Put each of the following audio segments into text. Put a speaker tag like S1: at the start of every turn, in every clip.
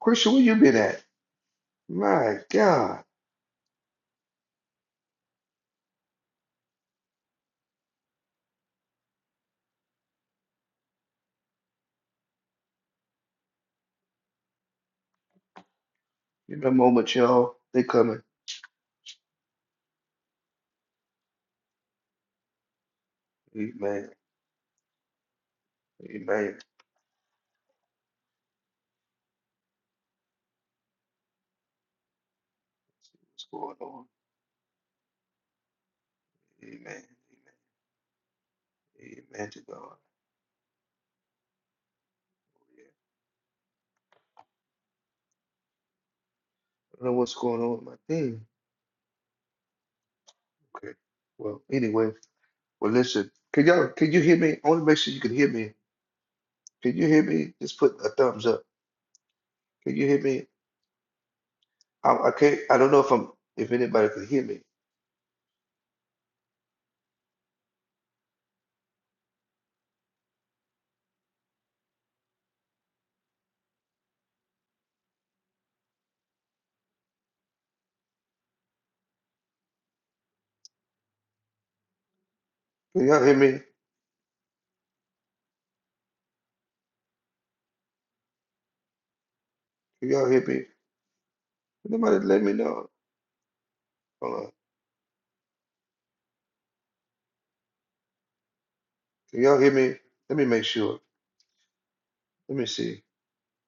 S1: Christian, where you been at? My God. In a moment, y'all. They coming. Amen. Amen. What's going on? Amen. Amen. Amen to God. Yeah. I don't know what's going on with my thing. Okay. Well, anyway. Well, listen. Can y'all, can you hear me? I want to make sure you can hear me. Can you hear me? Just put a thumbs up. Can you hear me? I, I can't, I don't know if I'm, if anybody can hear me. Can y'all hear me? Can y'all hear me? Can somebody let me know? Hold on. Can y'all hear me? Let me make sure. Let me see.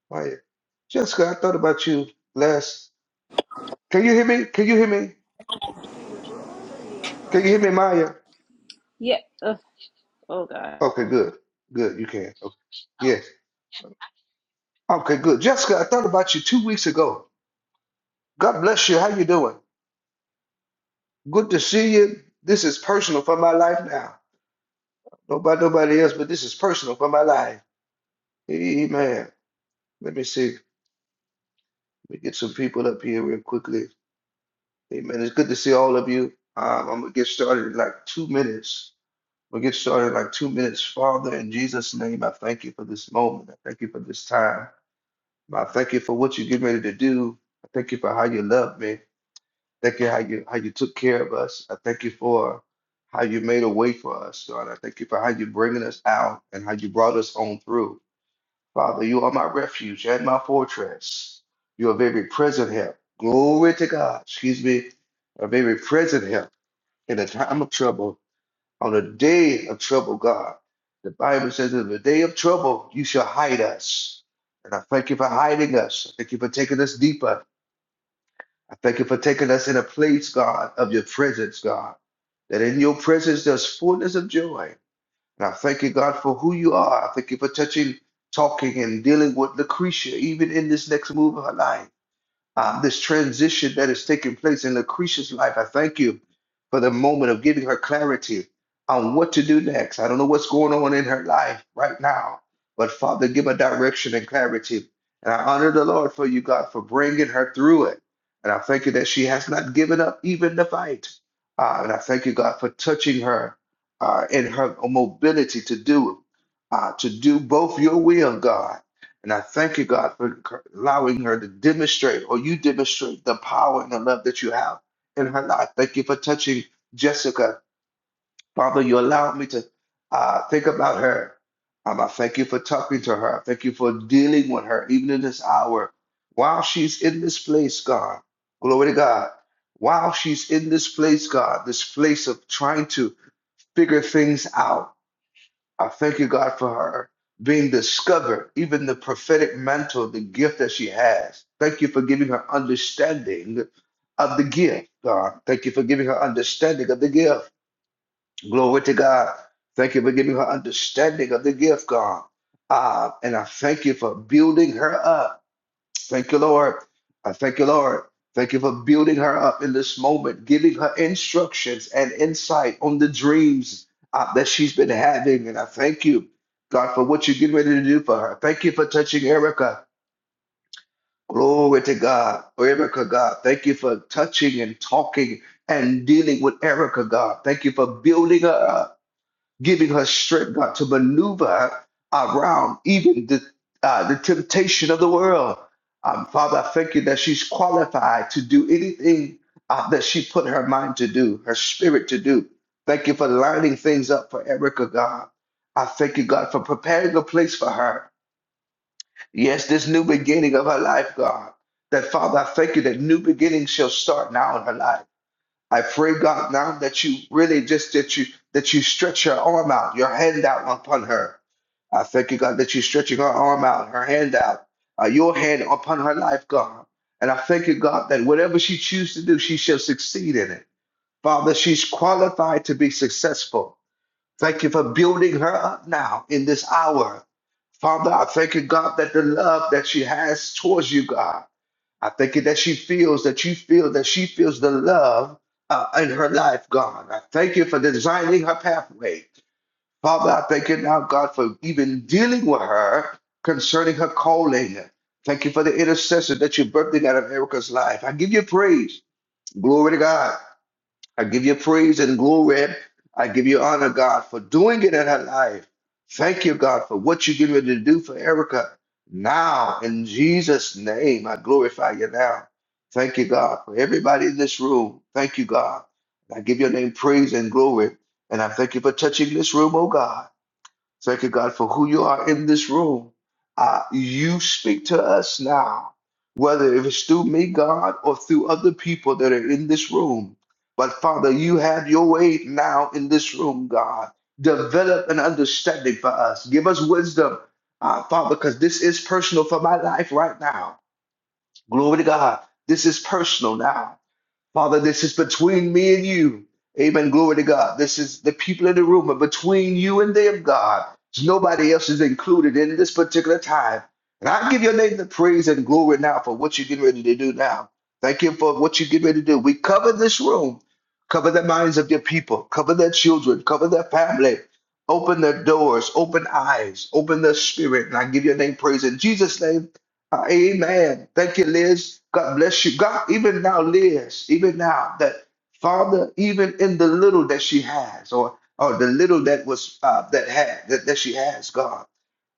S1: Quiet. Jessica, I thought about you last. Can you hear me? Can you hear me? Can you hear me, Maya?
S2: Yeah. Ugh. Oh God.
S1: Okay, good. Good. You can. Okay. Yes. Okay, good. Jessica, I thought about you two weeks ago. God bless you. How you doing? Good to see you. This is personal for my life now. Nobody, nobody else, but this is personal for my life. Amen. Let me see. Let me get some people up here real quickly. Amen. It's good to see all of you. Um, I'm gonna get started in like two minutes. We'll get started in like two minutes. Father, in Jesus' name, I thank you for this moment. I thank you for this time. I thank you for what you're getting ready to do. I thank you for how you love me. Thank you how you how you took care of us. I thank you for how you made a way for us, God. I thank you for how you're bringing us out and how you brought us on through. Father, you are my refuge and my fortress. You are very present help. Glory to God. Excuse me. A very present help in a time of trouble. On the day of trouble, God, the Bible says, in the day of trouble, you shall hide us. And I thank you for hiding us. I thank you for taking us deeper. I thank you for taking us in a place, God, of your presence, God, that in your presence there's fullness of joy. And I thank you, God, for who you are. I thank you for touching, talking, and dealing with Lucretia, even in this next move of her life um, this transition that is taking place in Lucretia's life. I thank you for the moment of giving her clarity on what to do next. I don't know what's going on in her life right now, but Father, give her direction and clarity. And I honor the Lord for you, God, for bringing her through it. And I thank you that she has not given up even the fight. Uh, and I thank you, God, for touching her uh, and her mobility to do uh, to do both your will, God. And I thank you, God, for c- allowing her to demonstrate, or you demonstrate, the power and the love that you have in her life. Thank you for touching Jessica. Father, you allowed me to uh, think about her. Um, I thank you for talking to her. I thank you for dealing with her, even in this hour. While she's in this place, God, glory to God. While she's in this place, God, this place of trying to figure things out I thank you, God, for her being discovered, even the prophetic mantle, the gift that she has. Thank you for giving her understanding of the gift, God. Thank you for giving her understanding of the gift. Glory to God. Thank you for giving her understanding of the gift, God. Ah, and I thank you for building her up. Thank you, Lord. I thank you, Lord. Thank you for building her up in this moment, giving her instructions and insight on the dreams uh, that she's been having. And I thank you, God, for what you're getting ready to do for her. Thank you for touching Erica. Glory to God. Erica, God. Thank you for touching and talking and dealing with Erica, God. Thank you for building her up giving her strength, God, to maneuver around even the uh, the temptation of the world. Um, Father, I thank you that she's qualified to do anything uh, that she put her mind to do, her spirit to do. Thank you for lining things up for Erica, God. I thank you, God, for preparing a place for her. Yes, this new beginning of her life, God. That Father, I thank you that new beginnings shall start now in her life. I pray, God, now that you really just that you that you stretch your arm out, your hand out upon her. I thank you, God, that you're stretching her arm out, her hand out, uh, your hand upon her life, God. And I thank you, God, that whatever she chooses to do, she shall succeed in it. Father, she's qualified to be successful. Thank you for building her up now in this hour. Father, I thank you, God, that the love that she has towards you, God. I thank you that she feels that you feel that she feels the love uh, in her life, God. I thank you for designing her pathway. Father, I thank you now, God, for even dealing with her concerning her calling. Thank you for the intercessor that you're birthing out of Erica's life. I give you praise. Glory to God. I give you praise and glory. I give you honor, God, for doing it in her life. Thank you, God, for what you get ready to do for Erica. Now, in Jesus' name, I glorify you now. Thank you, God, for everybody in this room. Thank you, God. I give your name praise and glory. And I thank you for touching this room, oh God. Thank you, God, for who you are in this room. Uh, you speak to us now, whether if it's through me, God, or through other people that are in this room. But Father, you have your way now in this room, God. Develop an understanding for us. Give us wisdom, uh, Father, because this is personal for my life right now. Glory to God. This is personal now. Father, this is between me and you. Amen. Glory to God. This is the people in the room, but between you and them, God. Nobody else is included in this particular time. And I give your name the praise and glory now for what you're getting ready to do now. Thank you for what you get ready to do. We cover this room, cover the minds of your people, cover their children, cover their family. Open their doors, open eyes, open their spirit. And I give your name praise in Jesus' name. Amen. Thank you, Liz. God bless you. God, even now, Liz, even now, that Father, even in the little that she has, or or the little that was uh, that had that, that she has, God,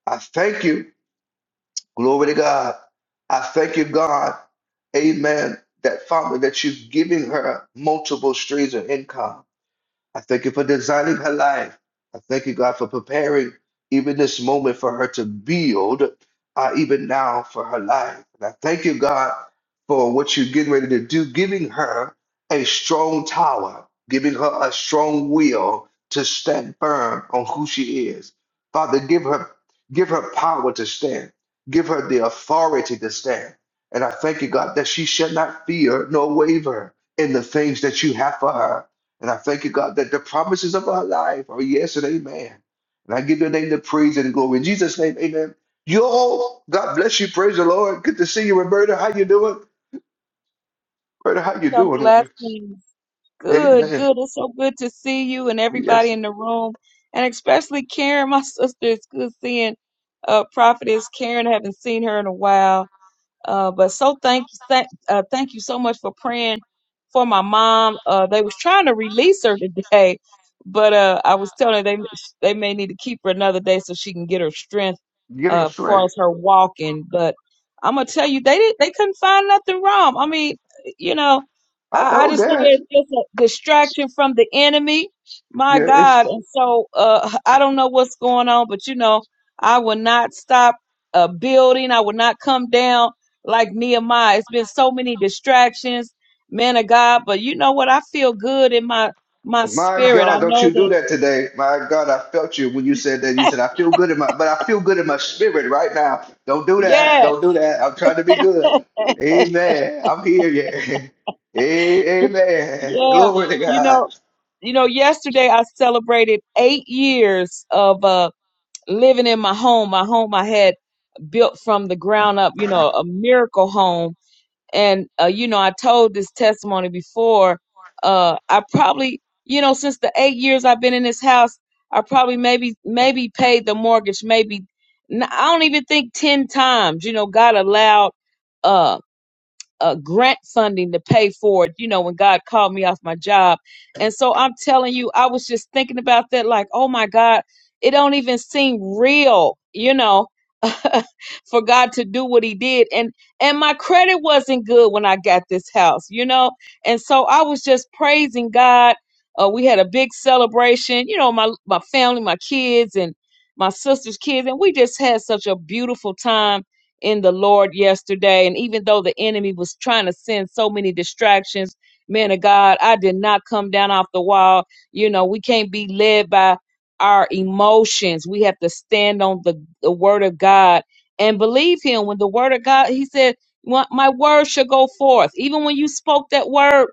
S1: I thank you. Glory to God. I thank you, God. Amen. That Father, that you're giving her multiple streams of income. I thank you for designing her life. I thank you, God, for preparing even this moment for her to build, uh, even now for her life. And I thank you, God, for what you're getting ready to do, giving her a strong tower, giving her a strong will to stand firm on who she is. Father, give her give her power to stand. Give her the authority to stand. And I thank you, God, that she shall not fear nor waver in the things that you have for her. And I thank you, God, that the promises of our life are yes and amen. And I give your name the praise and glory. In Jesus' name, amen. Yo, God bless you. Praise the Lord. Good to see you, Roberta. How you doing? Roberta, how you
S3: Kingdom
S1: doing, woman?
S3: blessings. Good,
S1: Amen.
S3: good. It's so good to see you and everybody
S1: Yes.
S3: in the room, and especially Karen, my sister. It's good seeing uh, Prophetess Karen. I haven't seen her in a while. Uh, but so thank thank uh, thank you so much for praying for my mom. Uh, they was trying to release her today, but uh, I was telling her they they may need to keep her another day so she can get her strength
S1: Get
S3: uh,
S1: us
S3: as far
S1: strength.
S3: as her walking. But I'm gonna tell you, they did, they couldn't find nothing wrong. I mean, you know,
S1: I
S3: I, I
S1: know
S3: just look
S1: that.
S3: at it as a distraction from the enemy. My
S1: Yeah,
S3: God,
S1: it's.
S3: and so uh, I don't know what's going on, but you know, I will not stop uh, building. I will not come down like Nehemiah. It's been so many distractions, man of God. But you know what? I feel good in my my
S1: My
S3: spirit. I
S1: God, don't
S3: know
S1: you do
S3: that.
S1: that today. My God, I felt you when you said that. You said, I feel good in my, but I feel good in my spirit right now. Don't do that.
S3: Yes,
S1: Don't do that. I'm trying to be good. Amen. I'm here. Yeah. A- Amen.
S3: yeah.
S1: Glory to
S3: You
S1: God.
S3: know, you know. Yesterday I celebrated eight years of uh living in my home. My home I had built from the ground up. You know, a miracle home and uh, you know i told this testimony before uh i probably you know since the eight years i've been in this house i probably maybe maybe paid the mortgage maybe n- i don't even think 10 times you know god allowed uh, uh, grant funding to pay for it, you know, when God called me off my job. And so I'm telling you, I was just thinking about that, like, oh my God, it don't even seem real, you know, for God to do what he did. And and my credit wasn't good when I got this house, you know? And so I was just praising God. Uh, we had a big celebration, you know, my my family, my kids and my sister's kids, and we just had such a beautiful time in the Lord yesterday. And even though the enemy was trying to send so many distractions, man of God, I did not come down off the wall. You know, we can't be led by our emotions. We have to stand on the, the word of God and believe him. When the word of God, he said, "My my word shall go forth." Even when you spoke that word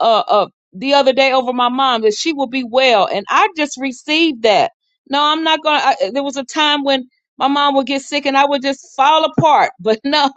S3: uh, uh the other day over my mom that she will be well and i just received that no i'm not gonna I, there was a time when my mom would get sick and i would just fall apart but no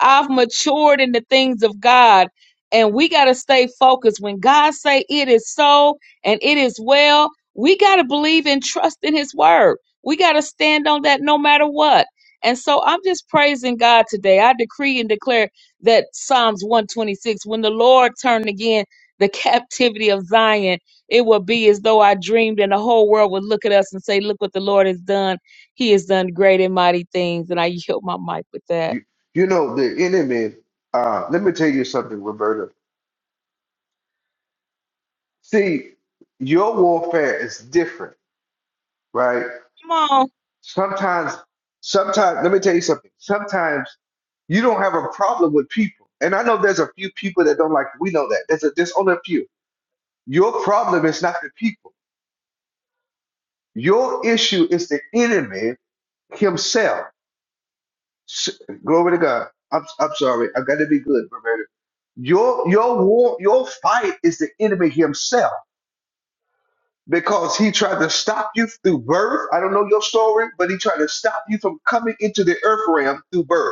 S3: i've matured in the things of god and we got to stay focused when god say it is so and it is well we got to believe and trust in his word we got to stand on that no matter what and so i'm just praising god today i decree and declare that psalms 126 when the lord turned again the captivity of Zion, it will be as though I dreamed, and the whole world would look at us and say, Look what the Lord has done. He has done great and mighty things. And I yield my mic with that.
S1: You, you know, the enemy, uh, let me tell you something, Roberta. See, your warfare is different, right?
S3: Come on.
S1: Sometimes, sometimes, let me tell you something. Sometimes. You don't have a problem with people. And I know there's a few people that don't like, we know that. There's, a, there's only a few. Your problem is not the people. Your issue is the enemy himself. S- Glory to God. I'm, I'm sorry. I got to be good, Roberta. Your your war, your fight is the enemy himself because he tried to stop you through birth. I don't know your story, but he tried to stop you from coming into the earth realm through birth.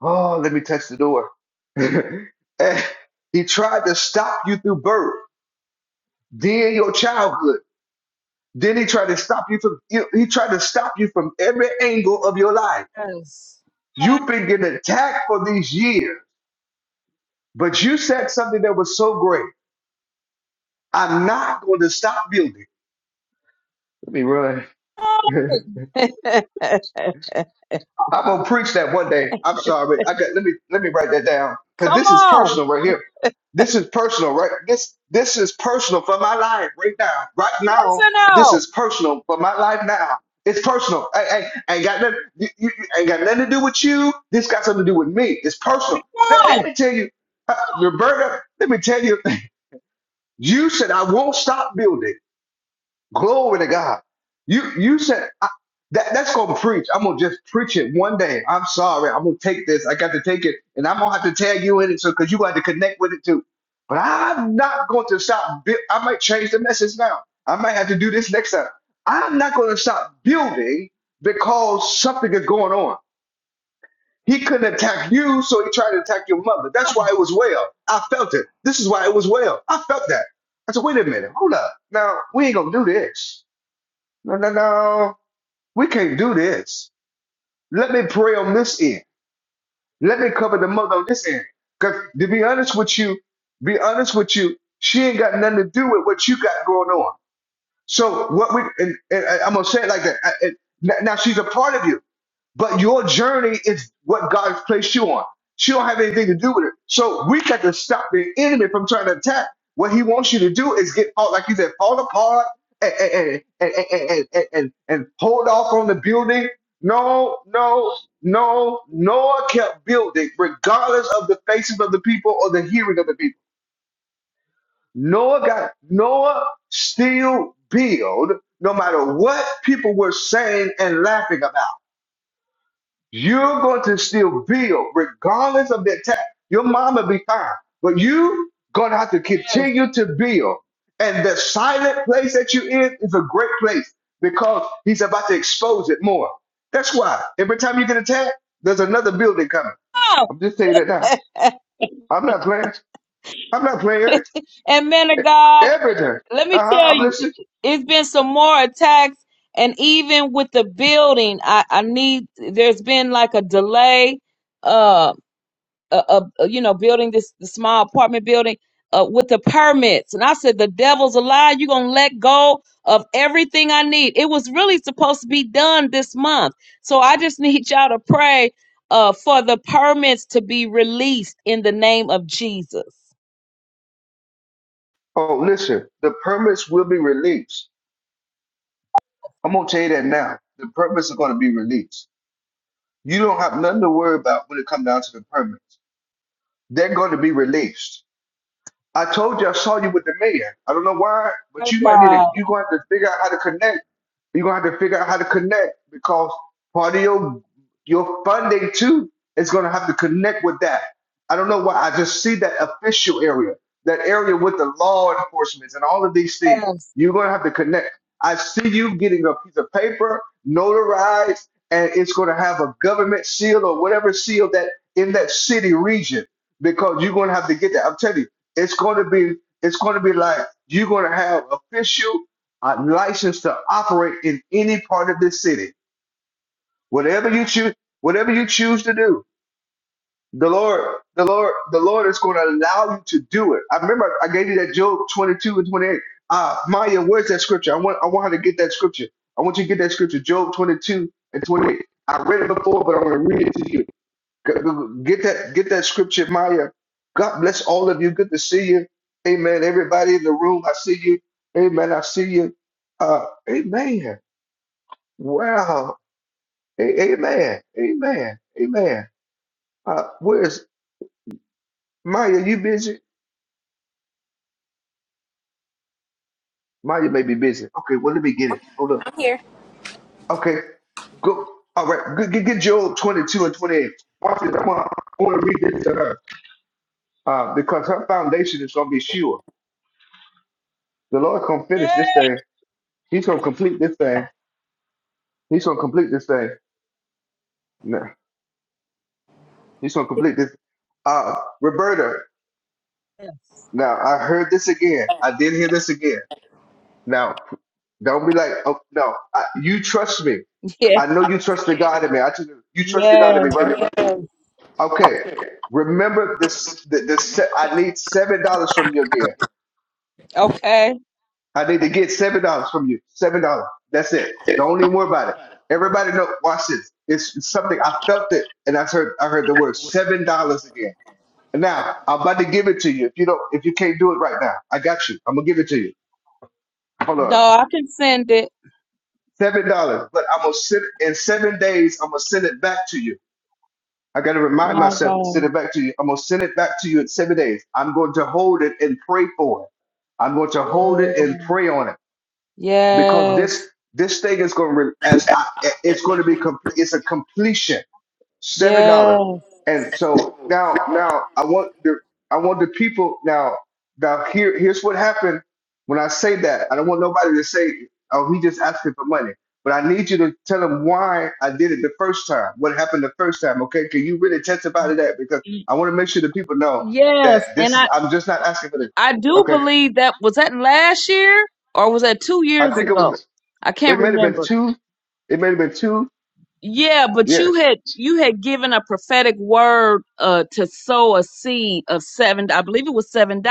S1: Oh, let me touch the door. Eh, he tried to stop you through birth, then your childhood. Then he tried to stop you from you- he tried to stop you from every angle of your life.
S3: Yes. Come
S1: You've been getting attacked for these years, but you said something that was so great. I'm not going to stop building. Let me run.
S3: on.
S1: I'm gonna preach that one day. I'm sorry. I got let me let me write that down because
S3: Come
S1: this is
S3: on.
S1: personal right here. This is personal, right? This this is personal for my life right now. Right
S3: Yes
S1: now,
S3: or
S1: this
S3: no?
S1: is personal for my life now. It's personal. I, I, I ain't got nothing. You, you, you- ain't got nothing to do with you. This got something to do with me. It's personal. Let,
S3: Come
S1: let
S3: on.
S1: me tell you, uh, Roberta. Let me tell you. You said I won't stop building. Glory to God. You you said I, that that's gonna preach. I'm gonna just preach it one day. I'm sorry. I'm gonna take this. I got to take it, and I'm gonna have to tag you in it, so because you got to connect with it too. But I'm not going to stop. bui- I might change the message now. I might have to do this next time. I'm not going to stop building because something is going on. He couldn't attack you, so he tried to attack your mother. That's why it was well. I felt it. This is why it was well. I felt that. I said, wait a minute, hold up. Now we ain't gonna do this. No, no, no. We can't do this. Let me pray on this end. Let me cover the mother on this end. Because to be honest with you, be honest with you, she ain't got nothing to do with what you got going on. So what we and, and I- I'm gonna say it like that. I- and now now she's a part of you. But your journey is what God's placed you on. She don't have anything to do with it. So we got to stop the enemy from trying to attack. What he wants you to do is get out, like you said, fall apart and and and and, and, and, and, and hold off on the building. No, no, no. Noah kept building, regardless of the faces of the people or the hearing of the people. Noah got Noah still build, no matter what people were saying and laughing about. You're going to still build regardless of the attack. Your mom will be fine, but you going to have to
S3: Yes.
S1: continue to build. And the silent place that you in is a great place because he's about to expose it more. That's why every time you get attacked, there's another building coming.
S3: Come
S1: I'm just saying that now.
S3: on.
S1: I'm not playing. I'm not playing.
S3: And men of
S1: E-
S4: Come
S3: God,
S4: on.
S1: Everything.
S3: let me
S1: Uh-huh.
S3: tell
S1: I'm
S3: you,
S1: listening.
S3: it's been some more attacks. And even with the building, I, I need, there's been like a delay. Uh, a, a a, you know building this, this small apartment building uh, with the permits and i said the devil's a lie you're gonna let go of everything i need it was really supposed to be done this month so i just need y'all to pray uh, for the permits to be released in the name of jesus
S1: Oh, listen. The permits will be released. I'm gonna tell you that now. The permits are gonna be released You don't have nothing to worry about when it comes down to the permits. They're going to be released. I told you I saw you with the mayor. I don't know why, but
S3: Praise
S1: you might need to.
S3: God.
S1: You're gonna have to figure out how to connect. You're gonna have to figure out how to connect because part of your your funding too is gonna have to connect with that. I don't know why. I just see that official area, that area with the law enforcement and all of these things.
S3: yes
S1: You're gonna have to connect. I see you getting a piece of paper notarized, and it's gonna have a government seal or whatever seal that in that city region because you're gonna have to get that. I'm telling you it's going to be it's going to be like you're going to have official uh, license to operate in any part of this city whatever you choose whatever you choose to do the lord the lord the lord is going to allow you to do it i remember i gave you that job 22 and 28 uh maya where's that scripture i want i want her to get that scripture i want you to get that scripture job 22 and 28 i read it before but i'm going to read it to you G- g- Get that, get that scripture, Maya. God bless all of you. Good to see you. Amen. Everybody in the room, I see you. Amen. I see you. Uh, amen. Wow. A- amen. Amen. Amen. Uh, where is Maya? You busy? Maya may be busy. Okay. Well, let me get it. Hold up. Okay. Go. All right. Get, get, get Joel 22 and 28. Watch this. I want, I want to read this to her uh, because her foundation is going to be sure. The Lord going to finish this thing. He's going to complete this thing He's gonna complete this thing. No, he's gonna complete this. Uh, Roberta.
S3: yes
S1: Now I heard this again. I did hear this again. Now, don't be like, oh no, I, you trust me.
S3: yeah.
S1: I know you trust the God in me. I just, you trust the God in
S3: yes
S1: me, right? Okay. Remember this. The, the se- I need seven dollars from you again.
S3: okay
S1: I need to get seven dollars from you. Seven dollars. That's it. Don't even worry about it. Everybody know. Watch this. It's, it's something I felt it, and I heard. I heard the word seven dollars again. Now I'm about to give it to you. If you don't, if you can't do it right now, I got you. I'm gonna give it to you. Hold
S3: no
S1: on,
S3: i can send it
S1: seven dollars. But I'm gonna send in seven days. I'm gonna send it back to you. I gotta remind
S3: my
S1: myself to send
S3: god
S1: it back to you. I'm gonna send it back to you in seven days. I'm going to hold it and pray for it. I'm going to hold
S3: my
S1: it
S4: Woo.
S1: and
S3: god
S1: pray on it because
S3: yes
S1: this this thing is going to as I, it's going to be complete. It's a completion. seven dollars. And
S3: yes
S1: so now, now I want the I want the people now. Now here, here's what happened when I say that. I don't want nobody to say, "Oh, he just asking for money." But I need you to tell them why I did it the first time. What happened the first time? Okay, can you really testify to that? Because I want to make sure the people know
S3: Yes,
S1: that
S3: and
S1: this is.
S3: I
S1: I'm just not asking for this.
S3: I do
S1: Okay,
S3: believe that was that last year or was that 2
S1: I
S3: years
S1: think it
S3: ago?
S1: was.
S3: I can't
S1: It may have been
S3: remember.
S1: two. It may have been two.
S3: Yeah, but you
S1: Yes,
S3: had you had given a prophetic word uh to sow a seed of 7 I believe it was $7.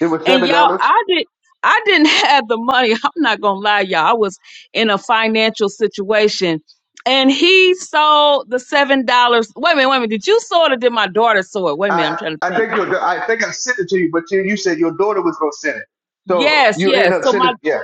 S1: it was
S3: And
S1: seven
S3: y'all
S1: dollars.
S3: I did I didn't have the money. I'm not going to lie y'all. I was in a financial situation and he sold the $7. Wait a minute, wait a minute. Did you sow it or did my daughter sow it? Wait a minute, I'm
S1: I
S3: trying to
S1: I
S3: think.
S1: think your I think I sent it to you, but you, you said your daughter was gonna send it, so
S3: Yes,
S1: you end
S3: yes.
S1: up
S3: So my
S1: sending yeah.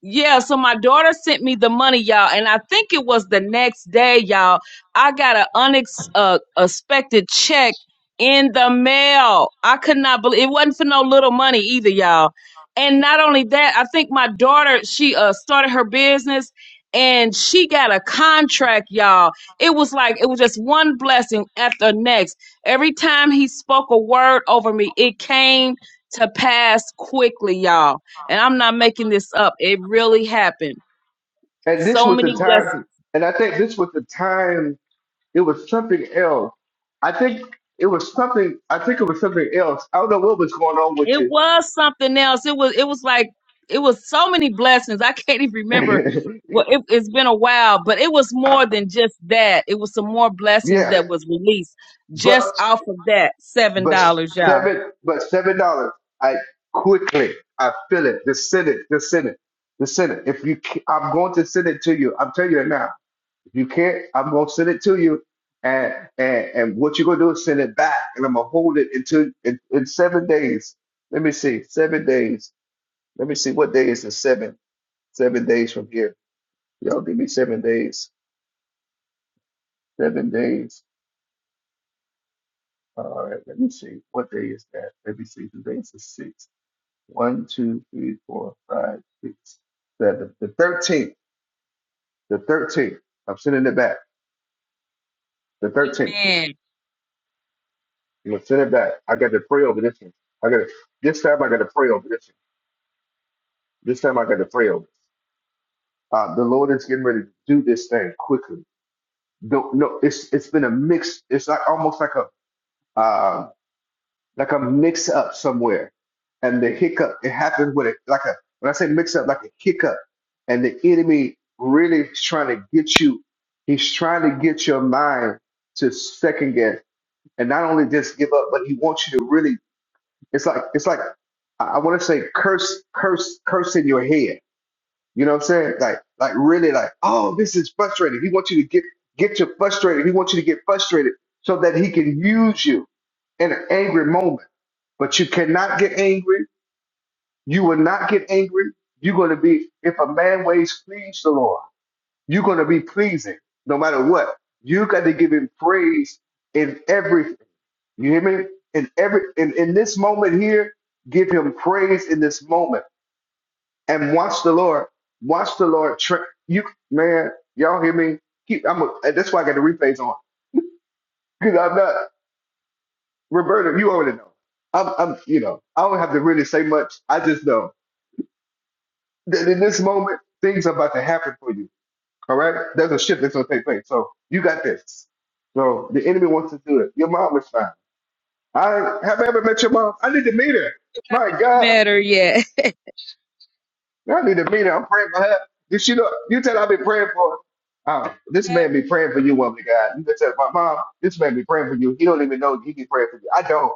S3: Yeah, so my daughter sent me the money, y'all, and I think it was the next day, y'all. I got an unexpected check in the mail. I could not believe it wasn't for no little money either, y'all. And not only that, I think my daughter she uh started her business and she got a contract, y'all. It was like it was just one blessing after the next. Every time he spoke a word over me, it came to pass quickly, y'all and I'm not making this up. It really happened.
S1: And this
S3: So
S1: was the
S3: many
S1: time,
S3: blessings.
S1: and I think this was the time. It was something else. I think it was something. I think it was something else. I don't know what was going on with
S3: It was something else. It was it was like it was so many blessings. I can't even remember.
S1: you.
S3: Well, it, it's been a while, but it was more than just that. It was some more blessings
S1: yeah,
S3: that was released
S1: but
S3: just off of that seven
S1: but
S3: dollars, y'all.
S1: seven but seven dollars. I quickly I feel it. The Senate, the Senate, the Senate. If you, ca- I'm going to send it to you. I'm telling you right now You can't. I'm gonna send it to you, and and and what you're gonna do is send it back, and I'm gonna hold it until in, in seven days. Let me see, seven days. Let me see what day is the seven. Seven days from here. Y'all give me seven days. Seven days. All right. Let me see. What day is that? Let me see. Today's the sixth. One, two, three, four, five, six, seven. The thirteenth. The thirteenth. I'm sending it back. The thirteenth.
S3: Amen.
S1: I'm gonna send it back. I got to pray over this one. I got to, this time. I got to pray over this one. This time I got to pray over. Uh, the Lord is getting ready to do this thing quickly. Don't no. It's it's been a mix. It's like almost like a uh, like a mix up somewhere, and the hiccup. It happened with it like a when I say mix up like a hiccup, and the enemy really is trying to get you. He's trying to get your mind to second guess, and not only just give up, but he wants you to really It's like it's like I, I want to say curse, curse, curse in your head. You know what I'm saying? Like like really like oh this is frustrating. He wants you to get get you frustrated. He wants you to get frustrated so that he can use you in an angry moment. But you cannot get angry. You will not get angry. You're going to be if a man ways please the Lord. You're going to be pleasing no matter what. You got to give him praise in everything you hear me? In every in, in this moment here, give him praise in this moment and watch the Lord. Watch the Lord. Tra- you man, y'all hear me? Keep. I'm. A, and that's why I got the replays on because I'm not Roberta. You already know. I'm. I'm. You know. I don't have to really say much. I just know that in this moment things are about to happen for you. All right. There's a shift that's gonna take place. So you got this. So the enemy wants to do it. Your mom is fine. I have I ever met your mom. I need to meet her. My God.
S3: Better yet.
S1: That need to mean it. I'm praying for her. You she know you tell her I've been praying for uh, this man be praying for you, woman of God. You can tell my mom, this man be praying for you. He don't even know he be praying for you. I don't.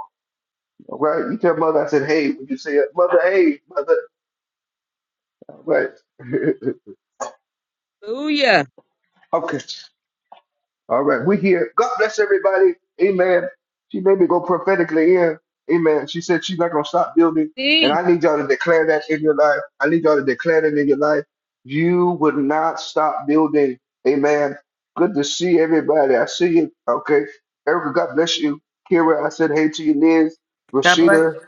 S1: All right. You tell mother I said, hey, when you say it, mother, hey, mother. All right.
S3: Hallelujah.
S1: okay. All right, we here. God bless everybody. Amen. She made me go prophetically in. Amen. She said she's not gonna stop building, and
S3: See,
S1: I need y'all to declare that in your life. I need y'all to declare that in your life. You would not stop building. Amen. Good to see everybody. I see you. Okay, Erica. God bless you. Kira, I said hey to you, Liz,
S4: God bless
S1: Rashida.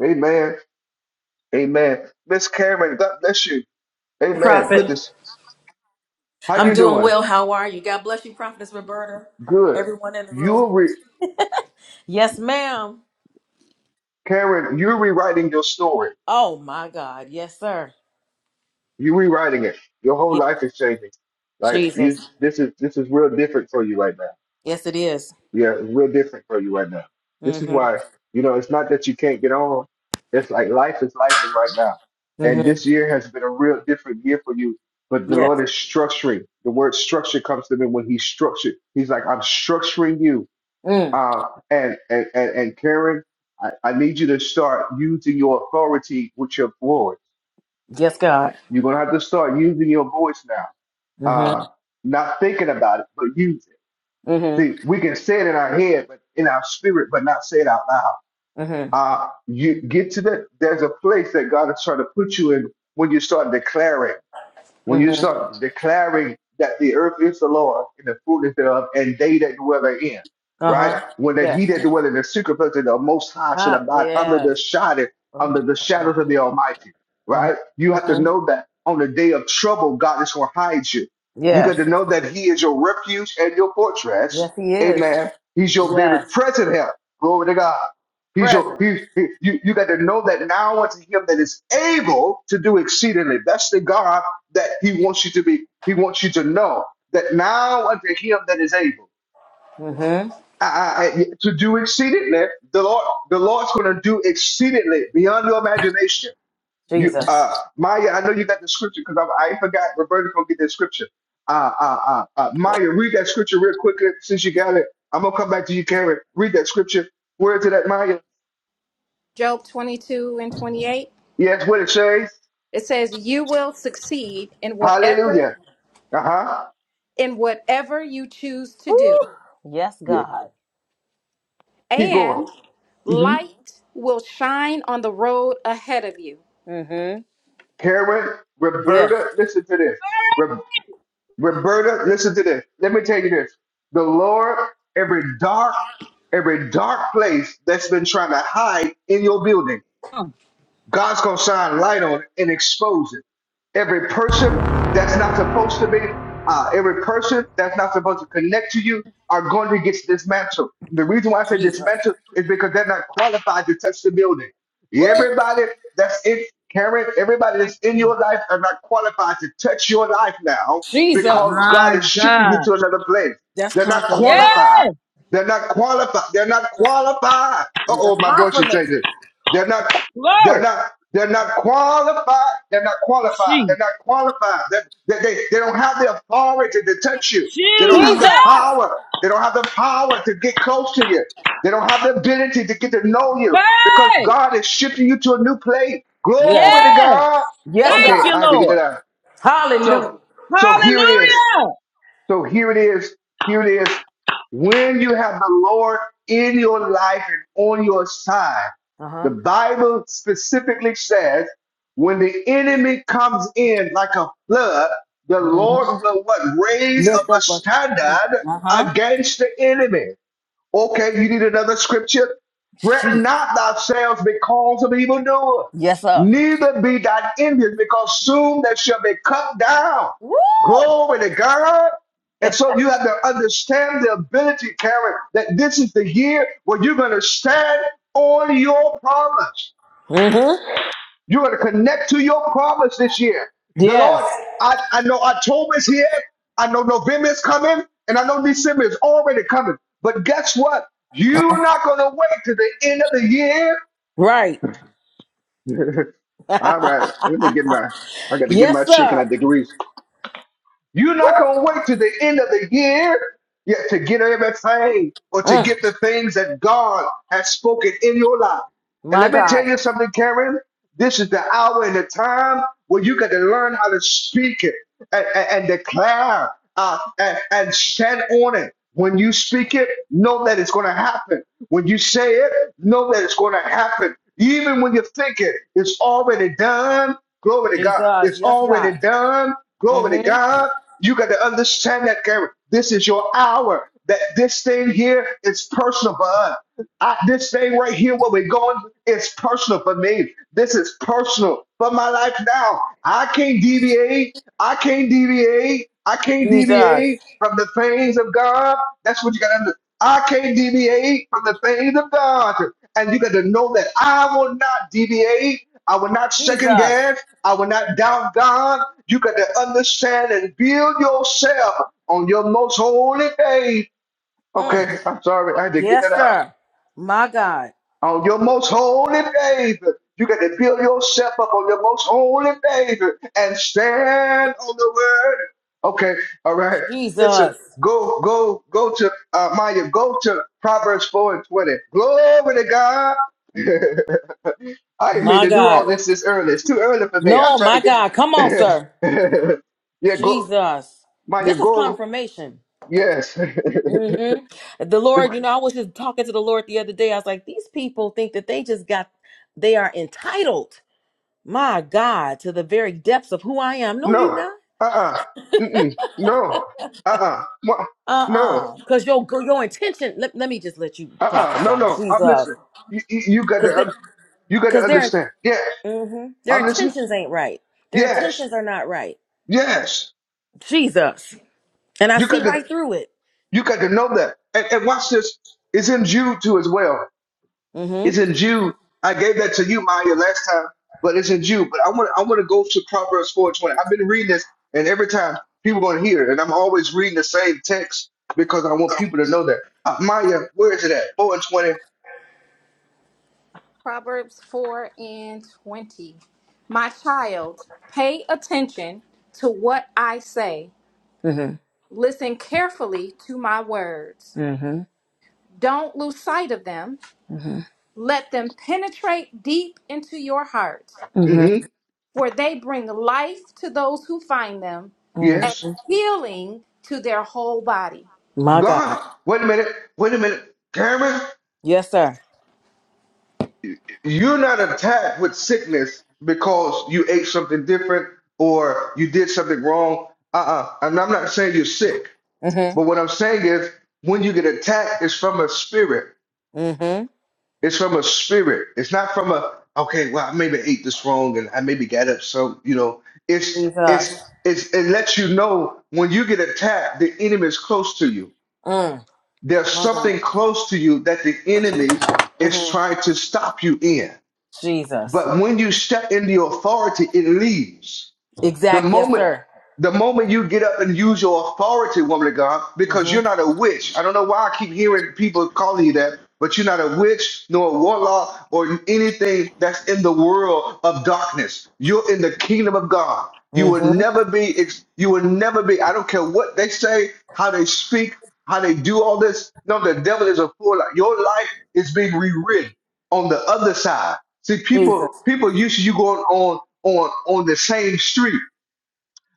S1: Amen. Amen. Miss Cameron, God bless you.
S4: you,
S1: Amen.
S4: Prophet.
S1: Goodness. How
S4: I'm
S1: you
S4: doing
S1: doing?
S4: well. How are you? God bless you, Prophetess Roberta.
S1: Good.
S4: Everyone in the
S1: You
S4: room.
S1: will.
S4: Yes, ma'am.
S1: Karen, you're rewriting your story.
S4: Oh my God. Yes, sir.
S1: You're rewriting it. Your whole
S4: Yes,
S1: life is changing. Like you,
S4: Jesus.
S1: this is this is real different for you right now.
S4: Yes, it is.
S1: Yeah, it's real different for you right now. This is
S4: Mm-hmm.
S1: why you know it's not that you can't get on. It's like life is life right now, and
S4: Mm-hmm.
S1: this year has been a real different year for you. But the
S4: Yes.
S1: Lord is structuring. The word structure comes to me when He structured. He's like, I'm structuring you.
S4: Mm.
S1: Uh, and and and, and Karen, I, I need you to start using your authority with your glory.
S4: Yes, God.
S1: You're gonna have to start using your voice now.
S4: Mm-hmm.
S1: Uh, not thinking about it, but use it.
S4: Mm-hmm.
S1: See, we can say it in our head, but in our spirit, but not say it out loud.
S4: Mm-hmm.
S1: Uh, you get to that. There's a place that God is trying to put you in when you start declaring. When you
S4: Mm-hmm.
S1: start declaring that the earth is the Lord and the fullness thereof, and they that dwell therein, right?
S4: Uh-huh.
S1: When that
S4: Yes.
S1: he that dwell in the secret place of the Most High should
S4: Ah,
S1: abide under
S4: yes.
S1: the shadow,
S4: Oh
S1: under the
S4: my.
S1: shadows of the Almighty,
S4: Mm-hmm.
S1: right? You have to
S4: Mm-hmm.
S1: know that on the day of trouble, God is going to hide you. You got
S4: Yes.
S1: to know that He is your refuge and your
S4: Yes,
S1: fortress.
S4: he is.
S1: Amen. He's your very
S4: Yes.
S1: present help. Glory to God. He's your
S4: Present.
S1: he, he- you, you got to know that now unto him that is able to do exceedingly. That's the God that he wants you to be, he wants you to know that now unto him that is able
S4: Mm-hmm.
S1: I, I, to do exceedingly, the Lord, the Lord's going to do exceedingly beyond your imagination. You,
S4: Jesus.
S1: uh, Maya, I know you got the scripture because I, I ain't forgot Roberta's going to get that scripture. Uh, uh, uh, uh, Maya, read that scripture real quickly since you got it. I'm going to come back to you, Karen. Read that scripture. Word to that, Maya.
S2: Job 22 and 28.
S1: Yes, what it says.
S2: It says, "You will succeed in whatever
S1: Hallelujah. Uh huh.
S2: in whatever you choose to
S4: Woo!
S2: do,
S4: Yes,
S1: Yeah.
S4: God.
S1: Keep going.
S2: and
S1: Mhm.
S2: light will shine on the road ahead of you."
S4: Mm-hmm.
S1: Karen,
S4: Yeah.
S1: Roberta, listen to this. Re- Roberta, listen to this. Let me tell you this. The Lord, every dark, every dark place that's been trying to hide in your building.
S3: Oh,
S1: God's gonna shine light on it and expose it. Every person that's not supposed to be, uh, every person that's not supposed to connect to you are going to get dismantled. The reason why I say
S4: Jesus.
S1: dismantled is because they're not qualified to touch the building. Everybody that's in Karen, everybody
S3: my
S1: that's in
S3: God.
S1: your life are not qualified to touch your life now
S4: Jesus.
S1: because God
S3: My
S1: is shifting you
S3: God.
S1: to another place.
S4: That's
S1: They're not
S3: Yeah.
S4: confirmation.
S1: qualified. They're not qualified. They're not qualified. Uh oh,
S4: That's
S1: my voice should say
S4: confirmation.
S1: this. They're not they're
S3: Glory.
S1: not. They're not qualified. They're not qualified.
S3: Jesus.
S1: They're not qualified. They, they, they, they don't have the authority to touch you. They don't have
S3: Jesus.
S1: the
S4: Jesus.
S1: power. They don't have the power to get close to you. They don't have the ability to get to know you because God is shifting you to a new place.
S4: Yes.
S1: Glory to
S3: Yes.
S1: God.
S4: Yes,
S3: Thank
S1: Okay,
S4: God.
S3: you,
S1: I had to get it
S3: Lord.
S1: out.
S4: Hallelujah.
S1: So, so here it is.
S3: Hallelujah.
S1: So here it is. Here it is. When you have the Lord in your life and on your side,
S4: Uh-huh.
S1: the Bible specifically says, when the enemy comes in like a flood, the
S4: Mm-hmm.
S1: Lord will what raise
S4: Lift
S1: up a
S4: up a standard.
S1: standard
S4: Uh-huh.
S1: against the enemy. Okay, you need another scripture? Fret
S4: She.
S1: not thyself because of evildoer,
S4: Yes, sir.
S1: neither be thine envious, because soon they shall be cut down.
S4: Woo!
S1: Glory to God. And so you have to understand the ability, Karen, that this is the year where you're going to stand on your promise.
S4: Mm-hmm.
S1: You're going to connect to your promise this year. The
S4: Yes.
S1: Lord, I, I know October's here. I know November is coming. And I know December is already coming. But guess what? You're not going to wait to the end of the year.
S4: Right.
S1: All right. Let me get my, I got to get
S4: yes,
S1: my chicken at the
S4: sir.
S1: grease. You're not going to wait to the end of the year yet to get everything or to
S4: Mm.
S1: get the things that God has spoken in your life. And
S4: My
S1: let me
S4: God.
S1: tell you something, Karen. This is the hour and the time where you got to learn how to speak it and, and- and declare uh, and, and stand on it. When you speak it, know that it's going to happen. When you say it, know that it's going to happen. Even when you think it, it's already done. Glory to God.
S4: Jesus.
S1: It's
S4: Yes, God.
S1: already done. Glory to
S4: Mm-hmm.
S1: God. You got to understand that, Karen. This is your hour. That this thing here is personal for us. I, this thing right here, where we're going, is personal for me. This is personal for my life now. I can't deviate. I can't deviate. I can't
S4: Jesus.
S1: deviate from the things of God. That's what you got to understand. I can't deviate from the things of God. And you got to know that I will not deviate. I will not second
S4: Jesus.
S1: guess. I will not doubt God. You got to understand and build yourself on your most holy faith.
S4: Mm.
S1: Okay, I'm sorry. I had to get that
S4: Yes,
S1: out
S4: sir. My God.
S1: on your most holy faith. You got to build yourself up on your most holy faith and stand on the word. Okay, all right. Listen,
S4: Jesus.
S1: go, go, go to uh, Maya. Go to Proverbs four and twenty. Glory to God. I didn't mean
S4: My
S1: to do all
S4: God.
S1: this this early. It's too early for me. I'm
S4: No, my
S1: trying to
S4: God. Come on,
S1: get.
S4: sir.
S1: yeah, go,
S4: Jesus.
S1: Maya.
S4: This is
S1: Go.
S4: confirmation.
S1: Yes.
S4: hmm The Lord, you know, I was just talking to the Lord the other day. I was like, these people think that they just got, they are entitled, my God, to the very depths of who I am. No, you
S1: no.
S4: not.
S1: Uh. uh Mm-mm. No. Uh. uh No.
S4: Uh-uh. Because your, your intention, let, let me just let you
S1: Uh-uh. No,
S4: prophesy.
S1: no. I'm
S4: Jesus.
S1: listening. You, you, you got
S4: Because
S1: to
S4: they,
S1: un- you got to
S4: cause their,
S1: understand. Yes,
S4: mhm. their
S1: I'm listening.
S4: intentions ain't right. Their
S1: Yes,
S4: intentions are not right.
S1: yes.
S4: Jesus. And I
S1: You
S4: see
S1: got to
S4: right through it.
S1: you got to know that. And, and watch this. It's in Jude too as well. It's
S4: Mm-hmm.
S1: in Jude. I gave that to you, Maya, last time, but it's in Jude. But I want I want to go to Proverbs 4:20. I've been reading this, and every time people going to hear it, and I'm always reading the same text because I want people to know that. Uh, Maya, where is it at? 4 and 20.
S2: Proverbs 4 and 20. My child, pay attention to what I say.
S4: Mm-hmm.
S2: Listen carefully to my words.
S4: Mm-hmm.
S2: Don't lose sight of them.
S4: Mm-hmm.
S2: Let them penetrate deep into your heart.
S4: Mm-hmm.
S1: Mm-hmm.
S2: for they bring life to those who find them and
S1: Yes.
S4: hmm
S2: healing to their whole body.
S4: My God.
S1: God. Wait a minute. Wait a minute. Cameron.
S4: Yes, sir.
S1: you're not attacked with sickness because you ate something different or you did something wrong. Uh-uh. And I'm not saying you're sick, but
S4: Mm-hmm.
S1: what I'm saying is when you get attacked, it's from a spirit.
S4: Mm-hmm.
S1: It's from a spirit. It's not from a okay, well, I maybe ate this wrong and I maybe got up So you know. It's it's
S4: Jesus.
S1: it's it lets you know when you get attacked, the enemy is close to you.
S4: Mm.
S1: There's
S4: My God.
S1: something close to you that the enemy is
S4: Mm-hmm.
S1: trying to stop you in.
S4: Jesus.
S1: But when you step into your authority, it leaves. The
S4: Exact. Yes,
S1: moment
S4: sir.
S1: the moment you get up and use your authority, woman of God, because you're
S4: Mm-hmm.
S1: not a witch. I don't know why I keep hearing people calling you that, but you're not a witch nor a warlock or anything that's in the world of darkness. You're in the kingdom of God. You will
S4: Mm-hmm.
S1: never be ex- you will never be, I don't care what they say, how they speak, how they do all this. No, the devil is a fool. Like, Your life is being rewritten on the other side. See, people, people used to you going on on on the same street.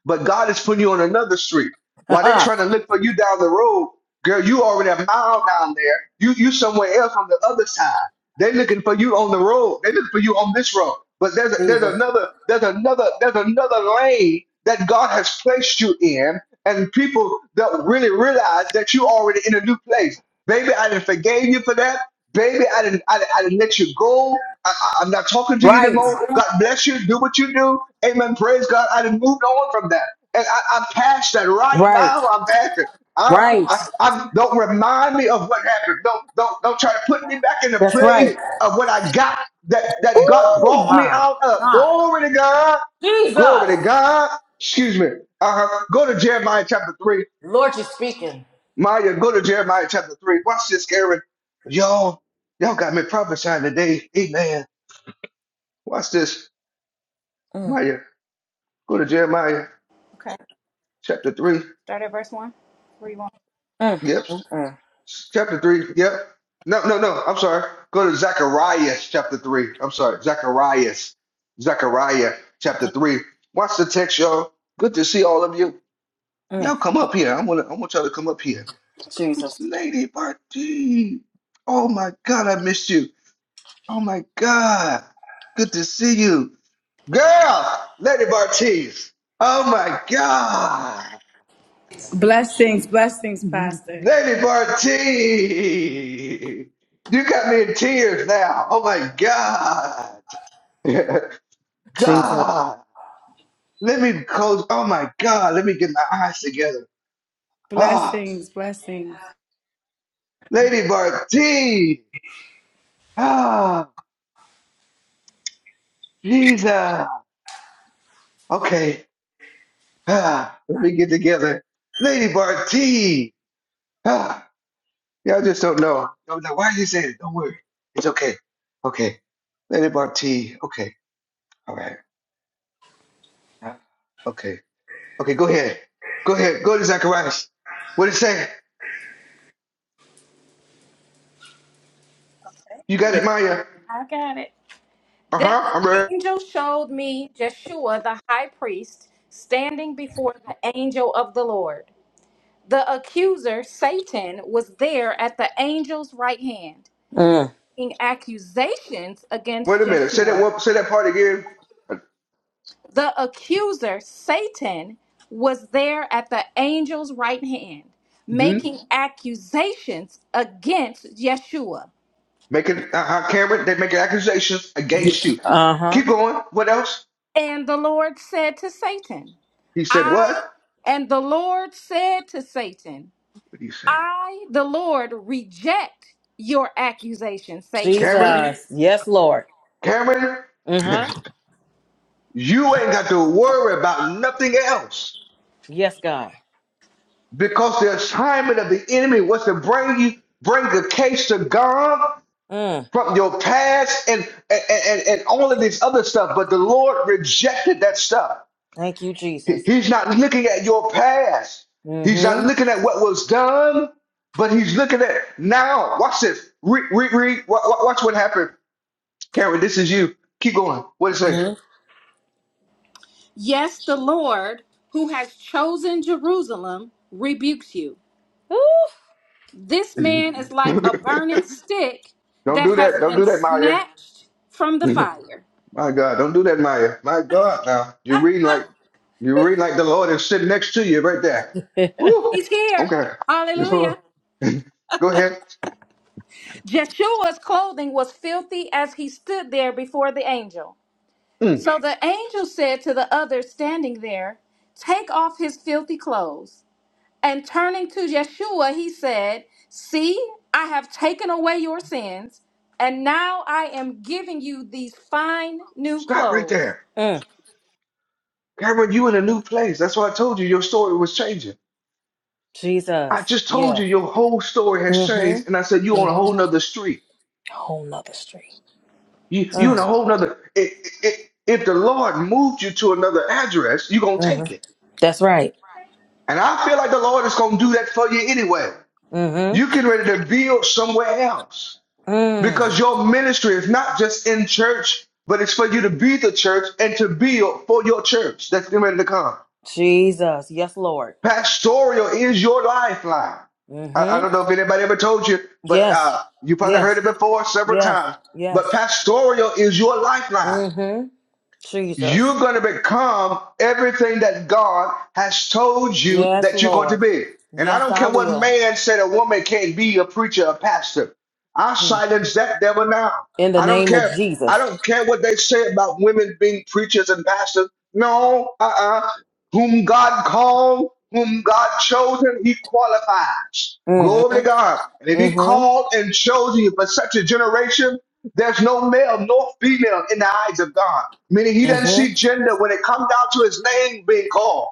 S1: But God is putting you on another street.
S4: Jesus.
S1: While they're trying to look for you down the road, girl, you already a mile down there. You you somewhere else on the other side. They're looking for you on the road. They're looking for you on this road. But there's a, there's
S4: Jesus.
S1: another there's another there's another lane that God has placed you in, and people don't really realize that you already in a new place. Baby, I did forgave you for that. Baby, I didn't, I, didn't- I didn't let you go. I, I- I'm not talking to you
S4: Right.
S1: anymore. God bless you. Do what you do. Amen. Praise God. I didn't move no on from that. And I, I'm past that right
S4: Right.
S1: now. I'm past it. I,
S4: Right.
S1: I, I, don't remind me of what happened. Don't, don't, don't try to put me back in the
S4: That's
S1: place
S4: right.
S1: of what I got that, that God
S4: Oh
S1: brought me
S4: my
S1: out of.
S4: God.
S1: Glory to God.
S4: Jesus.
S1: Glory to God. Excuse me. Uh, go to Jeremiah chapter 3
S4: Lord, you're speaking.
S1: Maya, go to Jeremiah chapter 3. Watch this, Aaron. Y'all, y'all got me prophesying today. Amen. Watch this.
S4: Mm,
S1: Maya, go to Jeremiah chapter 3.
S2: One,
S4: mm,
S1: Yep.
S4: mm, mm,
S1: Chapter 3. Yep. No, no, no. I'm sorry. Go to Zacharias chapter 3. I'm sorry. Zacharias. Zechariah chapter 3. Watch the text, y'all. Good to see all of you.
S4: mm.
S1: Y'all come up here. I want I want y'all to come up here.
S4: Jesus.
S1: Lady Party. Oh my God, I missed you. Oh my God. Good to see you. Girl, Lady Bartiz. Oh my God.
S5: Blessings, blessings, Pastor.
S1: Lady Bartiz. You got me in tears now. Oh my God.
S4: Jesus.
S1: God. Let me close. Oh my God. Let me get my eyes together. Ah,
S5: Blessings, blessings.
S1: Lady Bartiz. Ah, Jesus. Okay. Ah, let me get together. Lady Bartiz. Ah, Yeah, I just don't know. I was like, why are you saying it? Don't worry. It's okay. Okay. Lady bought tea. Okay. All right. Uh, Okay. Okay, go ahead. Go ahead. Go to Zacharias. What it say? You got it, Maya.
S2: I got it. Then
S1: Uh-huh. I'm
S2: the
S1: ready.
S2: angel showed me Jeshua the high priest standing before the angel of the Lord. The accuser, Satan, was there at the angel's right hand,
S4: Mm.
S2: making accusations
S1: Wait
S2: against
S1: a minute. Say that
S2: Jeshua.
S1: one, say that part again.
S2: The accuser, Satan, was there at the angel's right hand,
S1: Mm-hmm.
S2: making Mhm. accusations against Yeshua.
S1: Make it uh-huh, Cameron, they make an accusation against you.
S4: Uh huh.
S1: Keep going. What else?
S2: And the Lord said to Satan,
S1: He said, What?
S2: I, and the Lord said to Satan,
S1: What do you say?
S2: I, the Lord, reject your accusation, Satan.
S1: Cameron?
S4: Jesus. Yes, Lord.
S1: Cameron?
S4: Uh huh.
S1: you ain't got to worry about nothing else.
S4: Yes, God.
S1: Because the assignment of the enemy was to bring you, bring the case to God
S4: Mm.
S1: from your past and and, and, and all of this other stuff. But the Lord rejected that stuff.
S4: Thank you, Jesus.
S1: He- He's not looking at your past.
S4: Mm
S1: He's not
S4: hmm.
S1: looking at what was done, but he's looking at now. Watch this. Read, read, read. Wa- wa- Watch what happened. Karen, this is you. Keep going. What it say?
S4: Mm
S2: Yes, the Lord, who has chosen Jerusalem, rebukes you.
S4: hmm.
S2: This
S1: Don't
S2: man is like a burning stick that
S1: do that.
S2: has
S1: Don't
S2: been
S1: do that, Maya.
S2: snatched from the fire.
S1: My God, don't do that, Maya. My God, now you read like you read like the Lord is sitting next to you right there.
S4: Ooh.
S1: Woo!
S2: He's here.
S1: Okay,
S2: Hallelujah.
S1: go go ahead.
S2: Jeshua's clothing was filthy as he stood there before the angel.
S1: Mm.
S2: So the angel said to the others standing there, Take off his filthy clothes. And turning to Yeshua, he said, See, I have taken away your sins, and now I am giving you these fine new
S1: Stop right
S2: clothes.
S1: there,
S4: mm.
S1: Cameron. You in a new place. That's why I told you your story was changing. I
S4: Jesus.
S1: just told
S4: Yeah.
S1: you your whole story has
S4: Mm hmm.
S1: changed, and I said you on
S4: Mm
S1: a
S4: hmm.
S1: whole nother street.
S4: Whole nother street.
S1: You you in
S4: Mm
S1: a whole nother. It, it, if the Lord moved you to another address, you gonna take
S4: hmm.
S1: it.
S4: That's right.
S1: And I feel like the Lord is gonna do that for you anyway.
S4: Mm
S1: You getting ready to build somewhere else.
S4: hmm. Mm.
S1: because your ministry is not just in church, but it's for you to be the church and to be for your church that's getting ready to come.
S4: Jesus. Yes, Lord.
S1: Pastoral is your lifeline.
S4: Mm
S1: I, I
S4: hmm.
S1: don't know if anybody ever told you, but
S4: Yes.
S1: uh, you probably heard
S4: Yes.
S1: it before several
S4: Yes.
S1: times. But
S4: Yes.
S1: pastoral is your lifeline.
S4: Mm hmm. Jesus.
S1: You're going to become everything that God has told you
S4: Yes,
S1: that you're going to
S4: Lord.
S1: be. And I
S4: Yes,
S1: don't
S4: I
S1: care what
S4: will.
S1: man said a woman can't be a preacher, a pastor. I silence that devil now.
S4: in the
S1: I don't
S4: name of
S1: care. I
S4: Jesus.
S1: don't care what they say about women being preachers and pastors. No, uh-uh. Whom God called, whom God chosen, he qualifies. Glory to
S4: Mm-hmm.
S1: God. And if he
S4: Mm-hmm.
S1: called and chose you for such a generation, there's no male nor female in the eyes of God. Meaning he doesn't see
S4: Mm-hmm.
S1: gender when it comes down to his name being called.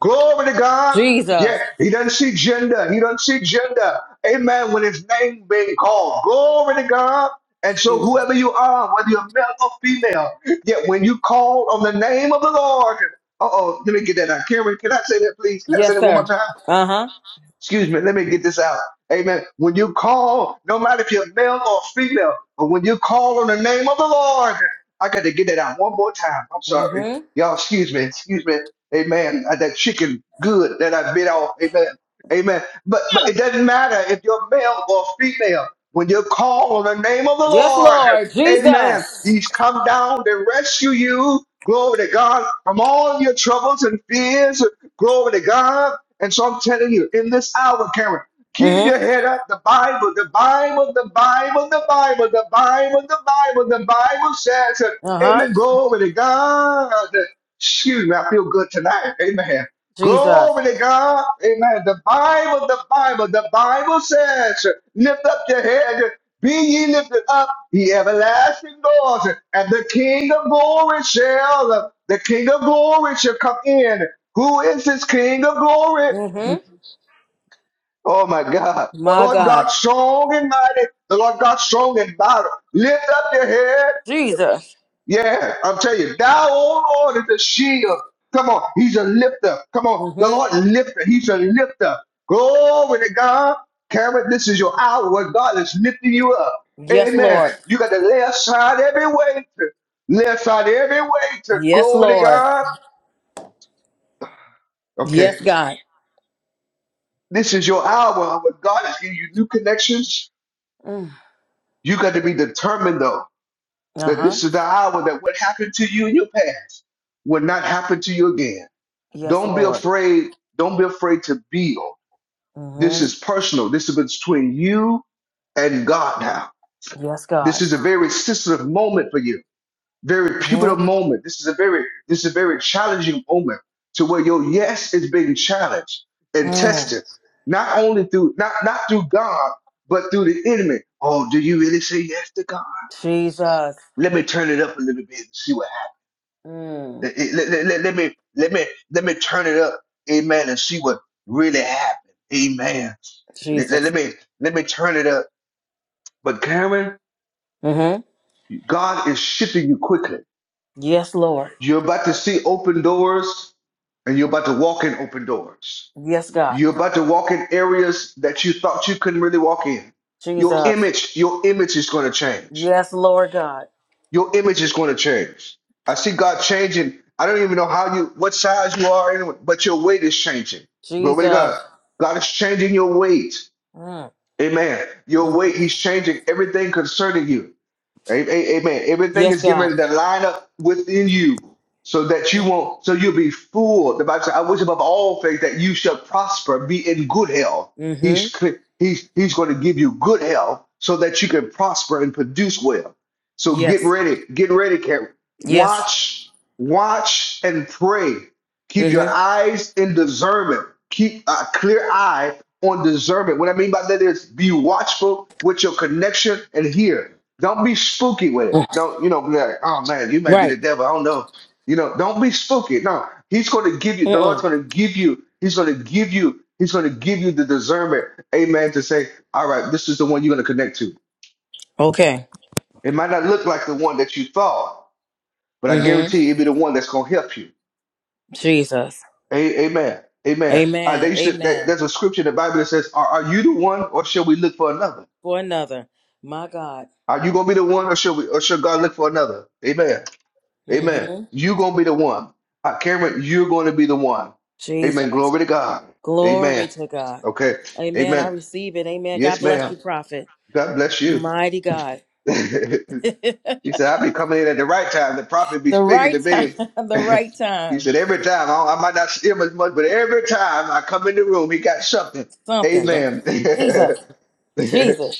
S1: Glory to God. Yeah,
S4: Jesus.
S1: he doesn't see gender. He doesn't see gender. Amen. When his name being called. Glory to God. And so
S4: Jesus.
S1: whoever you are, whether you're male or female, yet when you call on the name of the Lord, uh oh, let me get that out. Karen, can I say that please? Can I say
S4: Yes,
S1: that one more
S4: sir.
S1: time?
S4: Uh-huh.
S1: excuse me, let me get this out. Amen. When you call, no matter if you're male or female, but when you call on the name of the Lord, I got to get that out one more time. I'm sorry.
S4: Mm-hmm.
S1: Y'all, excuse me, excuse me. Amen. Uh, That chicken good that I bit off. Amen. Amen. But but it doesn't matter if you're male or female. When you call on the name of the
S4: Yes,
S1: Lord,
S4: Lord.
S1: amen,
S4: Jesus.
S1: he's come down to rescue you. Glory to God from all your troubles and fears. Glory to God and so I'm telling you, in this hour, Karen, keep your
S4: Mm-hmm.
S1: head up. The Bible, the Bible, the Bible, the Bible, the Bible, the Bible, the Bible says, uh,
S4: Uh-huh.
S1: Amen. Glory to God. Excuse me, I feel good tonight. Amen.
S4: Jesus.
S1: Glory to God. Amen. The Bible, the Bible, the Bible says, uh, lift up your head. Be ye lifted up, ye everlasting doors, and the King of glory shall, the King of glory shall come in. Who is this King of glory?
S4: Mm-hmm.
S1: Oh my God. The
S4: My
S1: Lord
S4: God.
S1: God strong and mighty. The Lord God strong and mighty. Lift up your head.
S4: Jesus.
S1: Yeah, I'm telling you, thou, O Lord, is a shield. Come on, he's a lifter. Come on, the
S4: Mm-hmm.
S1: Lord lifter. He's a lifter. Glory to God. Karen, this is your hour where God is lifting you up.
S4: Yes,
S1: Amen.
S4: Lord.
S1: You got to lay aside every weight. Lay aside every weight.
S4: Yes,
S1: Glory to
S4: Lord.
S1: God. Okay,
S4: Yes, God.
S1: this is your hour where God is giving you new connections
S4: Mm.
S1: You got to be determined though that
S4: Uh-huh.
S1: this is the hour that what happened to you in your past will not happen to you again.
S4: Yes,
S1: Don't be
S4: Lord.
S1: afraid. Don't be afraid to build. This
S4: Mm-hmm.
S1: is personal. This is between you and God now.
S4: Yes,
S1: This
S4: God.
S1: is a very sensitive moment for you. Very pivotal
S4: Mm-hmm.
S1: moment. This is a very this is a very challenging moment to where your yes is being challenged and
S4: Mm.
S1: tested, not only through not not through God, but through the enemy. Oh, do you really say yes to God?
S4: Jesus.
S1: Let me turn it up a little bit and see what
S4: Mm.
S1: happens. Let, let- let- let me let me let me turn it up, amen, and see what really happened. Amen. Let, let-
S4: Jesus.
S1: let me let me turn it up. But Karen,
S4: Mm-hmm.
S1: God is shifting you quickly.
S4: Yes, Lord.
S1: You're about to see open doors, and you're about to walk in open doors.
S4: Yes, God.
S1: You're about to walk in areas that you thought you couldn't really walk in. Your
S4: Jesus.
S1: image, your image is going to change.
S4: Yes, Lord God.
S1: your image is going to change. I see God changing. I don't even know how you, what size you are, anyway, but your weight is changing. Glory to
S4: Jesus.
S1: God. God is changing your weight.
S4: Mm.
S1: Amen. Your
S4: Mhm.
S1: weight, He's changing everything concerning you. A- a- Amen. Everything
S4: Yes,
S1: is getting
S4: God.
S1: ready to line up within you so that you won't, so you'll be full. The Bible says, I wish above all things that you shall prosper, be in good health.
S4: Mm-hmm.
S1: He's, cl- he's, he's going to give you good health so that you can prosper and produce well. So get
S4: Yes.
S1: ready, get ready, Karen.
S4: Yes.
S1: Watch, watch and pray. Keep your
S4: Mm-hmm.
S1: eyes in discernment. Keep a clear eye on discernment. What I mean by that is be watchful with your connection and hear. Don't be spooky with
S4: Mm.
S1: it. Don't, you know, be like, oh man, you might be
S4: Right.
S1: the devil. I don't know. You know, don't be spooky. No, he's going to give you, the Lord's
S4: Mm-mm.
S1: going to give you, he's going to give you, he's going to give you the discernment, amen, to say, all right, this is the one you're going to connect to.
S4: Okay.
S1: It might not look like the one that you thought, but I
S4: Mm-hmm.
S1: guarantee you it'll be the one that's going to help you.
S4: Jesus.
S1: A- amen. Amen. Uh, they
S4: Amen.
S1: used to, that,
S4: Amen.
S1: there's a scripture in the Bible that says, are, are you the one or shall we look for another?
S4: For another. My God.
S1: Are you going to be the one or shall we, or shall God look for another? Amen. Amen.
S4: Mm-hmm.
S1: You're going to be the one. Uh, Cameron, you're going to be the one. Amen.
S4: Jesus.
S1: Glory to God.
S4: Glory
S1: Amen.
S4: to God.
S1: Okay.
S4: Amen. I
S1: Amen.
S4: receive it. Amen. God
S1: Yes,
S4: bless you,
S1: ma'am.
S4: prophet.
S1: God bless you.
S4: Mighty God. the
S1: he said, I'll be coming in at the right time. The prophet be speaking to
S4: right time.
S1: me.
S4: The right
S1: he
S4: time.
S1: said, every time, I, don't- I might not see him as much, but every time I come in the room, he got something.
S4: Something.
S1: Amen.
S4: Jesus. Jesus.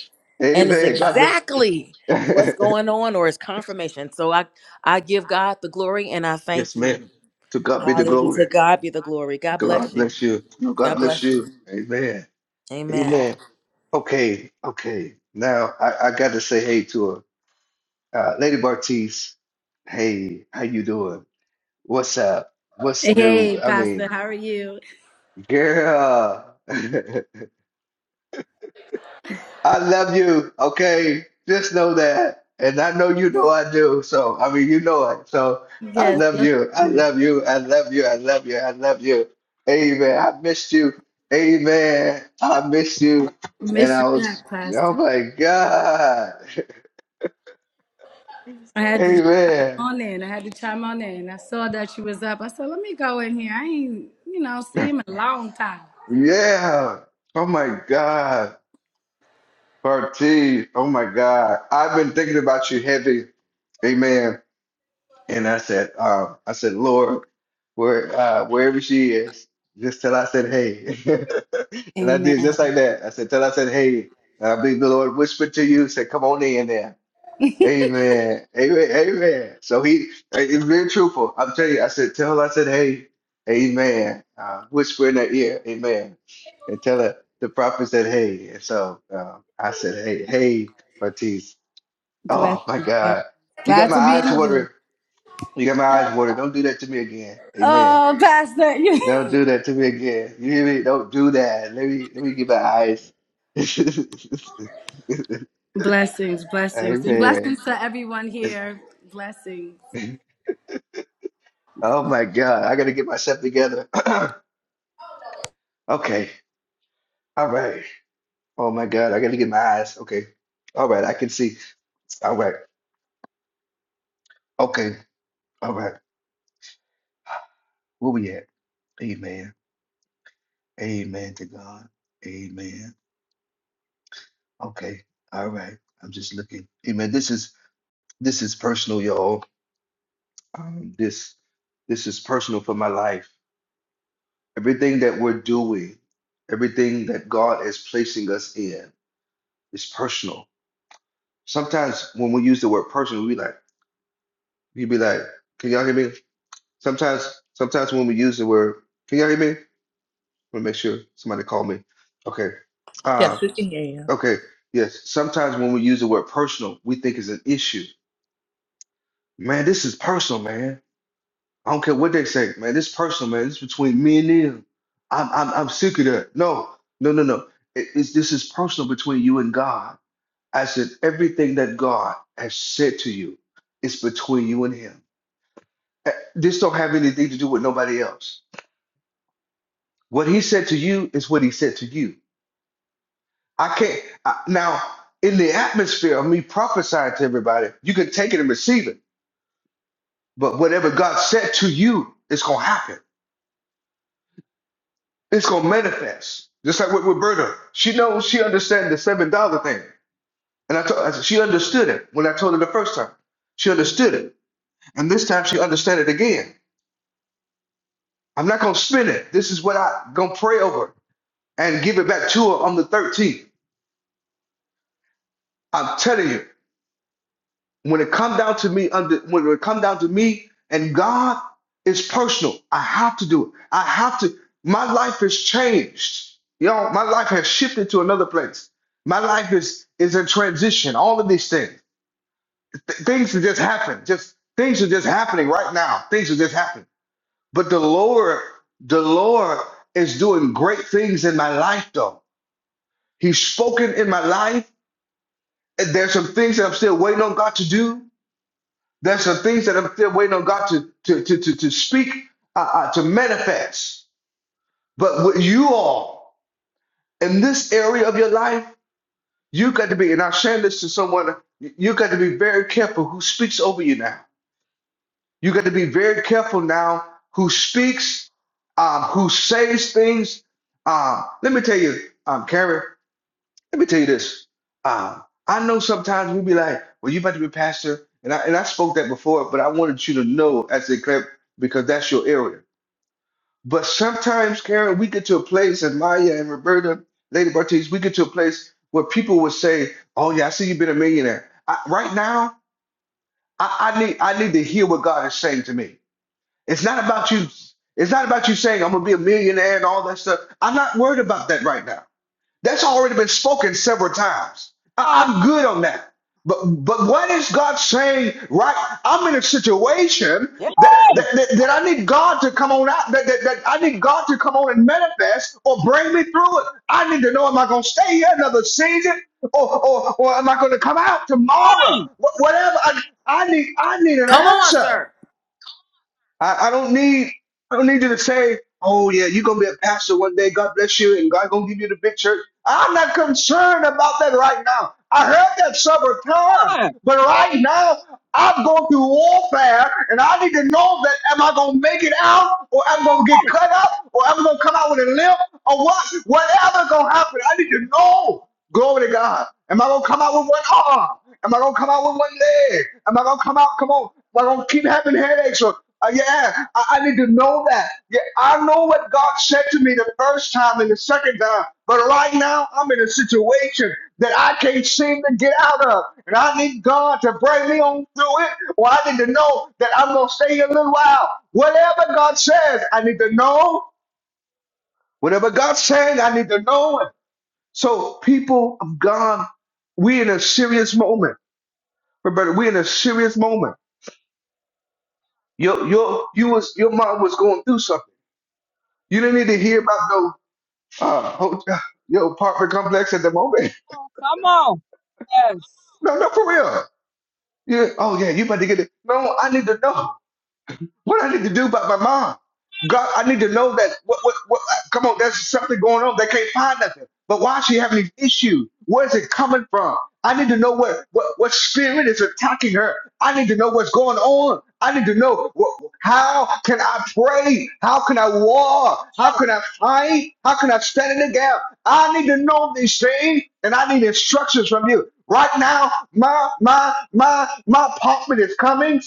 S4: and it's
S1: Amen. God
S4: exactly what's
S1: bless.
S4: going on or it's confirmation so i i give god the glory and i thank
S1: Yes,
S4: you
S1: ma'am. To God be the
S4: hallelujah to
S1: glory.
S4: god be the glory god
S1: God
S4: bless you
S1: bless you.
S4: god
S1: God bless
S4: bless you
S1: you. Amen.
S4: amen
S1: Amen. Okay, okay. Now I, I got to say hey to her. Uh, Lady Bartiz, hey, how you doing? What's up? What's new?
S5: Hey,
S1: I
S5: Pastor,
S1: mean,
S5: how are you?
S1: girl, I love you, okay? Just know that. And I know you know I do. So, I mean, you know it. So I love you. I love you. I love you. I love you. I love you. Amen. I missed you. Amen. I missed you. And
S5: Miss you
S1: I was,
S5: back,
S1: oh
S5: Pastor.
S1: my God.
S5: I had to just chime
S1: Amen.
S5: on in. I had to chime on in. I saw that you was up. I said, let me go in here. I ain't, you know, seen him in a long time.
S1: Yeah. Oh my God. Party. Oh my God. I've been thinking about you heavy. Amen. And I said, um, I said, Lord, where uh, wherever she is, just tell I said hey. and I did just
S5: Amen.
S1: like that. I said, tell I said hey. And I believe the Lord whispered to you, said, come on in there. Amen. Amen. Amen. So he it's very truthful. I'm telling you, I said, tell her, I said, hey, amen. Uh, whisper in her ear, amen. And tell her the prophet said, hey. And so uh, I said, hey, hey, Matisse.
S5: Blessings,
S1: Oh my
S5: blessings.
S1: God. You got
S5: Glad
S1: my
S5: to be
S1: eyes
S5: in the room.
S1: watering. You got my eyes watering. Don't do that to me again. Amen.
S5: Oh, Pastor.
S1: Don't do that to me again. You hear me? Don't do that. Let me let me get my eyes.
S5: blessings, blessings. And
S1: Amen.
S5: blessings to everyone here. Blessings.
S1: Oh my God, I gotta get myself together. Okay. All right. Oh my God, I gotta get my eyes. Okay. All right, I can see. All right. Okay. All right. Where we at? Amen. Amen to God. Amen. Okay. All right. I'm just looking. Amen. This is this is personal, y'all. Um, this this is personal for my life. Everything that we're doing, everything that God is placing us in is personal. Sometimes when we use the word personal, we like. You'd be like, "Can y'all hear me?" Sometimes, sometimes when we use the word, "Can y'all hear me?" I want to make sure somebody call me. Okay. Uh,
S6: Yes, we can hear you.
S1: okay. Yes. Sometimes when we use the word personal, we think it's an issue. Man, this is personal, man. I don't care what they say, man. This is personal, man. This is between me and them. I'm, I'm, I'm sick of that. No, no, no, no. It- it's, this is personal between you and God. I said everything that God has said to you is between you and Him. Eh, This don't have anything to do with nobody else. What he said to you is what he said to you. I can't I, now in the atmosphere of me prophesying to everybody. You can take it and receive it, but whatever God said to you, it's gonna happen. It's gonna manifest. Just like with Roberta, she knows she understands the seven dollar thing, and I told I said- she understood it when I told her the first time. She understood it, and this time she understood it again. I'm not gonna spin it. This is what I gonna pray over and give it back to her on the 13th. I'm telling you. when it come down to me under when it come down to me and God it's personal. I have to do it. I have to. My life has changed. You know, my life has shifted to another place. My life is is in transition. All of these things. Th- things are just happening. Just things are just happening right now. Things are just happening. But the Lord, the Lord is doing great things in my life though. He's spoken in my life. And there's some things that I'm still waiting on God to do There's some things that I'm still waiting on God to to to to, to speak, uh, uh, to manifest. But with you all in this area of your life, you got to be. And I'm saying this to someone. You got to be very careful who speaks over you now. You got to be very careful now who speaks, um, who says things. Um, let me tell you, um, Karen. Let me tell you this. Uh, I know sometimes we be like, well, you about to be a pastor. And I, and I spoke that before, but I wanted you to know as a clip because that's your area. But sometimes, Karen, we get to a place, and Maya and Roberta, Lady Bartiz, we get to a place where people would say, oh, yeah, I see you've been a millionaire. I, right now, I, I need I need to hear what God is saying to me. It's not about you. It's not about you saying I'm gonna be a millionaire and all that stuff. I'm not worried about that right now. That's already been spoken several times.
S3: Come
S1: I-
S3: on.
S1: I'm good on that. But but what is God saying? Right, I'm in a situation
S3: Yes.
S1: that that, that, that I need God to come on out. That, that, that I need God to come on and manifest or bring me through it. I need to know: Am I going to stay here another season, or or, or am I going to come out tomorrow? Wh- Whatever. I, I need I need an
S4: come on
S1: answer.
S4: sir,
S1: I, I don't need I don't need you to say, oh yeah, you're gonna be a pastor one day, God bless you, and God gonna give you the big church. I'm not concerned about that right now. I heard that several times,
S3: Come
S1: but right now I'm going through warfare and I need to know that am I gonna make it out or I'm gonna get
S3: on.
S1: cut up or I'm gonna come out with a limp or what whatever gonna happen. I need to know. Glory to God. Am I gonna come out with one arm? Am I gonna come out with one leg? Am I gonna come out? Come on. Am I gonna keep having headaches? Or uh, yeah, I, I need to know that. Yeah, I know what God said to me the first time and the second time, but right now I'm in a situation that I can't seem to get out of, and I need God to bring me on through it. Or I need to know that I'm gonna stay here a little while. Whatever God says, I need to know. Whatever God says, I need to know it. So, people of God, we're in a serious moment. But brother, we're in a serious moment. Your your you was your mom was going through something. You didn't need to hear about no uh hotel, your apartment complex at the moment.
S3: Come on. Yes.
S1: No, no, for real. Yeah. Oh yeah, you about to get it. No, I need to know. What I need to do about my mom? God, I need to know that. What, what, what, come on, there's something going on. They can't find nothing. But why is she having these issues? Where is it coming from? I need to know what, what, what spirit is attacking her. I need to know what's going on. I need to know what, how can I pray? How can I war? How can I fight? How can I stand in the gap? I need to know these things, and I need instructions from you. Right now, my my my my apartment is coming.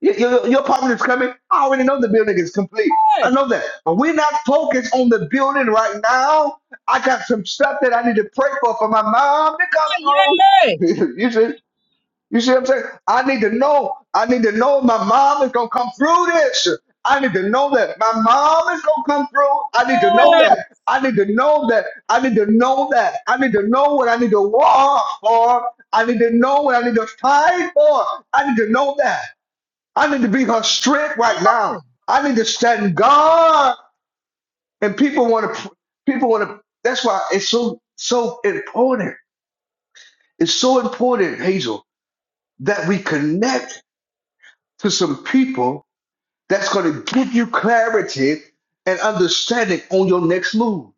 S1: Your, your, your apartment is coming. I already know the building is complete. I
S3: Yes.
S1: know that. But we're not focused on the building right now. I got some stuff that I need to pray for for my mom to come
S3: Yay. Yes.
S1: through. you see? You see what I'm saying? I need to know. I need to know my mom is going to come through this. I need to know that. My mom is going to come through. I need
S3: Come
S1: to know that.
S3: on.
S1: I need to know that. I need to know that. I need to know what I need to walk for. I need to know what I need to fight for. I need to know that. I need to be her strength right now. I need to stand guard. And people want to, people want to, that's why it's so, so important. It's so important, Hazel, that we connect to some people that's going to give you clarity and understanding on your next move.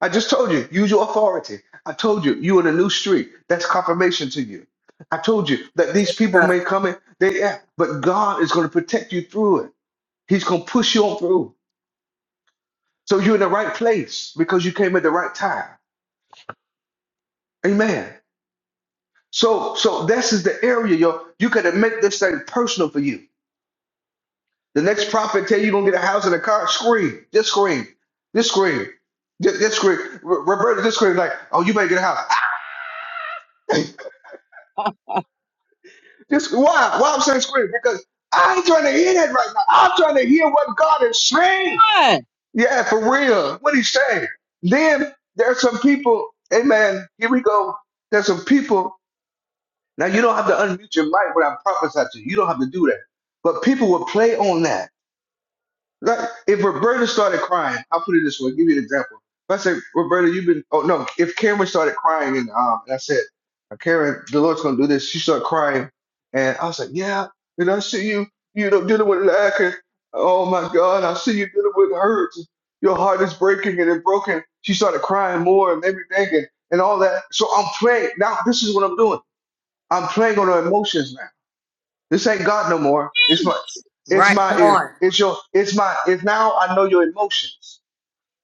S1: I just told you, use your authority. I told you, you in a new street. That's confirmation to you. I told you that these people may
S4: sir.
S1: come in, they, yeah, but God is going to protect you through it. He's going to push you on through. So you're in the right place because you came at the right time. Amen. So so this is the area yo you gotta make this thing personal for you. The next prophet tell you you gonna get a house and a car, scream, just scream, just scream, just, just scream. Ro- Roberta just scream like, oh you better get a house. I- Just why? Why I'm saying scream? Because I ain't trying to hear that right now. I'm trying to hear what God is saying.
S3: Yes.
S1: Yeah, for real. What he's saying. Then there's some people, amen. Here we go. There's some people Now you don't have to unmute your mic when I prophesy to you. You don't have to do that. But people will play on that. Like if Roberta started crying, I'll put it this way, give you an example. If I said, Roberta, you've been oh no, if Cameron started crying and um and I said, Karen, the Lord's gonna do this, she started crying and I was like, Yeah, and I see you, you know, dealing with lack and oh my god, I see you dealing with hurt. Your heart is breaking and it broken. She started crying more and made me thinking and all that. So I'm playing now this is what I'm doing. I'm playing on her emotions now. This ain't God no more. It's my, it's
S4: right
S1: my,
S4: come on
S1: it's your, it's my, it's now I know your emotions.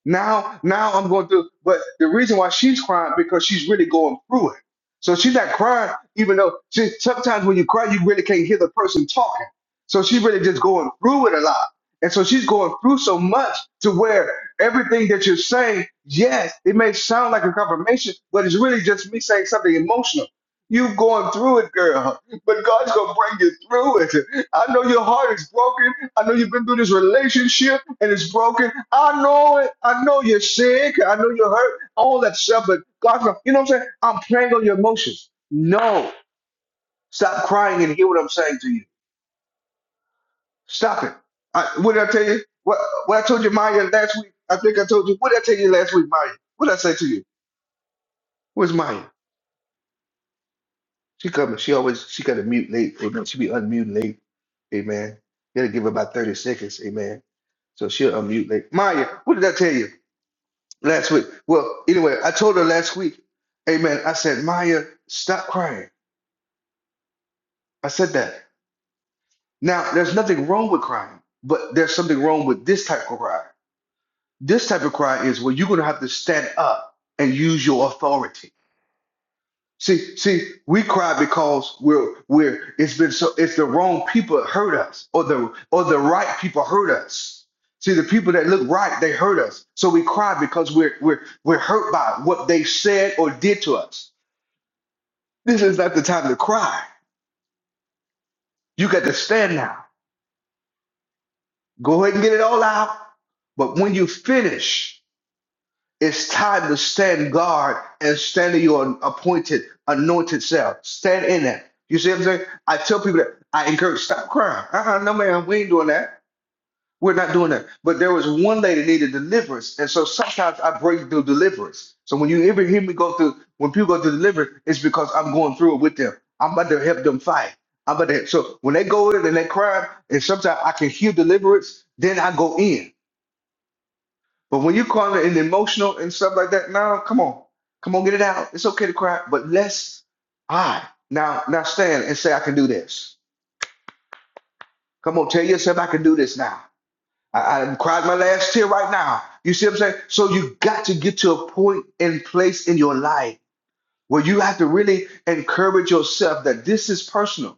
S1: Now, now I'm going through, but the reason why she's crying because she's really going through it. So she's not crying, even though she, sometimes when you cry, you really can't hear the person talking. So she's really just going through it a lot. And so she's going through so much to where everything that you're saying, yes, it may sound like a confirmation, but it's really just me saying something emotional. You going through it, girl but God's gonna bring you through it. I know your heart is broken. I know you've been through this relationship and it's broken. I know it. I know you're sick. I know you're hurt. All that stuff. But God's gonna, you know what I'm saying? I'm playing on your emotions. No, stop crying and hear what I'm saying to you. Stop it. I, what did I tell you? What what I told you, Maya, last week? I think I told you. What did I tell you last week, Maya? What did I say to you? Where's Maya? She coming. She always she gotta mute late. Amen. She be unmuting late. Amen. You gotta give her about 30 seconds. Amen. So she'll unmute later. Maya, what did I tell you last week? Well, anyway, I told her last week, amen. I said, Maya, stop crying. I said that. Now, there's nothing wrong with crying, but there's something wrong with this type of cry. This type of cry is where you're going to have to stand up and use your authority. See, see, we cry because we're we're it's been so it's the wrong people that hurt us, or the or the right people hurt us. See, the people that look right, they hurt us. So we cry because we're we're we're hurt by what they said or did to us. This is not the time to cry. You got to stand now. Go ahead and get it all out. But when you finish, It's time to stand guard and stand in your appointed, anointed self. Stand in that. You see what I'm saying? I tell people that I encourage stop crying. Uh-uh, no, ma'am, we ain't doing that. We're not doing that. But there was one lady that needed deliverance, and so sometimes I break through deliverance. So when you ever hear me go through, when people go through deliverance, it's because I'm going through it with them. I'm about to help them fight. I'm about to. So when they go in and they cry, and sometimes I can hear deliverance, then I go in. But when you call it an emotional and stuff like that, now come on, come on, get it out. It's okay to cry, but let's I now now stand and say I can do this. Come on, tell yourself I can do this now. I, I cried my last tear right now. You see what I'm saying? So you got to get to a point and place in your life where you have to really encourage yourself that this is personal.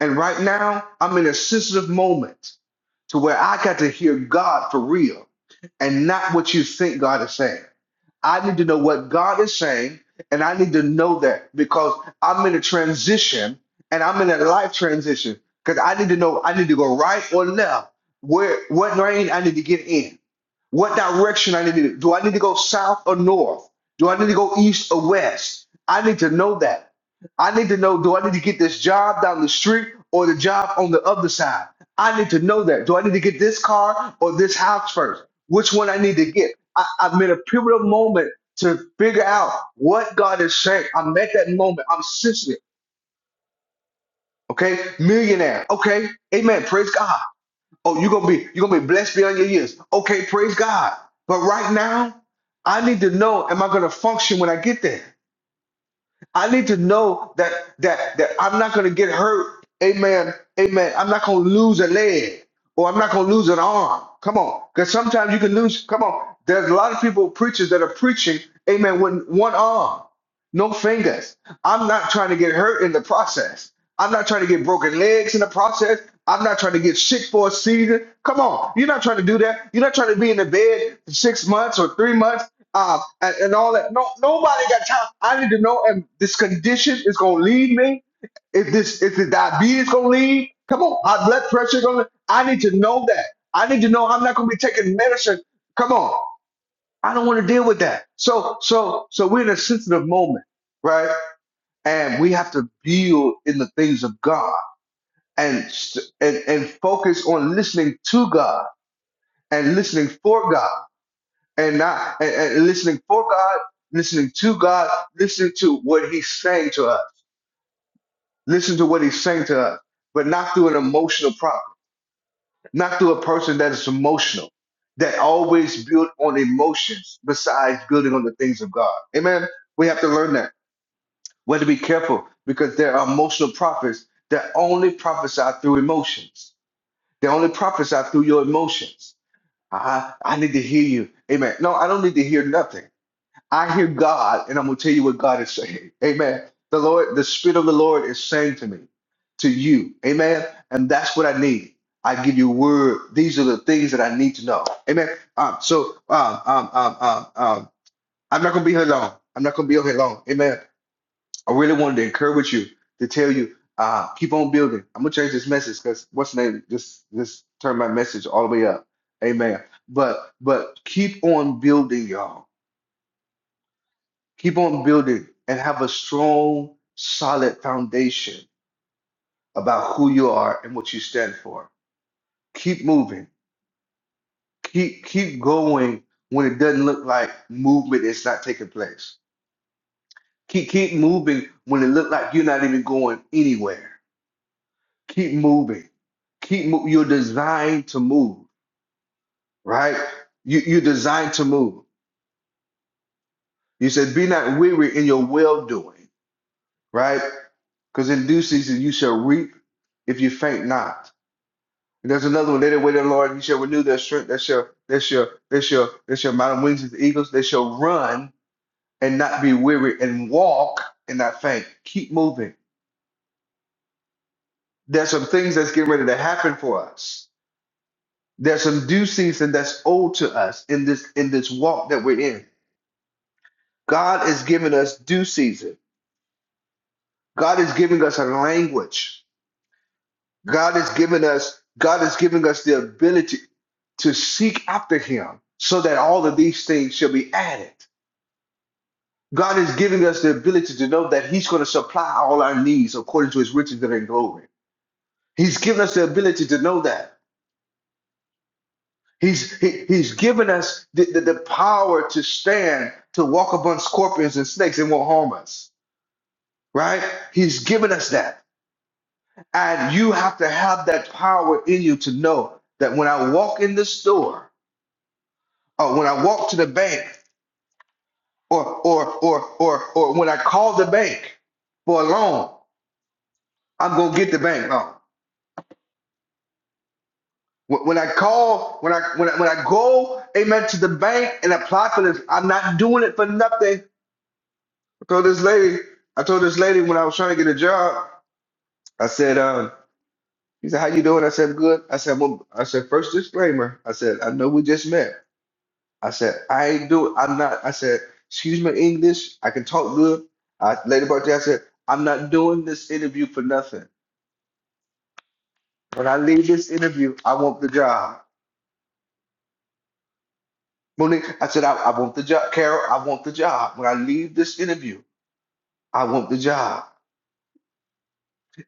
S1: And right now, I'm in a sensitive moment to where I got to hear God for real and not what you think God is saying. I need to know what God is saying, and I need to know that because I'm in a transition and I'm in a life transition. Because I need to know I need to go right or left. Where what lane I need to get in? What direction I need to do? Do I need to go south or north? Do I need to go east or west? I need to know that. I need to know do I need to get this job down the street or the job on the other side? I need to know that. Do I need to get this car or this house first? Which one I need to get? I, I'm in a pivotal moment to figure out what God is saying. I'm at that moment. I'm sensitive. Okay. Millionaire. Okay. Amen. Praise God. Oh, you're gonna be you're gonna be blessed beyond your years. Okay, praise God. But right now, I need to know am I gonna function when I get there? I need to know that that that I'm not gonna get hurt. Amen. Amen. I'm not gonna lose a leg or I'm not gonna lose an arm. Come on. Because sometimes you can lose, come on. There's a lot of people, preachers that are preaching, amen, with one arm. No fingers. I'm not trying to get hurt in the process. I'm not trying to get broken legs in the process. I'm not trying to get sick for a season. Come on. You're not trying to do that. You're not trying to be in the bed for six months or three months uh, and, and all that. No, nobody got time. I need to know and this condition is going to lead me. If this, if the diabetes going to lead, come on. High blood pressure going to, I need to know that. I need to know I'm not going to be taking medicine. Come on. I don't want to deal with that. So, so, so we're in a sensitive moment, right? And we have to build in the things of God and st- and, and focus on listening to God and listening for God and not and, and listening for God, listening to God, listening to what He's saying to us, listen to what He's saying to us, but not through an emotional problem, not through a person that is emotional, that always build on emotions besides building on the things of God. Amen. We have to learn that. We have to be careful because there are emotional prophets that only prophesy through emotions. They only prophesy through your emotions. I, I need to hear you. Amen. No, I don't need to hear nothing. I hear God, and I'm going to tell you what God is saying. Amen. The Lord, the Spirit of the Lord is saying to me, to you. Amen. And that's what I need. I give you word. These are the things that I need to know. Amen. Um, so um, um, um, um, um, I'm not going to be here long. I'm not going to be here long. Amen. I really wanted to encourage you to tell you, uh, keep on building. I'm gonna change this message because what's the name? Just just turn my message all the way up. Amen. But but keep on building, y'all. Keep on building and have a strong, solid foundation about who you are and what you stand for. Keep moving. Keep keep going when it doesn't look like movement is not taking place. Keep keep moving when it look like you're not even going anywhere. keep moving keep mo- you're designed to move right you, you're designed to move you said be not weary in your well doing right because in due season you shall reap if you faint not and there's another one they that wait on the lord you shall renew their strength they shall they shall they shall they shall mount on wings as the eagles they shall run and not be weary and walk and not faint keep moving there's some things that's getting ready to happen for us There's some due season that's owed to us in this in this walk that we're in. God is giving us due season. God is giving us a language. God is giving us God is giving us the ability to seek after him so that all of these things shall be added. God is giving us the ability to know that he's going to supply all our needs according to his riches that are in glory. He's given us the ability to know that. He's he, he's given us the, the, the power to stand, to walk upon scorpions and snakes and won't harm us. Right? He's given us that. And you have to have that power in you to know that when I walk in the store, or when I walk to the bank, or or or or or when I call the bank for a loan, I'm gonna get the bank loan. When when I call, when I when I, when I go, amen, to the bank and apply for this, I'm not doing it for nothing. told this lady, I told this lady when I was trying to get a job, I said, um, he said, how you doing? I said, good. I said, well, I said, first disclaimer. I said, I know we just met. I said, I ain't do I'm not, I said, excuse my English. I can talk good. I, later about that, I said, I'm not doing this interview for nothing. When I leave this interview, I want the job. Monique, I said, I, I want the job. Carol, I want the job. When I leave this interview, I want the job.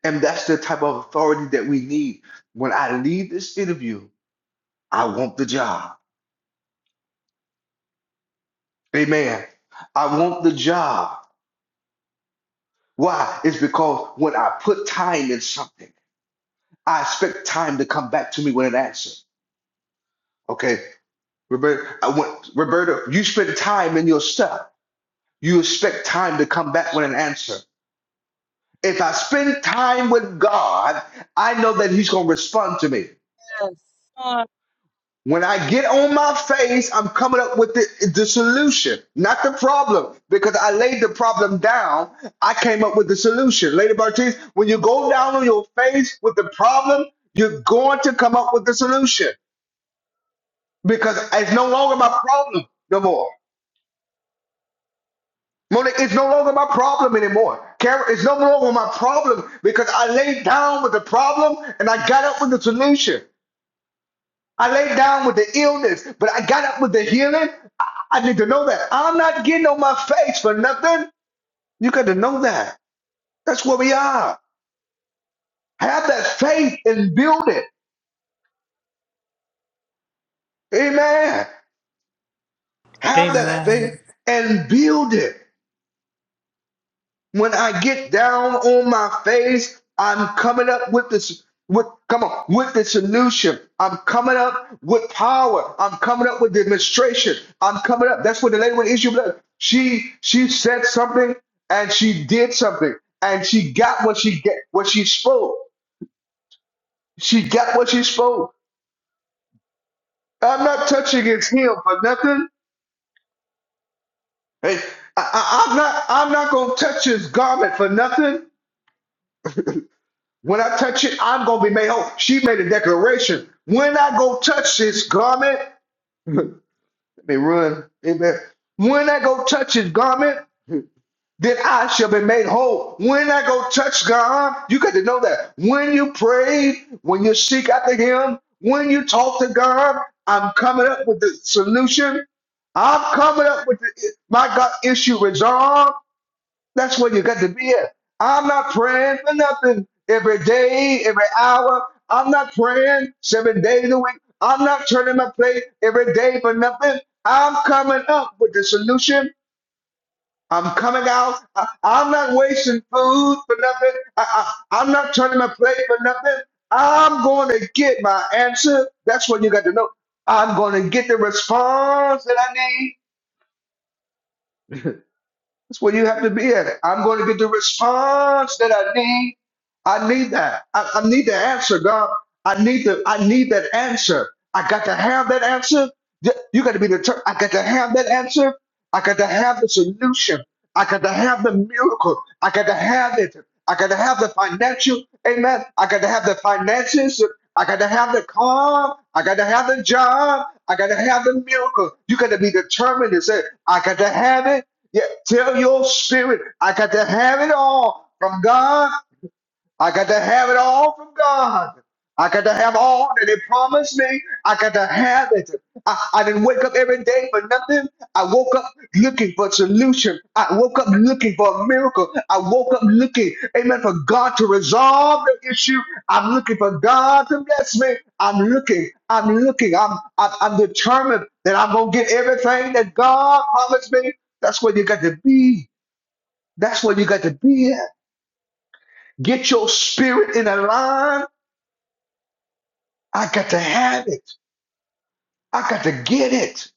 S1: And that's the type of authority that we need. When I leave this interview, I want the job. Amen. I want the job. Why? It's because when I put time in something, I expect time to come back to me with an answer. Okay, Roberta, I want, Roberta, you spend time in your stuff. You expect time to come back with an answer. If I spend time with God, I know that He's going to respond to me.
S3: Come on.
S1: When I get on my face, I'm coming up with the, the solution, not the problem, because I laid the problem down. I came up with the solution. Lady Bartiz, when you go down on your face with the problem, you're going to come up with the solution because it's no longer my problem no more. Monique, it's no longer my problem anymore. Karen, it's no longer my problem because I laid down with the problem and I got up with the solution. I laid down with the illness, but I got up with the healing. I, I need to know that. I'm not getting on my face for nothing. You got to know that. That's where we are. Have that faith and build it. Amen. Have that faith
S6: Amen.
S1: and build it. When I get down on my face, I'm coming up with this with come on with the solution. I'm coming up with power. I'm coming up with demonstration. I'm coming up. That's what the lady with the issue of blood. She she said something and she did something and she got what she get what she spoke. She got what she spoke. I'm not touching his heel for nothing. Hey, I, I, I'm not I'm not gonna touch his garment for nothing. When I touch it, I'm gonna be made whole. She made a declaration. When I go touch this garment, let me run. Amen. When I go touch his garment, then I shall be made whole. When I go touch God, you got to know that. When you pray, when you seek after him, when you talk to God, I'm coming up with the solution. I'm coming up with the, my God issue resolved. That's where you got to be at. I'm not praying for nothing every day, every hour. I'm not praying seven days a week. I'm not turning my plate every day for nothing. I'm coming up with the solution. I'm coming out. I, am not wasting food for nothing. I, I, I'm not turning my plate for nothing. I'm going to get my answer. That's what you got to know. I'm going to get the response that I need. That's where you have to be at. I'm going to get the response that I need. I need that. I, I need the answer, God. I need the. I need that answer. I got to have that answer. Y- You got to be the. tur- I got to have that answer. I got to have the solution. I got to have the miracle. I got to have it. I got to have the financial. Amen. I got to have the finances. I got to have the calm. I got to have the job. I got to have the miracle. You got to be determined and say, I got to have it. Yeah, tell your spirit, I got to have it all from God. I got to have it all from God. I got to have all that He promised me. I got to have it. I, I didn't wake up every day for nothing. I woke up looking for a solution. I woke up looking for a miracle. I woke up looking, amen, for God to resolve the issue. I'm looking for God to bless me. I'm looking. I'm looking. I'm, I'm, I'm determined that I'm going to get everything that God promised me. That's where you got to be. That's where you got to be at. Get your spirit in a line I got to have it. I got to get it.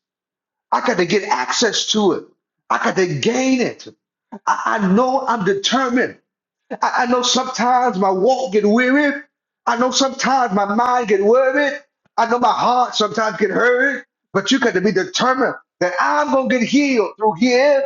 S1: I got to get access to it. I got to gain it. I, I know I'm determined. I, I know sometimes my walk get weary. I know sometimes my mind get worried. I know my heart sometimes get hurt. But you got to be determined that I'm gonna get healed through Him.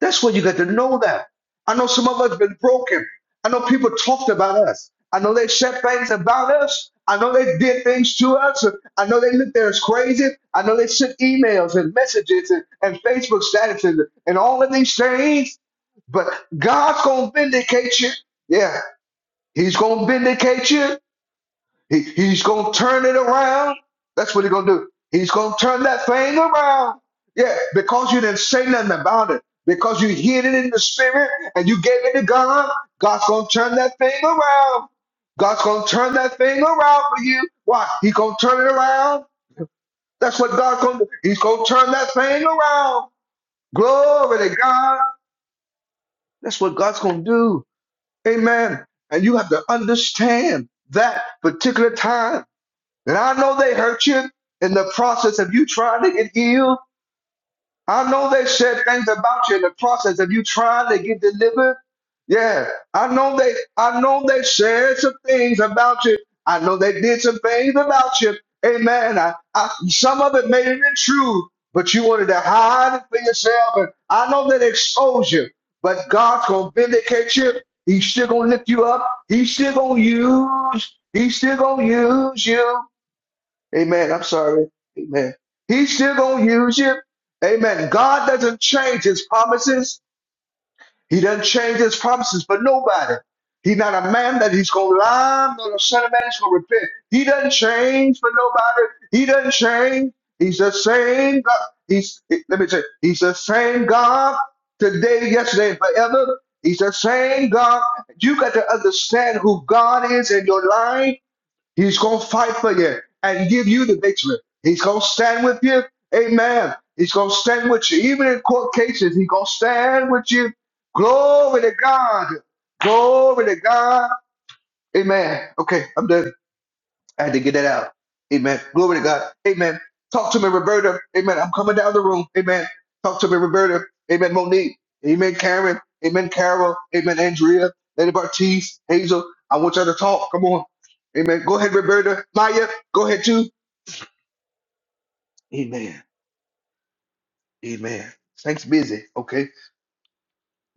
S1: That's where you got to know that. I know some of us been broken. I know people talked about us. I know they said things about us. I know they did things to us. I know they looked at us crazy. I know they sent emails and messages and, and Facebook statuses and all of these things. But God's going to vindicate you. Yeah, He's going to vindicate you. He, he's going to turn it around. That's what he's going to do. He's going to turn that thing around. Yeah, because you didn't say nothing about it, because you hid it in the spirit and you gave it to God, God's going to turn that thing around. God's going to turn that thing around for you. Why? He's going to turn it around. That's what God's going to do. He's going to turn that thing around. Glory to God. That's what God's going to do. Amen. And you have to understand that particular time and I know they hurt you in the process of you trying to get healed. I know they said things about you in the process of you trying to get delivered. Yeah, I know they I know they said some things about you. I know they did some things about you. Amen. I, I, some of it may have been true, but you wanted to hide it for yourself. And I know that exposed you, but God's gonna vindicate you. He's still gonna lift you up. He's still gonna use. He's still gonna use you. Amen. I'm sorry. Amen. He's still going to use you. Amen. God doesn't change his promises. He doesn't change his promises for nobody. He's not a man that he's going to lie, nor the son of man is going to repent. He doesn't change for nobody. He doesn't change. He's the same God. He's, let me say, he's the same God today, yesterday, and forever. He's the same God. You got to understand who God is in your life. He's going to fight for you and give you the victory. He's going to stand with you. Amen. He's going to stand with you. Even in court cases, he's going to stand with you. Glory to God. Glory to God. Amen. Okay, I'm done. I had to get that out. Amen. Glory to God. Amen. Talk to me, Roberta. Amen. I'm coming down the room. Amen. Talk to me, Roberta. Amen. Monique. Amen. Karen. Amen. Carol. Amen. Andrea. Lady Bartiz. Hazel. I want y'all to talk. Come on. Amen. Go ahead, Roberta. Maya. Go ahead too. Amen. Amen. Thanks busy. Okay.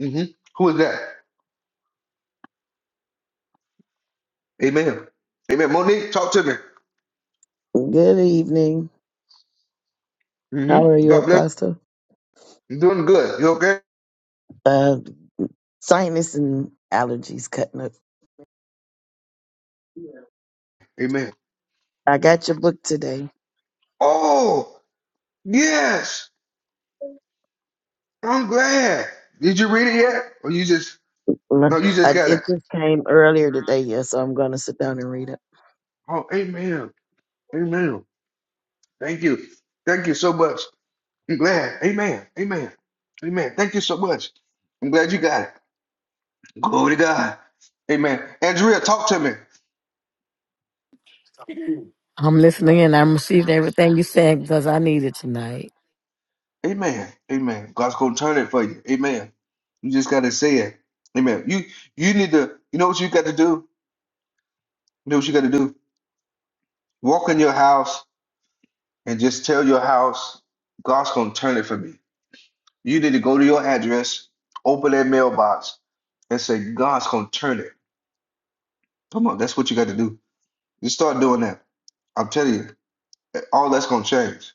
S1: Mm-hmm. Who is that? Amen. Amen. Monique, talk to me.
S7: Good evening. How are
S1: Mm-hmm.
S7: you,
S1: God bless.
S7: Apostle?
S1: you You're doing good. You okay?
S7: Uh, sinus and allergies cutting up.
S1: Amen.
S7: I got your book today.
S1: Oh, yes. I'm glad. Did you read it yet? Or you just
S7: Uh,
S1: no, you just
S7: I,
S1: got it.
S7: it just came earlier today, yeah, so I'm going to sit down and read it.
S1: oh amen. Amen. Thank you. Thank you so much. I'm glad. Amen. Amen. Amen. Thank you so much. I'm glad you got it. Glory to God. Amen. Andrea, talk to me.
S8: I'm listening and I'm receiving everything you said because I need it tonight.
S1: Amen. Amen. God's gonna turn it for you. Amen. You just gotta say it. Amen. You you need to you know what you gotta do? You know what you gotta do? Walk in your house and just tell your house, God's gonna turn it for me. You need to go to your address, open that mailbox, and say, God's going to turn it. Come on, that's what you got to do. You start doing that. I'm telling you, all that's going to change.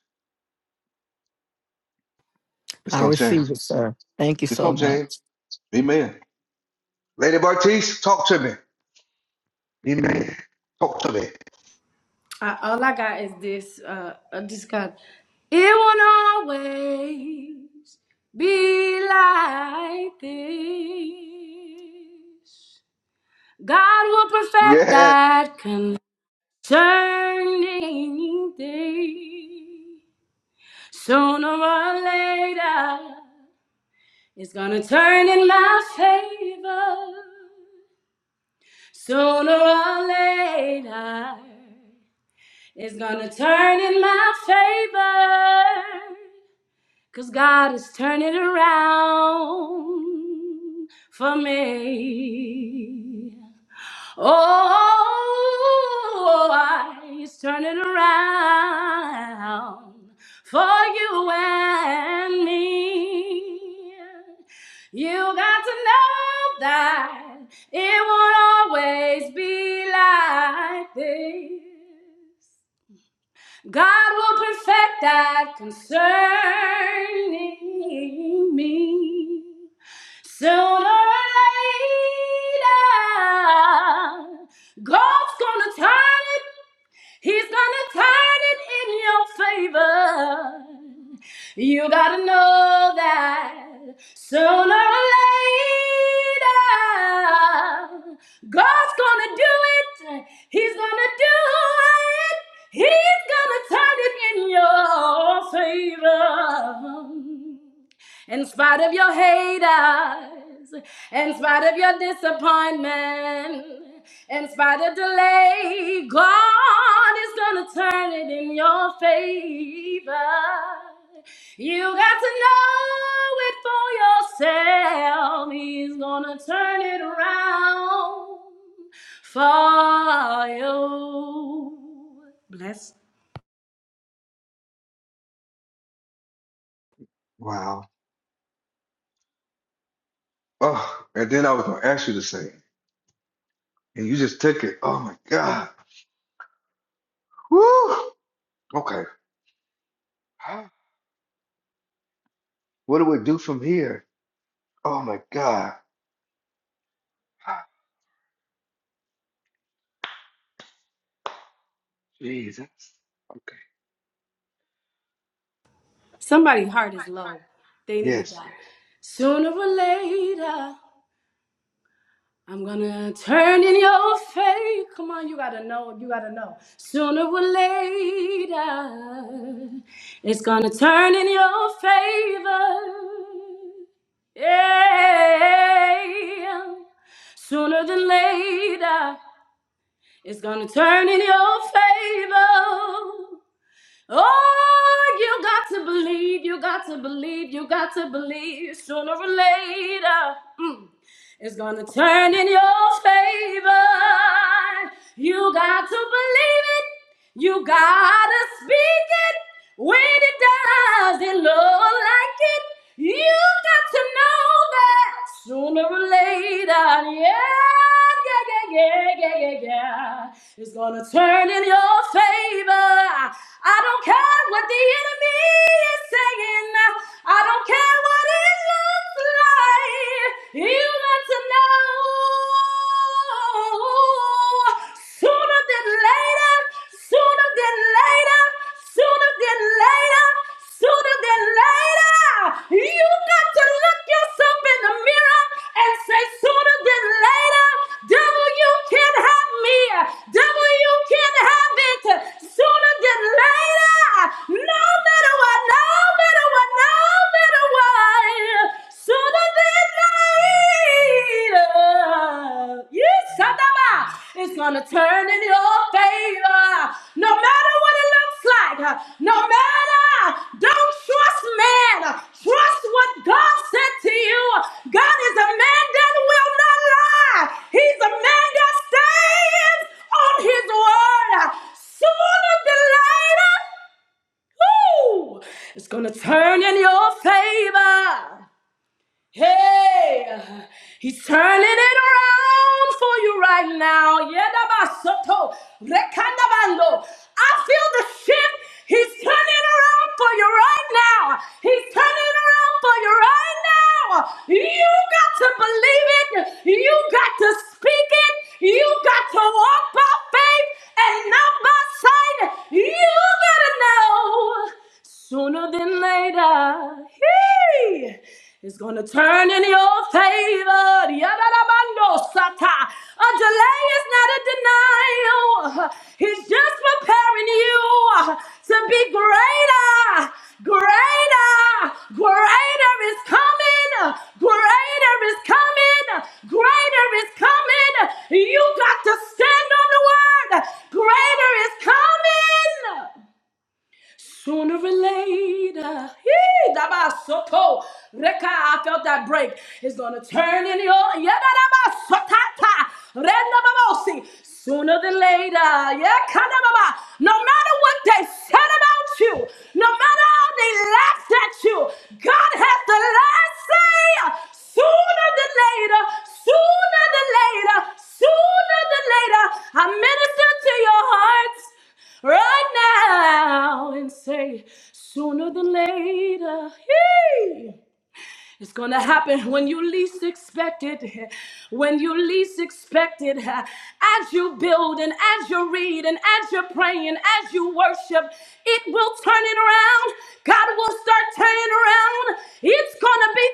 S1: It's
S8: I
S1: going to change.
S8: receive it, sir. Thank you
S1: It's
S8: so
S1: going to change.
S8: much.
S1: Amen. Lady Bartice, talk to me. Amen. Talk to me.
S5: I, all I got is this. Uh, I just got. It won't always be like this. God will perfect
S1: Yeah.
S5: that concerning thing. Sooner or later, it's gonna turn in my favor. Sooner or later. It's gonna turn in my favor. Cause God is turning around for me. Oh, He's turning around for you and me. You got to know that it won't always be like this. God will perfect that concerning me sooner or later. God's gonna turn it He's gonna turn it in your favor. You gotta know that sooner or later, God's gonna do it. He's gonna do it. He's gonna turn it in your favor. In spite of your haters, in spite of your disappointment, in spite of delay, God is gonna turn it in your favor. You got to know it for yourself. He's gonna turn it around for you. Bless.
S1: Wow. Oh, and then I was going to ask you to sing, and you just took it. Oh, my God. Woo. Okay. What do we do from here? Oh, my God. Jesus. Okay.
S5: Somebody's heart is low. They needed
S1: Yes.
S5: that. Sooner or later. I'm gonna turn in your faith. Come on, you gotta know, you gotta know. Sooner or later, it's gonna turn in your favor. Yeah. Sooner than later, it's gonna turn in your favor. Oh, you got to believe, you got to believe, you got to believe sooner or later. mm, It's gonna turn in your favor. You got to believe it. You gotta speak it. When it does, it look like it. You got to know that sooner or later. Yeah, yeah, yeah, yeah, yeah, yeah, yeah. It's gonna turn in your favor. I don't care what the enemy is saying. I don't care what it looks like. You got to know sooner than later, sooner than later, sooner than later, sooner than later. You got to look yourself in the mirror and say, sooner than later, devil, you can have me. Devil, you can have it. Sooner than later later. No matter what, no matter what, no matter what. Sooner than later. Yes, Satama. It's gonna turn in your favor. No matter what it looks like. No matter. Don't trust man. Trust what God said to you. God is a man that will not lie. He's a man that stands stands on his word. Sooner than later, woo, it's going to turn in your favor. Hey, he's turning it around for you right now. Yedabasoto, rekandabando. I feel the shift. He's turning it around for you right now. He's turning it around for you right now. You got to believe it. You got to speak it. You got to walk by faith and not by sight. You gotta know now, sooner than later, he is going to turn in your favor. Yadadabando sata. A delay is not a denial. He's just preparing you to be greater, greater, greater is coming, greater is coming, greater is coming. You got to stand on the word. Greater is coming. Sooner or later, hee, dabasoto, reka, I felt that break. It's gonna turn in your yedadabasotata, rendababosi. Sooner than later, yeah, kanababa. No matter what they said about you, no matter how they laughed at you. God has the last say. Sooner than later, sooner than later, sooner than later, I minister to your hearts right now and say, sooner than later. Yay! It's going to happen when you least expect it, when you least expect it. As you build and as you read and as you're praying, as you worship, it will turn it around. God will start turning around. It's going to be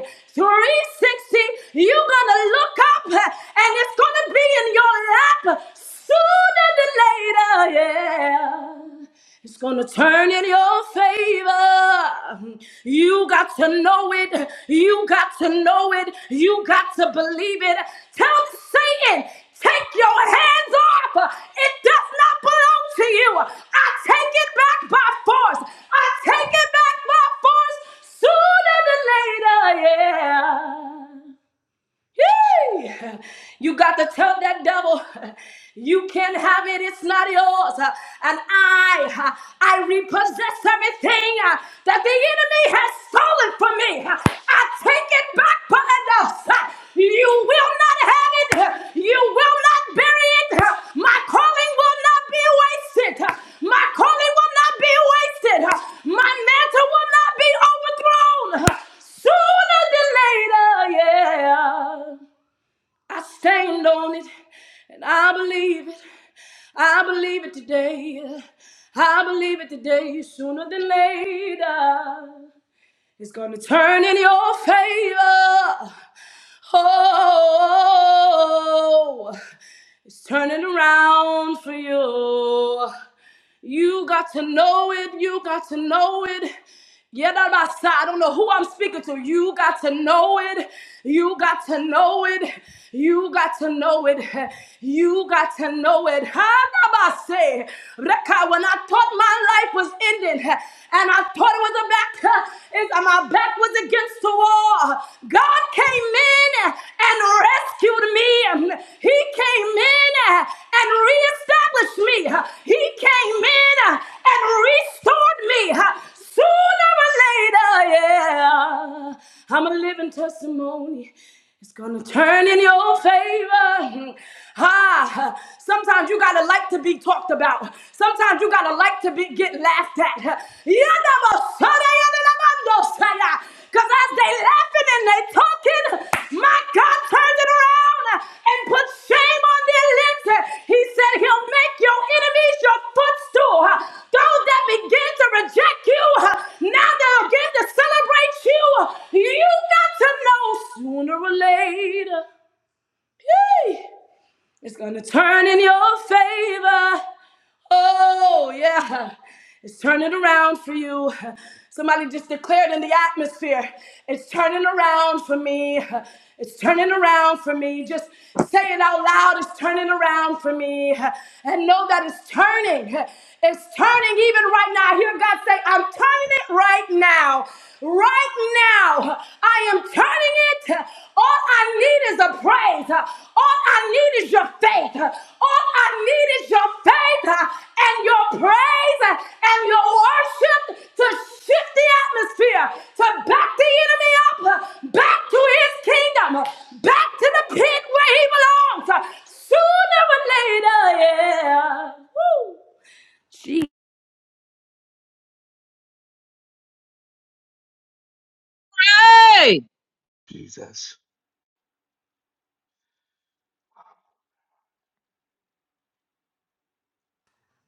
S5: 360. 360. You're going to look up and it's going to be in your lap sooner than later yeah. yeah. It's gonna turn in your favor. You got to know it. You got to know it. You got to believe it. Tell Satan, take your hands off. It does not belong to you. I take it back by force. I take it back by force sooner than later. Yeah. Hey, You got to tell that devil you can have it, it's not yours. And I, I repossess everything that the enemy has stolen from me. I take it back for enough. You will not have it. You will not bury it. My calling will not be wasted. My calling will not be wasted. My mantle will not be overthrown. Sooner than later, yeah. I stand on it and I believe it. I believe it today. I believe it today sooner than later is going to turn in your favor. Oh, it's turning around for you. You got to know it. You got to know it. Yeah, that my side. I don't know who I'm speaking to. You got to know it. You got to know it. You got to know it. You got to know it. Huh? Naba say, Reka, When I thought my life was ending and I thought it was a back, is my back was against the wall. God came in in and rescued me. He came in and reestablished me. He came in and restored me. Sooner or later, yeah, I'm a living testimony. It's gonna turn in your favor. Ah, sometimes you gotta like to be talked about. Sometimes you gotta like to be get laughed at. Because as they laughing and they talking, my God turned it around and put shame on their lips. He said he'll make your enemies your footstool. Those that begin to reject you, now they'll begin to celebrate you. You got to know sooner or later. yay, It's gonna turn in your favor. Oh, yeah. It's turning around for you. Somebody just declared in the atmosphere. It's turning around for me. It's turning around for me. Just say it out loud. It's turning around for me. And know that it's turning. It's turning even right now. I hear God say, I'm turning it right now. Right now, I am turning it. All I need is a praise. All I need is your faith. All I need is your faith and your praise and your worship to shift the atmosphere, to back the enemy up, back to his kingdom, back to the pit where he belongs. Sooner or later, yeah. Woo.
S3: Hey.
S1: Jesus.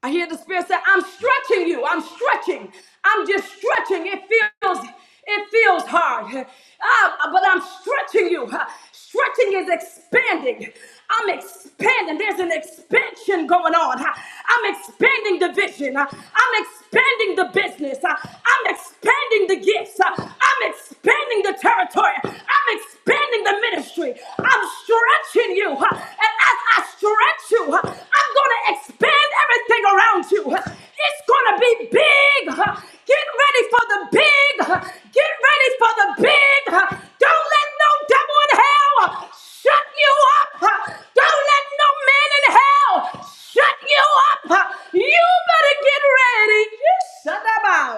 S5: I hear the spirit say, I'm
S1: Yeah.
S5: stretching you. I'm stretching. I'm just stretching. It feels, it feels hard. Ah, but I'm stretching you. Stretching is expanding. I'm expanding. There's an expansion going on. I'm expanding the vision. I'm expanding the business. I'm expanding the gifts. I'm expanding the territory. I'm expanding the ministry ministry. I'm stretching you. huh, And as I stretch you, huh, I'm going to expand everything around you. huh. It's going to be big. huh. Get ready for the big. huh. Get ready for the big. huh. Don't let no devil in hell huh, shut you up. huh. Don't let no man in hell shut you up. huh. You better get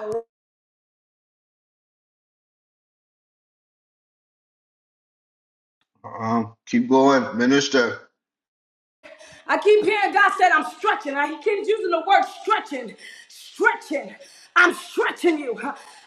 S5: ready.
S1: Um, keep going, minister.
S5: I keep hearing God said, I'm stretching. I, he keeps using the word stretching, stretching. I'm stretching you.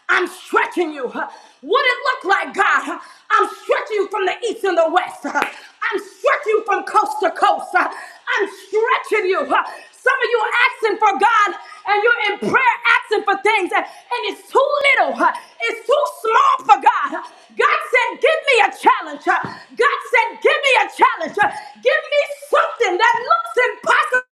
S5: I'm stretching you. What it look like, God? I'm stretching you from the east and the west. I'm stretching you from coast to coast. I'm stretching you. Some of you are asking for God and you're in prayer asking for things and and it's too little. It's too small for God. God said, give me a challenge. God said, Give me a challenge. Give me something that looks impossible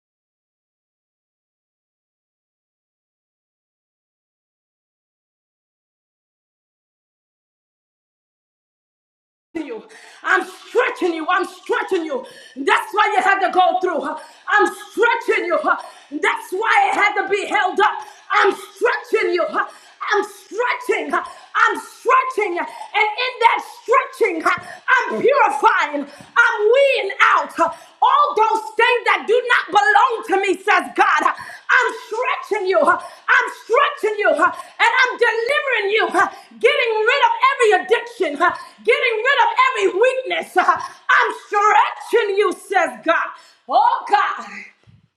S5: to you. I'm stretching you. I'm stretching you. That's why you had to go through. I'm stretching you. That's why it had to be held up. I'm stretching you. I'm stretching. I'm stretching. And in that stretching, I'm purifying. I'm weeding out all those things that do not belong to me, says God. I'm stretching you. I'm stretching you huh, and I'm delivering you, huh, getting rid of every addiction, huh, getting rid of every weakness. huh. I'm stretching you, says God. Oh, God.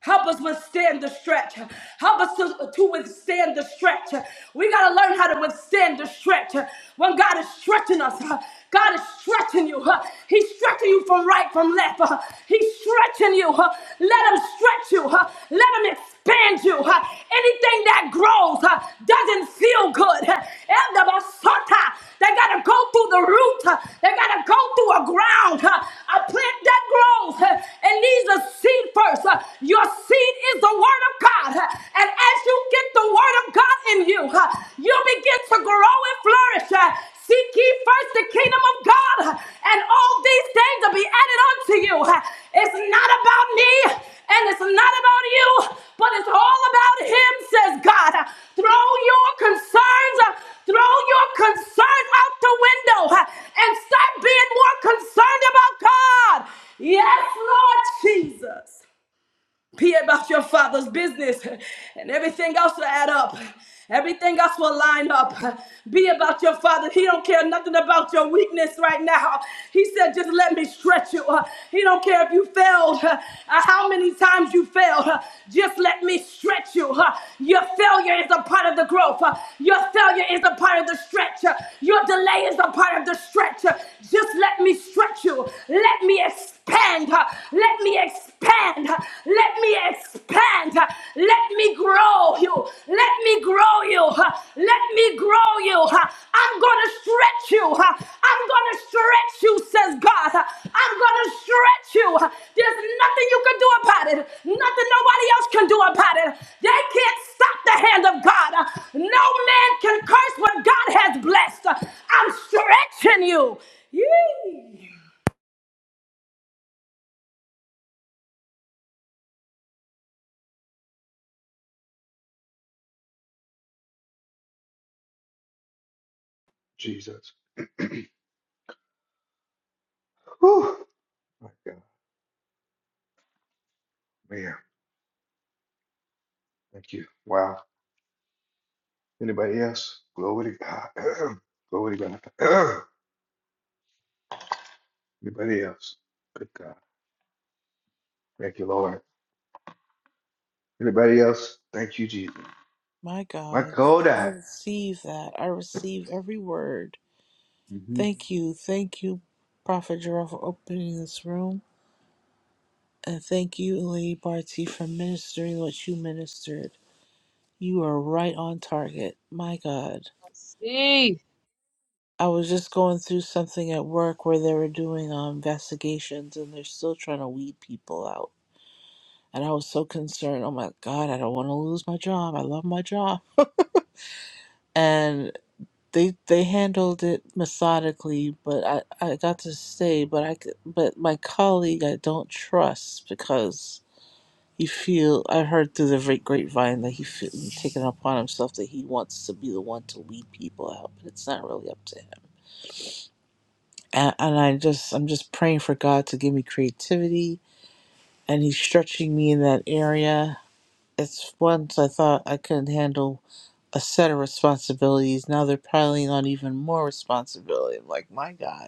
S5: Help us withstand the stretch. Help us to, to withstand the stretch. We got to learn how to withstand the stretch. When God is stretching us, huh? God is stretching you. huh? He's stretching you from right from left. Uh, He's stretching you. Uh, Let him stretch you. Uh, Let him expand you. Uh, Anything that grows uh, doesn't feel good. Uh, and the basata, They got to go through the root. Uh, They got to go through a ground. Uh, A plant that grows uh, it needs a seed first. Uh, Your seed is the word of God. Uh, And as you get the word of God in you, uh, you'll be begin to grow and flourish. Uh, Seek ye first the kingdom of God, uh, and all these things will be added unto you. Uh, It's not about me, and it's not about you, but it's all about Him, says God. Uh, Throw your concerns, uh, throw your concerns out the window, uh, and start being more concerned about God. Yes, Lord Jesus. Be about your father's business, and everything else will add up. Everything else will line up. Be about your father. He don't care nothing about your weakness right now. He said, just let me stretch you. Uh, He don't care if you failed, uh, uh, how many times you failed. Uh, Just let me stretch you. Uh, Your failure is a part of the growth. Uh, Your failure is a part of the stretch. Uh, Your delay is a part of the stretch. Uh, Just let me stretch you. Let me expand. Let me expand. Let me expand. Let me grow you. Let me grow you. huh? Let me grow you. huh? I'm going to stretch you. huh? I'm going to stretch you, says God. huh? I'm going to stretch you. huh? There's nothing you can do about it. Nothing nobody else can do about it. They can't stop the hand of God. huh? No man can curse what God has blessed. I'm stretching you. Yee.
S1: Jesus. Whew. My God, man. Thank you. Wow. Anybody else? Glory to God. Glory to God. Anybody else? Good God. Thank you, Lord. Anybody else? Thank you, Jesus.
S6: My
S1: My
S6: God, I
S1: Kodak.
S6: receive that. I receive every word.
S1: Mm-hmm.
S6: Thank you. Thank you, Prophet Jarrell, for opening this room. And thank you, Lady Barty, for ministering what you ministered. You are right on target. My God.
S3: Let's See.
S6: I was just going through something at work where they were doing um, investigations and they're still trying to weed people out. And I was so concerned. Oh my God, I don't want to lose my job. I love my job. they they handled it methodically but i i got to stay but i c- but my colleague i don't trust because he feel i heard through the great grapevine that he feel, taken upon himself that he wants to be the one to lead people out but it's not really up to him and, and i just i'm just praying for god to give me creativity and he's stretching me in that area it's once i thought i couldn't handle a set of responsibilities now they're piling on even more responsibility I'm like my god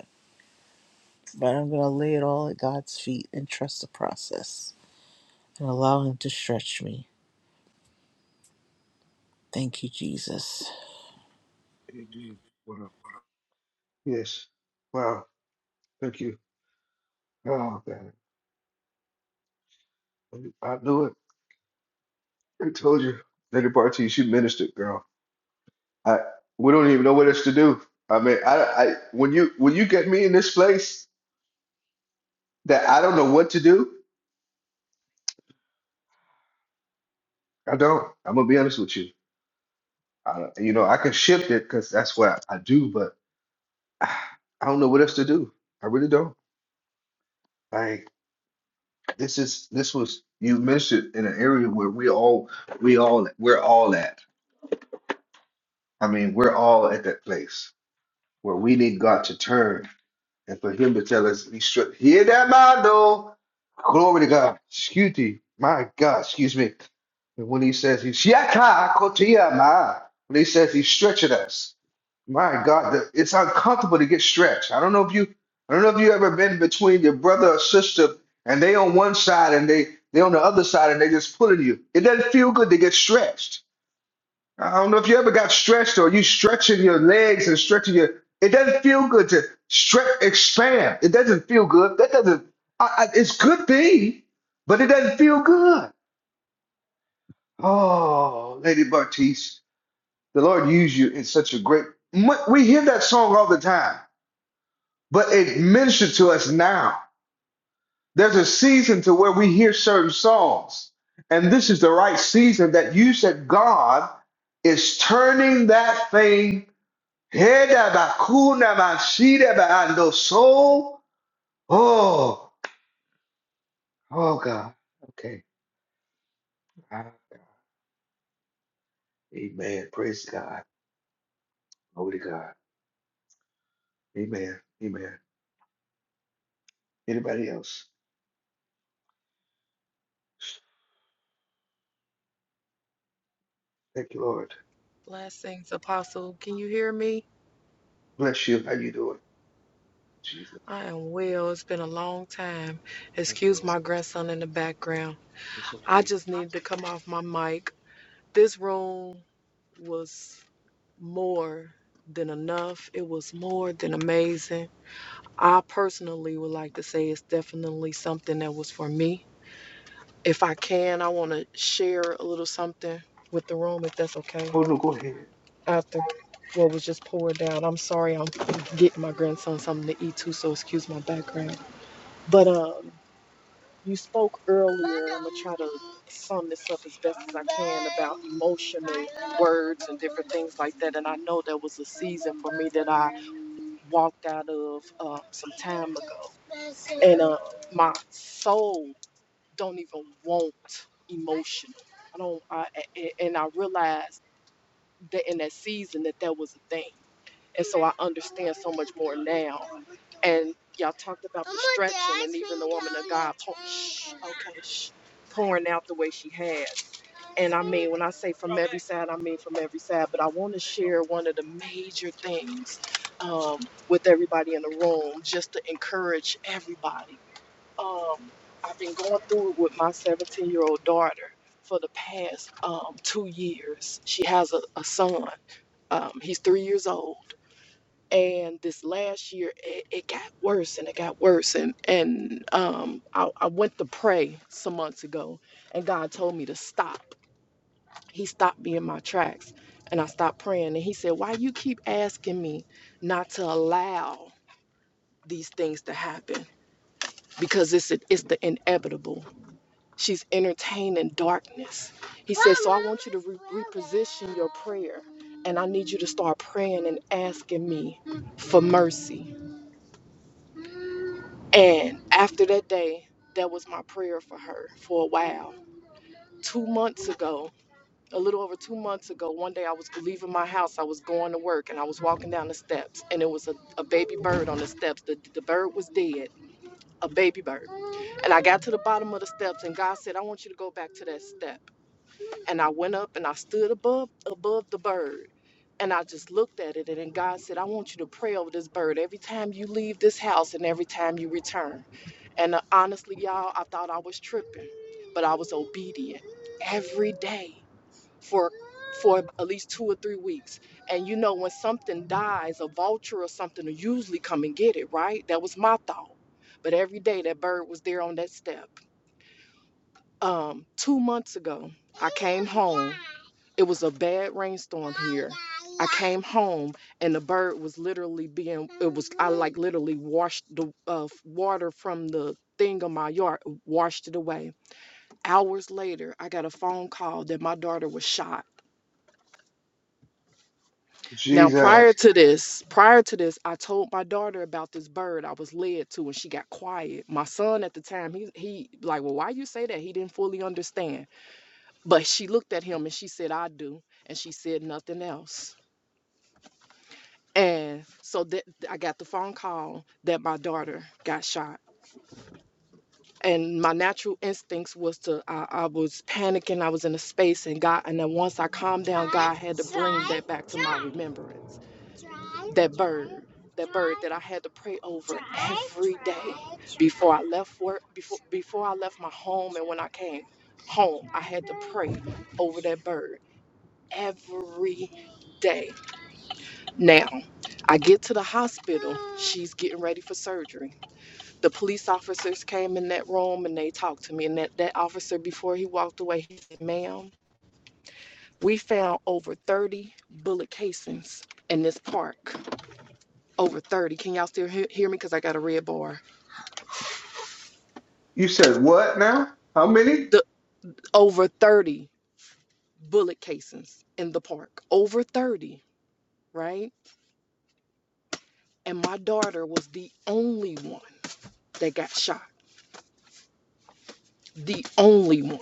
S6: But I'm going to lay it all at God's feet and trust the process and allow Him to stretch me. Thank you, Jesus.
S1: Amen. Wow. Yes. Wow. Thank you. Oh, God. I knew it. I told you. Lady Barty, she ministered, girl. I we don't even know what else to do. I mean, I, I when you when you get me in this place that I don't know what to do, I don't. I'm gonna be honest with you. I, don't- you know, I can shift it because that's what I, do, but ah, I don't know what else to do. I really don't. Like this is this was you mentioned in an area where we all we all we're all at. I mean, we're all at that place where we need God to turn and for him to tell us, he should hear that mind though. Glory to God. Excuse me. My God, excuse me. And when he says he Yaka Kotia Ma, when he says he's stretching us, my God, the- it's uncomfortable to get stretched. I don't know if you, I don't know if you ever been between your brother or sister, and they on one side and they they on the other side, and they just pulling you. It doesn't feel good to get stretched. I don't know if you ever got stretched or you stretching your legs and stretching your. It doesn't feel good to stretch, expand. It doesn't feel good. That doesn't. I, I, it's good thing, but it doesn't feel good. Oh, Lady Bartice, the Lord used you in such a great. Mu- We hear that song all the time, but it ministered to us now. There's a season to where we hear certain songs, and this is the right season that you said God is turning that thing Heda bakuna masida baando soul. Oh, oh God. Okay. Ah, Amen. Praise God. Holy God. Amen. Amen. Anybody else? Thank you, Lord.
S9: Blessings, Apostle. Can you hear me?
S1: Bless you. How you doing? Jesus.
S9: I am well. It's been a long time.
S1: I
S9: Excuse
S1: know.
S9: my grandson in the background.
S1: It's
S9: I
S1: okay.
S9: just needed to come off my mic. This room was more than enough, it was more than amazing. I personally would like to say it's definitely something that was for me. If I can, I want to share a little something with the room, if that's okay.
S1: Oh no, go ahead.
S9: after what was just poured down. I'm sorry, I'm getting my grandson something to eat too, so excuse my background. But um, you spoke earlier. I'm gonna try to sum this up as best as I can about emotional words and different things like that. And I know there was a season for me that I walked out of uh, some time ago, and uh, my soul don't even want emotional. I don't, I, a- a- and I realized that in that season that that was a thing And so I understand so much more now. And y'all talked about the stretching and even the woman of God pour, shh, okay, shh, pouring out the way she has. And I mean, when I say from every side, I mean from every side. But I want to share one of the major things um, with everybody in the room just to encourage everybody. Um, I've been going through it with my 17 year old daughter for the past um, two years. She has a, a son, um, he's three years old and this last year it, it got worse and it got worse and and um I, I went to pray some months ago and god told me to stop he stopped me in my tracks and i stopped praying and he said why you keep asking me not to allow these things to happen because it's it's the inevitable she's entertaining darkness he said so i want you to re- reposition your prayer and i need you to start praying and asking me for mercy And after that day, that was my prayer for her for a while. Two months ago, a little over two months ago, one day I was leaving my house. I was going to work and I was walking down the steps, and it was a, a baby bird on the steps. The, the bird was dead, a baby bird. And I got to the bottom of the steps, and God said, I want you to go back to that step. And I went up and I stood above above the bird. And I just looked at it and then God said, I want you to pray over this bird every time you leave this house and every time you return. And uh, honestly, y'all, I thought I was tripping, but I was obedient every day for for at least two or three weeks. And you know, when something dies, a vulture or something will usually come and get it, right? That was my thought. But every day that bird was there on that step. Um, two months ago, I came home it was a bad rainstorm here. I came home and the bird was literally being it was I like literally washed the uh, water from the thing on my yard, washed it away. Hours later, I got a phone call that my daughter was shot. Now, prior
S1: Jesus.
S9: to this, prior to this, I told my daughter about this bird I was led to and she got quiet. My son at the time, he he like, "Well, why you say that?" He didn't fully understand. But she looked at him and she said, "I do." And she said nothing else. And so that I got the phone call that my daughter got shot. And my natural instincts was to I, I was panicking. I was in a space, and God. And then once I calmed down, God had to bring that back to my remembrance. That bird, that bird that I had to pray over every day before I left work, before before I left my home, and when I came home, I had to pray over that bird every day. Now. I get to the hospital. She's getting ready for surgery. The police officers came in that room and they talked to me. And that, that officer, before he walked away, he said, Ma'am, we found over 30 bullet casings in this park. Over 30. Can y'all still hear, hear me? Because I got a red bar.
S1: You said what now? How many?
S9: The Over 30 bullet casings in the park. Over 30, right? And my daughter was the only one that got shot. The only one.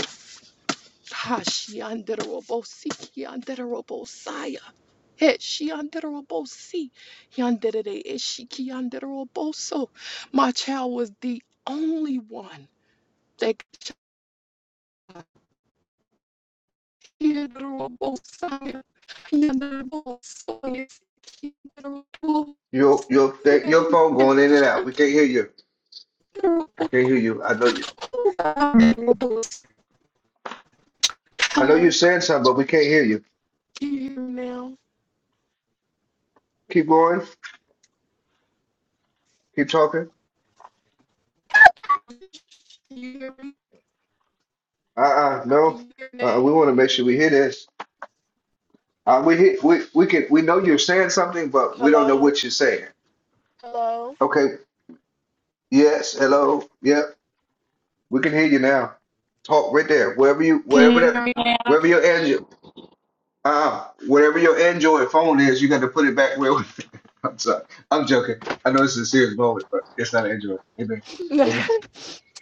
S9: Hashi anderobosi ki anderobosaya. He shi anderobosi. Yanderere ishi ki anderoboso. My child was the only one that could shi anderobosaya. Yanderobosoya ki anderobosia.
S1: Your your that- your phone
S9: Yes,
S1: going in and out.
S9: shi
S1: We can't hear you. I can't hear you. I know you. I know you're
S9: Hello,
S1: saying something, but we can't hear you.
S9: can you hear me now?
S1: Keep going. Keep talking.
S9: Can you hear me?
S1: Uh-uh,
S9: Can
S1: no.
S9: you hear me
S1: Uh,
S9: now?
S1: we want to make sure we hear this. Uh, we hear, we we can we know you're saying something, but we don't know what you're saying. Okay. Yes. Hello. Yep. We can hear you now. Talk right there. Wherever you, wherever that, wherever your Android, uh, wherever your Android phone is, you got to put it back where. I'm sorry. I'm joking. I know it's a serious moment, but it's not Android. Amen. It's not,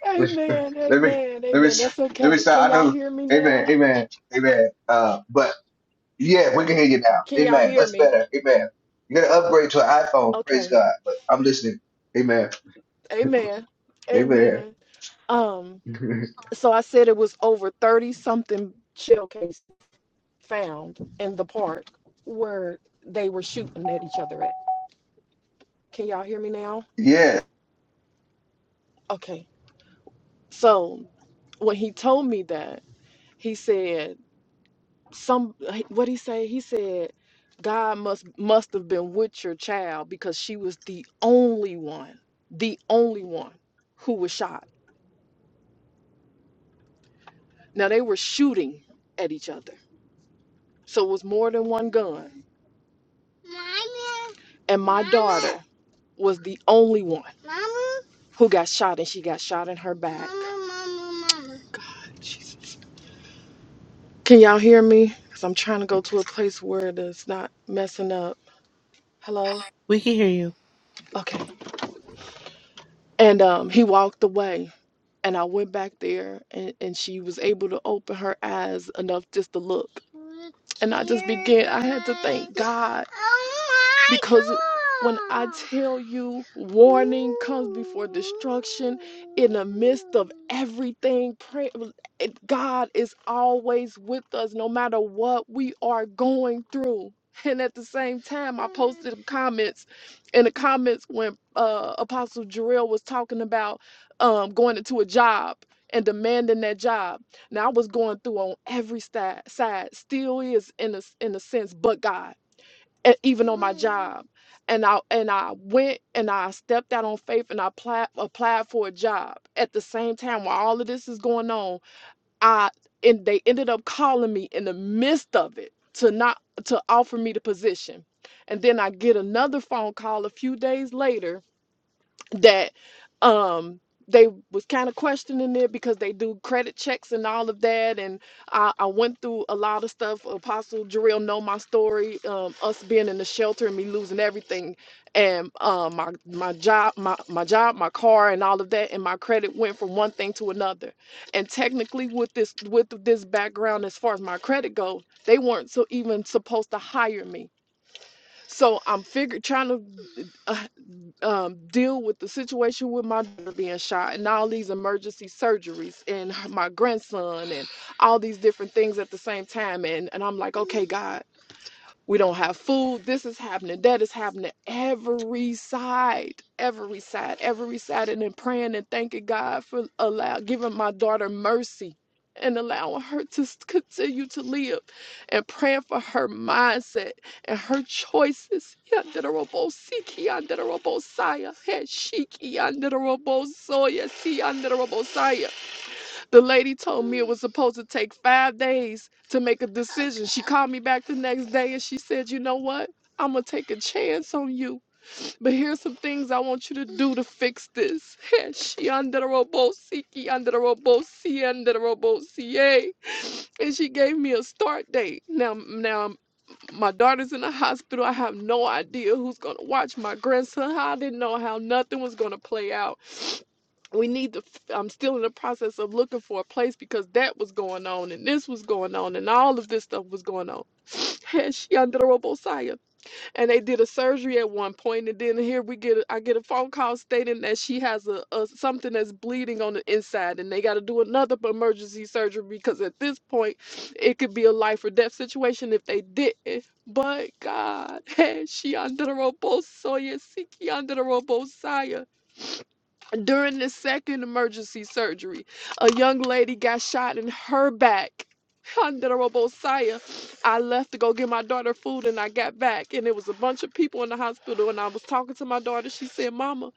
S1: let me
S9: Amen,
S1: let me
S9: amen, amen. That's
S1: let me
S9: okay. Can
S1: stop. I
S9: y'all
S1: know.
S9: hear me now?
S1: Amen. Amen. Amen. Uh, but. Yeah, we can hear you now.
S9: Can y'all
S1: Amen.
S9: hear
S1: That's
S9: me?
S1: better. Amen. You gotta upgrade to an iPhone. Praise
S9: Okay.
S1: God. But I'm listening. Amen.
S9: Amen.
S1: Amen.
S9: Amen. Um, so I said it was over 30 something shell cases found in the park where they were shooting at each other at. Can y'all hear me now?
S1: yeah.
S9: Okay. So when he told me that, he said some what he say? He said God must must have been with your child because she was the only one, the only one who was shot. Now they were shooting at each other So it was more than one gun. Mommy. And my Mommy. daughter was the only one Mommy. who got shot, and she got shot in her back. Mommy, mommy, mommy. God, Jesus. Can y'all hear me? Because I'm trying to go to a place where it's not messing up. Hello?
S6: We can hear you.
S9: Okay. And um, he walked away. And I went back there and, and she was able to open her eyes enough just to look. And I just began, I had to thank God because when I tell you warning comes before destruction, in the midst of everything, pray, it- God is always with us no matter what we are going through. And at the same time, I posted comments, and the comments when uh, Apostle Jarrell was talking about um, going into a job and demanding that job. Now I was going through on every side, side still is in a in a sense, but God, and even on my job. And I and I went and I stepped out on faith and I applied, applied for a job. At the same time, while all of this is going on, I and they ended up calling me in the midst of it to not to offer me the position. And then I get another phone call a few days later that um they was kind of questioning it because they do credit checks and all of that and I, I went through a lot of stuff apostle Jarrell know my story um us being in the shelter and me losing everything and um my my job my, my job my car and all of that and my credit went from one thing to another and technically with this with this background as far as my credit goes they weren't so even supposed to hire me so I'm figure trying to um, deal with the situation with my daughter being shot and all these emergency surgeries and my grandson and all these different things at the same time. And, and I'm like, okay, God. We don't have food. This is happening. That is happening. Every side, every side, every side. And then praying and thanking God for allow giving my daughter mercy and allowing her to s- continue to live and praying for her mindset and her choices. Yandarabosiki, yandarabosaya, heshiki, yandarabosaya, si, the lady told me it was supposed to take five days to make a decision. She called me back the next day and she said, You know what? I'm going to take a chance on you. But here's some things I want you to do to fix this. she under the robo siki, under the robo si, under the robo ca. And she gave me a start date. Now, now my daughter's in the hospital. I have no idea who's going to watch my grandson. I didn't know how nothing was going to play out we need to f- i'm still in the process of looking for a place because that was going on and this was going on and all of this stuff was going on And she Shandorobosaya. and they did a surgery at one point and then here we get a, i get a phone call stating that she has a, a something that's bleeding on the inside and they got to do another emergency surgery because at this point it could be a life or death situation if they didn't but god she under the Robosaya, Siki under the Robosaya. During this second emergency surgery, a young lady got shot in her back. Honorable Saya, I left to go get my daughter food and I got back and there was a bunch of people in the hospital and I was talking to my daughter. She said, Mama,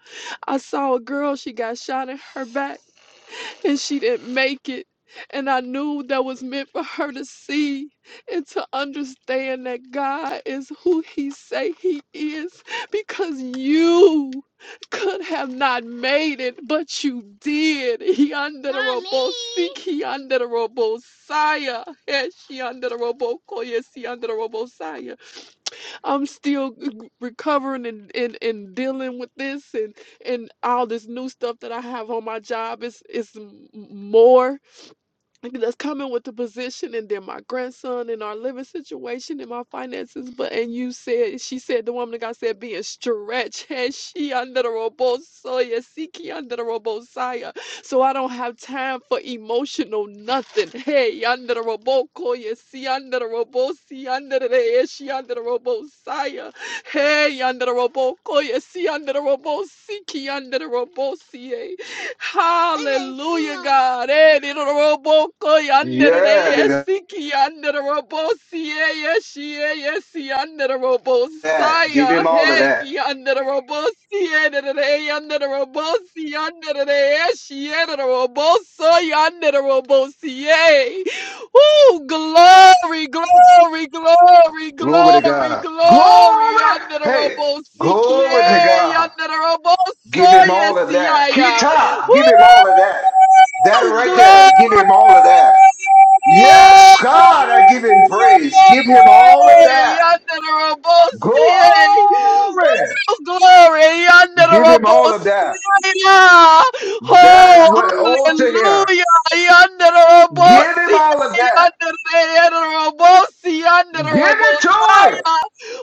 S9: I saw a girl, she got shot in her back. and she didn't make it. And I knew that was meant for her to see and to understand that God is who he say he is because you could have not made it, but you did. He under the robo seek, he under the robo sire. Yes, she under the robo call, yes, he under the robo sire. I'm still recovering and, and, and dealing with this and, and all this new stuff that I have on my job is is more that's coming with the position and then my grandson and our living situation and my finances. But and you said she said the woman of God said being stretched and she under the robosoya, Siki under the robosoya. So I don't have time for emotional nothing. Hey, under the robokoya, see under the robosi under the day, she under the robosoya. Hey, under the robokoya, see under the robosiki under the robosi. eh. Hallelujah, God. Eh, di do do ro bo ko yan de de de,
S1: Yeah.
S9: eh,
S1: nigga.
S9: si ki yan de de ro bo si, eh, yes, she, eh, yes, si yan de de ro bo
S1: That.
S9: si,
S1: Give
S9: ah,
S1: him all of
S9: hey, ki
S1: that.
S9: yan de de ro bo si, eh, de de de, eh, yan de de ro bo si, eh, eh, so, yan de de ro si, eh. Glory, glory, glory,
S1: Glory to
S9: glory,
S1: God.
S9: glory.
S1: Glory.
S9: Under the
S1: Hey.
S9: robo,
S1: Glory to
S9: CKA,
S1: God.
S9: under the robo, so
S1: Give him
S9: yes,
S1: all of that.
S9: yeah.
S1: Kita.
S9: Woo!
S1: Give him all of that. That right
S9: Glory!
S1: there. Give him all of that. Yes, God. I give him praise. Give him all of that.
S9: Under the Rabosia!
S1: Glory.
S9: Woo! Glory! Under the
S1: Give him all of that.
S9: Rabosia! Oh,
S1: That's what old to him.
S9: hallelujah! Under the
S1: Give him
S9: Rabosia!
S1: all of that.
S9: Under the Rabosia! Under
S1: Give it
S9: the
S1: to him.
S9: Rabosia!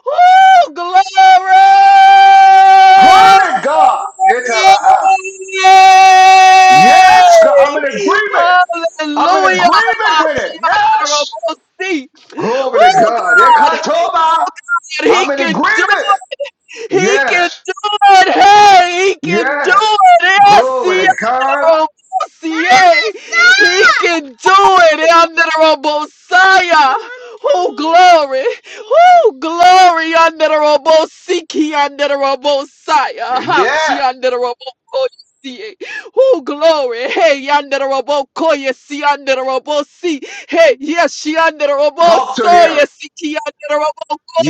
S9: Woo! Glory!
S1: Turn it, God. Itabaha.
S9: Yay!
S1: Yes, God. I'm in agreement. I'm in
S9: Hallelujah.
S1: agreement with it. Yes.
S9: Hachiyadarabasi.
S1: Glory to
S9: Oh
S1: God.
S9: God,
S1: Ikatoba.
S9: he
S1: I'm in
S9: can do
S1: agreement.
S9: it. He can
S1: Yes.
S9: do it. Hey, he can do
S1: Yes.
S9: it. Yes, he.
S1: Glory to God.
S9: Robosier. He can do it. Under the Robosiah. Oh, glory. Oh, glory. Under the Robosiki. Under the Robosiah. Ha, She
S1: Yeah.
S9: under the Robokoye. Oh, glory. Hey, under the Robokoye. See, under the Robosi. Hey, yes, she under the
S1: Talk to him.
S9: Robosoye. Siki under the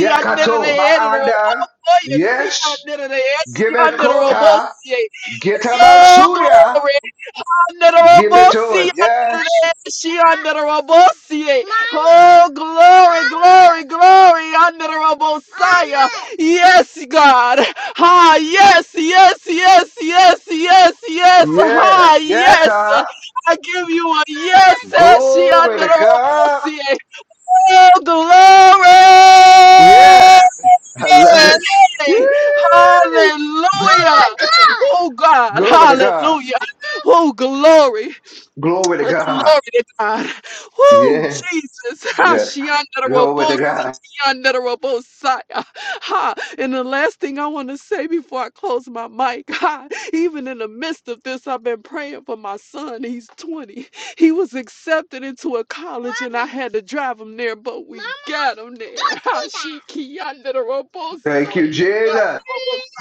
S9: Robokoye. Under the head of the
S1: My anda.
S9: Robokoye. See,
S1: Yes.
S9: under the head. She
S1: Give it
S9: under the
S1: kota.
S9: Robosi.
S1: Get about
S9: Oh, glory.
S1: Give it to
S9: Andarabosi,
S1: him. Yes.
S9: andarashi, andarabosi. Oh, glory, glory, glory. Andarabosaya. Yes, God. Ha, yes, yes, yes, yes, yes, yes.
S1: Yes.
S9: Ha,
S1: Yes,
S9: yes.
S1: huh?
S9: I give you a yes, Eshi,
S1: Glory to God.
S9: andarabosi. Oh, glory.
S1: Yes. I love it. Yay.
S9: Hallelujah. Oh, God.
S1: Glory to God.
S9: Hallelujah. Oh, glory.
S1: Glory to God.
S9: Glory to God. Woo,
S1: Yeah.
S9: Jesus.
S1: Yes. Glory
S9: Hashiandarabosi.
S1: to God.
S9: Yandarabosaya. Ha. And the last thing I want to say before I close my mic, ha, even in the midst of this, I've been praying for my son. He's 20. He was accepted into a college and I had to drive him there, but we got him there. Ha, Shiki
S1: Thank
S9: Yandarabosaya.
S1: you, Jesus.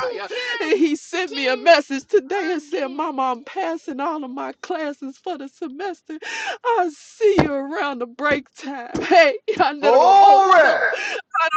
S9: Yandarabosaya. And he sent me a message today and said, Mama, I'm passing all of my classes for the semester. I'll see you around the break time. Hey, I
S1: Glory.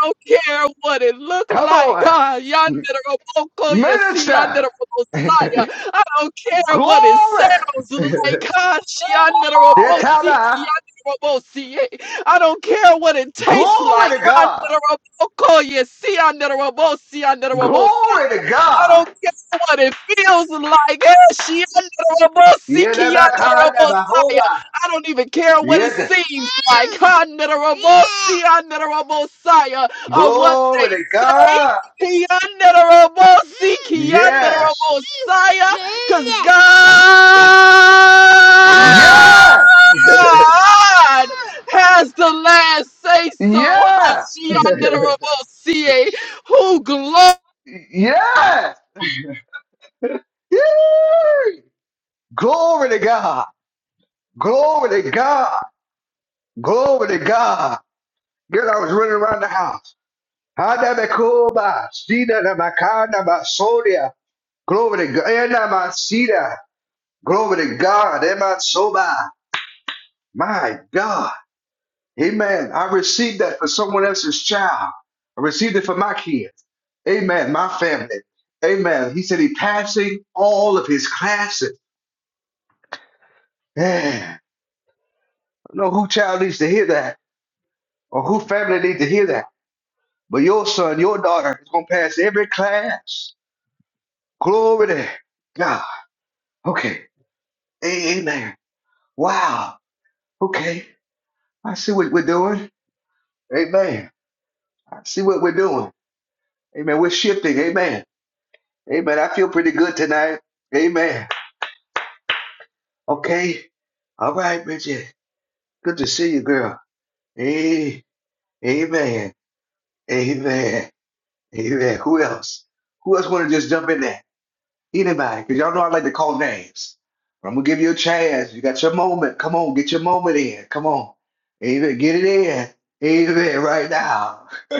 S9: don't care what it look
S1: Come
S9: like.
S1: on.
S9: God, yonder the Roboko, you see yonder
S1: Minister.
S9: the Robosaya. I don't care what it
S1: Glory.
S9: sounds like. God, she yonder the
S1: Yeah,
S9: Robosiki,
S1: Tana.
S9: yonder the Robosie. I don't care what it tastes like.
S1: Glory to
S9: Yonder
S1: God.
S9: the Roboko, you see yonder the Robosi, yonder the Robosaya.
S1: Glory to
S9: I
S1: God.
S9: don't care what it feels like. Eh, she under the remote, see, key under the remote, sire.
S1: Yedabakandabahoba.
S9: I don't even care what it
S1: Yet
S9: seems like. Under the remote, see, under the remote, sire, Or what they
S1: glory to
S9: say.
S1: God.
S9: Key under the remote, see, key under the
S1: Yes.
S9: remote, sire, Cause
S1: Yes.
S9: God has the last say so.
S1: Yes.
S9: She under the remote, see, eh, who glory.
S1: Yes. Yee! Glory to God. Glory to God. Glory to God. Yet I was running around the house. Hadabakoba. Sina namakandabasodia. Glory to God. Endamasida. Glory to God. Emasoba. My God. Amen. I received that for someone else's child. I received it for my kids. Amen. My family. Amen. He said he passing all of his classes. Man, I don't know who child needs to hear that or who family needs to hear that. But your son, your daughter is going to pass every class. Glory to God. Okay. A- Amen. Wow. Okay. I see what we're doing. Amen. I see what we're doing. Amen. We're shifting. Amen. Amen. I feel pretty good tonight. Amen. Okay. All right, Bridget. Good to see you, girl. Hey, amen. Amen. Amen. Who else? Who else want to just jump in there? Anybody? Because y'all know I like to call names. I'm going to give you a chance. You got your moment. Come on, get your moment in. Come on. Amen. Get it in. Amen. Right now.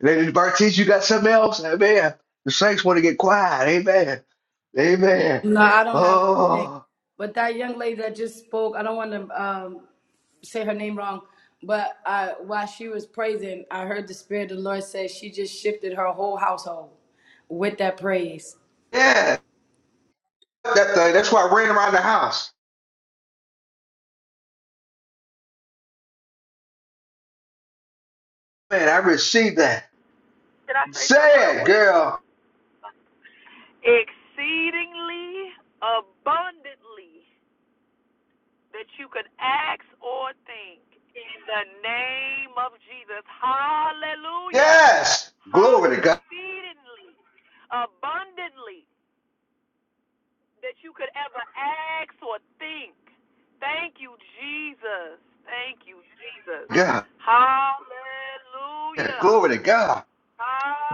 S1: Lady Bartiz, you got something else? Amen. The saints want to get quiet. Amen. Amen.
S5: No, I don't have anything.
S1: Oh,
S5: But that young lady that just spoke, I don't want to um, say her name wrong, but uh, while she was praising, I heard the Spirit of the Lord say she just shifted her whole household with that praise.
S1: yeah. that thing. That's why I ran around the house. Man, I received that.
S10: Did I say something
S1: Say
S10: real
S1: it,
S10: quick?
S1: girl.
S10: Exceedingly abundantly that you could ask or think in the name of Jesus. Hallelujah.
S1: Yes.
S10: Ha
S1: Glory to God.
S10: exceedingly abundantly that you could ever ask or think. Thank you, Jesus. Thank you, Jesus.
S1: God. Yeah,
S10: Hallelujah.
S1: glory to God.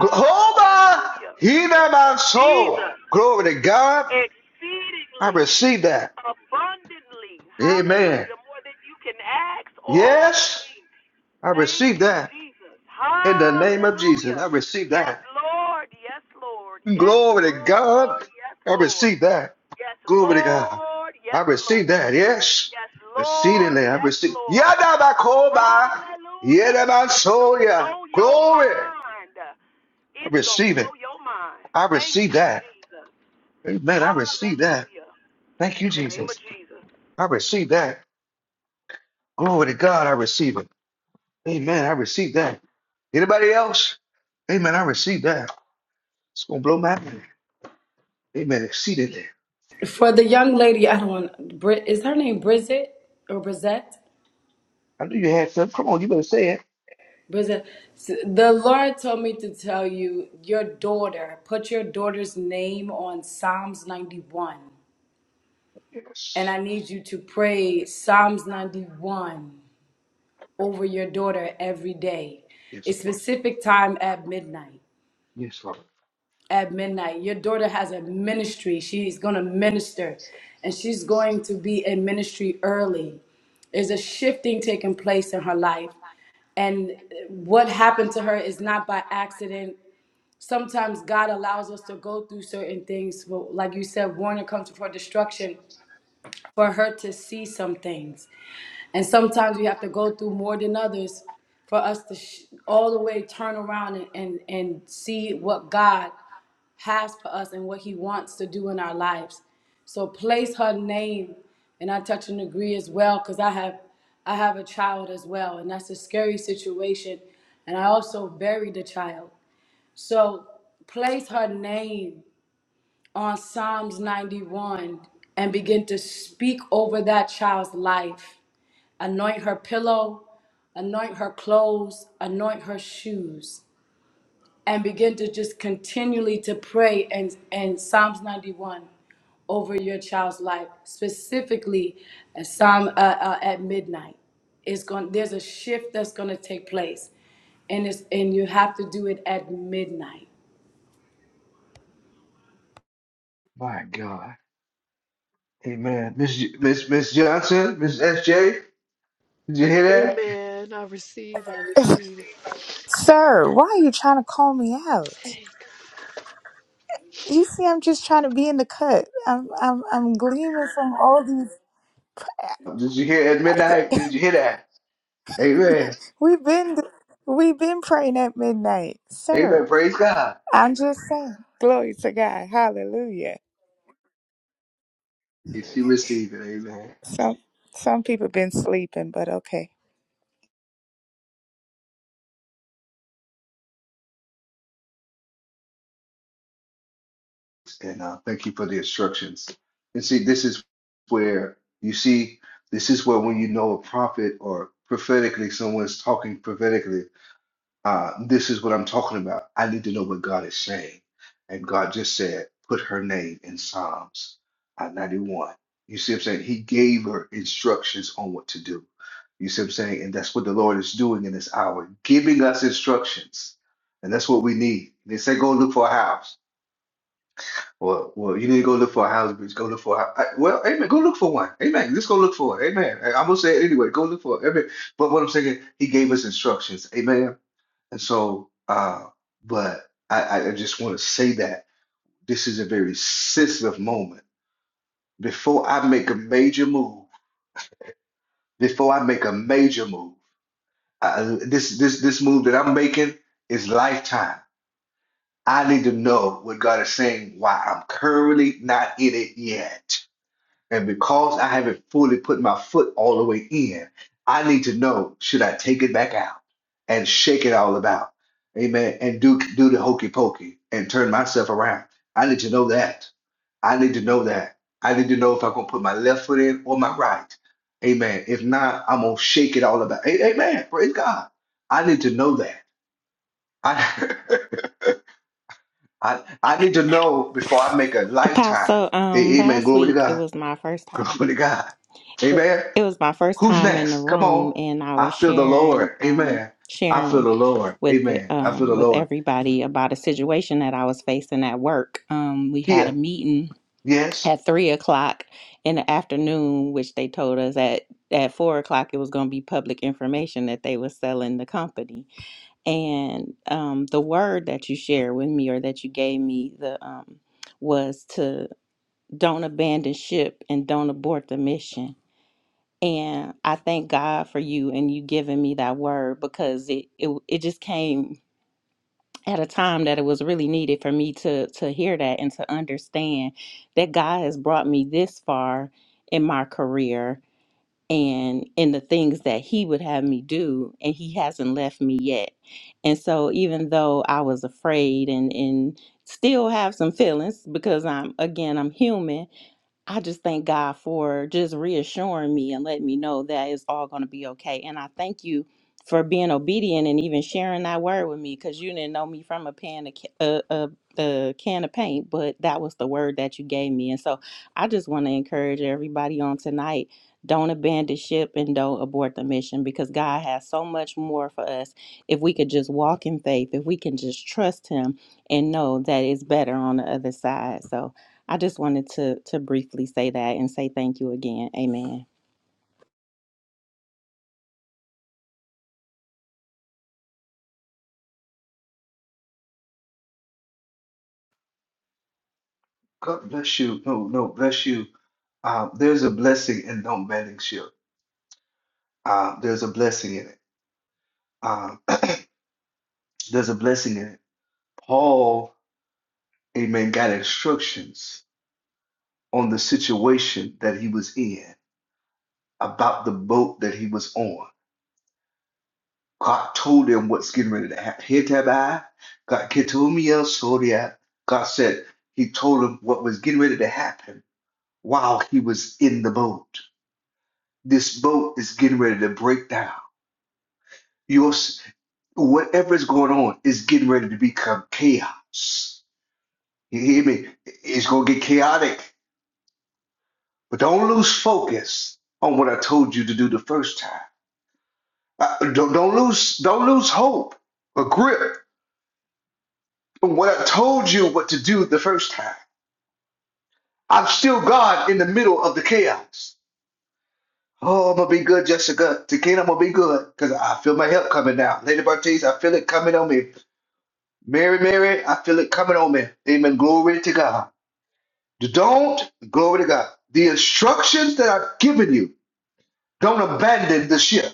S1: Gl- Hold on. He not
S10: Thank you,
S1: my soul.
S10: Jesus.
S1: Glory to God. I
S10: exceedingly,
S1: received that.
S10: abundantly,
S1: Amen.
S10: hallelujah, more than you can ask or
S1: Yes.
S10: think.
S1: I
S10: Thank
S1: received
S10: you,
S1: that.
S10: Jesus.
S1: In the name of Jesus,
S10: Hallelujah.
S1: I received
S10: Yes,
S1: that.
S10: Lord. Yes, Lord. Yes,
S1: Glory to
S10: Lord.
S1: God.
S10: Yes,
S1: I
S10: Lord.
S1: receive that.
S10: Yes,
S1: Glory to God.
S10: Lord.
S1: I
S10: Yes,
S1: receive
S10: Lord.
S1: that. Yes.
S10: Yes, Lord.
S1: Exceedingly. I
S10: Yes,
S1: receive.
S10: Lord.
S1: Yadabakoba.
S10: Hallelujah. It's going to
S1: Yadabasoya.
S10: blow your
S1: Glory. I
S10: mind. It's going to
S1: receive it.
S10: blow your mind.
S1: I
S10: Thank
S1: receive
S10: you,
S1: that.
S10: Jesus.
S1: Amen. I receive that.
S10: Hallelujah.
S1: Thank you,
S10: In the name of
S1: Jesus.
S10: Jesus.
S1: I receive that. Glory to God. I receive it. Amen. I receive that. Anybody else? Amen. I receive that. It's gonna blow my mind. Amen. Exceedingly.
S5: For the young lady, I don't want, Bri- is her name Brizette or Brizette?
S1: I knew you had some. Come on, you better say it.
S5: Brizette. S- The Lord told me to tell you, your daughter, put your daughter's name on Psalms 91. And
S1: Yes.
S5: I need you to pray Psalms 91 over your daughter every day,
S1: Yes,
S5: a
S1: Lord.
S5: specific time at midnight.
S1: Yes, Lord.
S5: At midnight, your daughter has a ministry. She's going to minister and she's going to be in ministry early. There's a shifting taking place in her life. And what happened to her is not by accident. Sometimes God allows us to go through certain things. Well, Like you said, warning comes before destruction for her to see some things. And sometimes we have to go through more than others for us to sh- all the way turn around and, and, and see what God has for us and what He wants to do in our lives. So place her name, and I touch and agree as well, because I have I have a child as well, and that's a scary situation. And I also buried the child. So place her name on Psalms 91 and begin to speak over that child's life. Anoint her pillow, anoint her clothes, anoint her shoes, and begin to just continually to pray and, and Psalms 91 over your child's life, specifically at, Psalm, uh, uh, at midnight. It's going, there's a shift that's going to take place, and, it's, and you have to do it at midnight
S1: My God. Amen. Miss J- Miss Miss Johnson, Miss SJ, did you hear that?
S9: Amen. I receive. I receive. it.
S11: Sir, why are you trying to call me out?
S9: Thank
S11: You see, I'm just trying to be in the cut. I'm, I'm, I'm gleaming from all these.
S1: Did you hear at midnight? Did you hear that? Amen.
S11: We've been, we've been praying at midnight,
S1: Amen.
S11: sir.
S1: Praise God.
S11: I'm just saying, glory to God, hallelujah.
S1: If you receive it, amen.
S11: Some, some people been sleeping, but okay.
S1: And uh, thank you for the instructions. And see, this is where you see, this is where when you know a prophet or prophetically, someone's talking prophetically, Uh, this is what I'm talking about. I need to know what God is saying. And God just said, put her name in Psalms uh, 91. You see what I'm saying? He gave her instructions on what to do. You see what I'm saying? And that's what the Lord is doing in this hour, giving us instructions. And that's what we need. They say, go look for a house. Well, well, you need to go look for a house, bitch. Go look for a house. well, amen. Go look for one. Amen. Just go look for it. Amen. I- I'm gonna say it anyway. Go look for it. Amen. But what I'm saying, he gave us instructions. Amen. And so, uh, but I, I just want to say that this is a very sensitive moment. Before I make a major move, before I make a major move, uh, this this this move that I'm making is lifetime. I need to know what God is saying. Why I'm currently not in it yet. And because I haven't fully put my foot all the way in, I need to know should I take it back out and shake it all about? Amen. And do do the hokey pokey and turn myself around. I need to know that. I need to know that. I need to know if I'm gonna put my left foot in or my right. Amen. If not, I'm gonna shake it all about. A- Amen. Praise God. I need to know that. I I, I need to know before I make a lifetime.
S12: Apostle, um,
S1: A- Amen.
S12: last
S1: Glory to
S12: week it
S1: God.
S12: was my first time.
S1: Glory to God. Amen.
S12: It was my first
S1: Who's
S12: time in the
S1: next? Come
S12: room,
S1: on.
S12: and I
S1: I
S12: was
S1: feel the
S12: sharing,
S1: Lord.
S12: um,
S1: Amen. I feel
S12: sharing
S1: the Lord.
S12: with the,
S1: Amen. I feel
S12: um,
S1: the
S12: with
S1: Lord.
S12: everybody about a situation that I was facing at work. Um, we had a
S1: Kia.
S12: meeting
S1: Yes.
S12: at three o'clock in the afternoon, which they told us at at four o'clock it was going to be public information that they was selling the company. And um, the word that you shared with me, or that you gave me, the um, was to don't abandon ship and don't abort the mission. And I thank God for you and you giving me that word because it it, it just came at a time that it was really needed for me to to hear that and to understand that God has brought me this far in my career and in the things that he would have me do and he hasn't left me yet. And so even though I was afraid and and still have some feelings because I'm again I'm human I just thank God for just reassuring me and letting me know that it's all going to be okay. And I thank you for being obedient and even sharing that word with me because you didn't know me from a pan of, ca- a, a, a can of paint, but that was the word that you gave me. And so I just want to encourage everybody on tonight don't abandon ship and don't abort the mission because God has so much more for us if we could just walk in faith, if we can just trust Him and know that it's better on the other side. So, I just wanted to to briefly say that and say thank you again. Amen.
S1: God bless you. No, no, bless you. Uh, there's a blessing in no mending shield. Uh, there's a blessing in it. Uh, there's a blessing in it. Paul, amen, got instructions on the situation that he was in about the boat that he was on. God told him what's getting ready to happen. Hitabai, God Ketumia Soria. God said he told him what was getting ready to happen while he was in the boat. This boat is getting ready to break down. Your s- whatever is going on is getting ready to become chaos. You hear me? It's gonna get chaotic. But don't lose focus on what I told you to do the first time. Uh, don't, don't lose don't lose hope or grip From what I told you what to do the first time, I'm still God in the middle of the chaos. Oh, I'm gonna be good, Jessica. Tequila, I'm gonna be good because I feel my help coming now. Lady Bartiz, I feel it coming on me. Mary, Mary, I feel it coming on me. Amen. Glory to God. Don't glory to God. The instructions that I've given you, don't abandon the ship.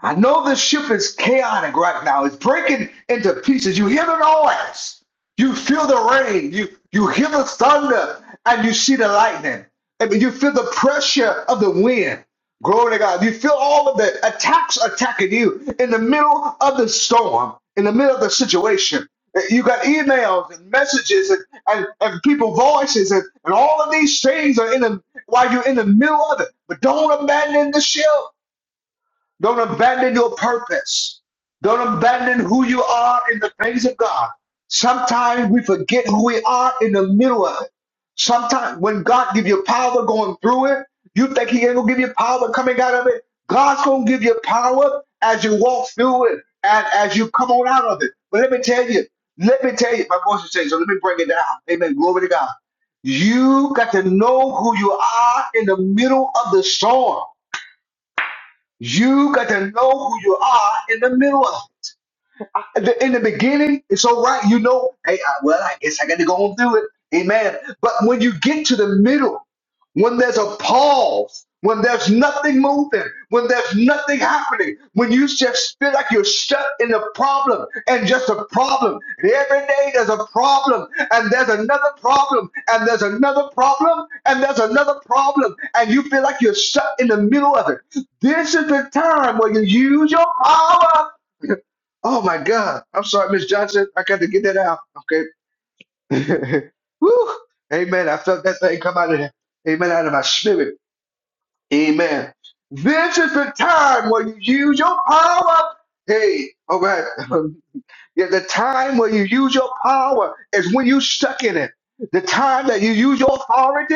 S1: I know this ship is chaotic right now. It's breaking into pieces. You hear the noise. You feel the rain. You you hear the thunder and you see the lightning. I you feel the pressure of the wind. Glory to God. You feel all of the attacks attacking you in the middle of the storm, in the middle of the situation. You got emails and messages and, and, and people voices and, and all of these things are in the while you're in the middle of it. But don't abandon the ship. Don't abandon your purpose. Don't abandon who you are in the things of God. Sometimes we forget who we are in the middle of it. Sometimes when God give you power going through it, you think He ain't gonna give you power coming out of it. God's gonna give you power as you walk through it and as you come on out of it. But let me tell you, let me tell you, my voice is changing, so let me bring it down. Amen. Glory to God. You got to know who you are in the middle of the storm. You got to know who you are in the middle of the- in the beginning, it's all right. You know, hey, I, well, I guess I got to go and do it. Amen. But when you get to the middle, when there's a pause, when there's nothing moving, when there's nothing happening, when you just feel like you're stuck in a problem and just a problem, and every day there's a problem, and there's another problem, and there's another problem, and there's another problem, and you feel like you're stuck in the middle of it. This is the time where you use your power. Oh my God. I'm sorry, Miss Johnson. I got to get that out. Okay. Woo. Amen. I felt that thing come out of there. Amen. Out of my spirit. Amen. This is the time where you use your power. Hey, all right. yeah, the time where you use your power is when you stuck in it. The time that you use your authority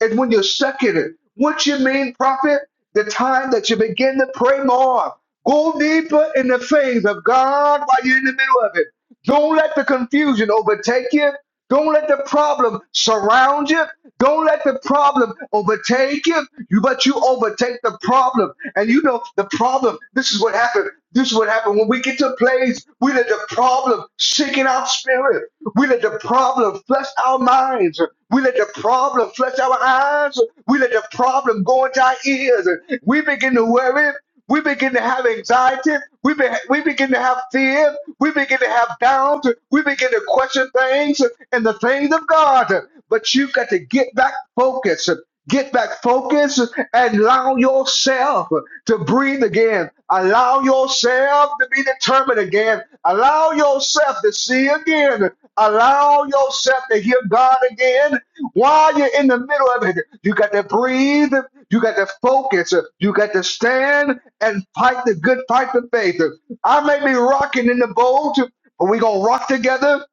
S1: is when you're stuck in it. What you mean, prophet? The time that you begin to pray more. Go deeper in the things of God while you're in the middle of it. Don't let the confusion overtake you. Don't let the problem surround you. Don't let the problem overtake you. You but you overtake the problem. And you know the problem, this is what happened. This is what happened when we get to a place, we let the problem sink in our spirit. We let the problem flush our minds. We let the problem flush our eyes. We let the problem go into our ears. We begin to worry. We begin to have anxiety. We, be, we begin to have fear. We begin to have doubt. We begin to question things and the things of God. But you got to get back focused. Get back focused and allow yourself to breathe again. Allow yourself to be determined again. Allow yourself to see again. Allow yourself to hear God again while you're in the middle of it. You got to breathe. You got to focus. You got to stand and fight the good fight of faith. I may be rocking in the boat, but we're going to rock together.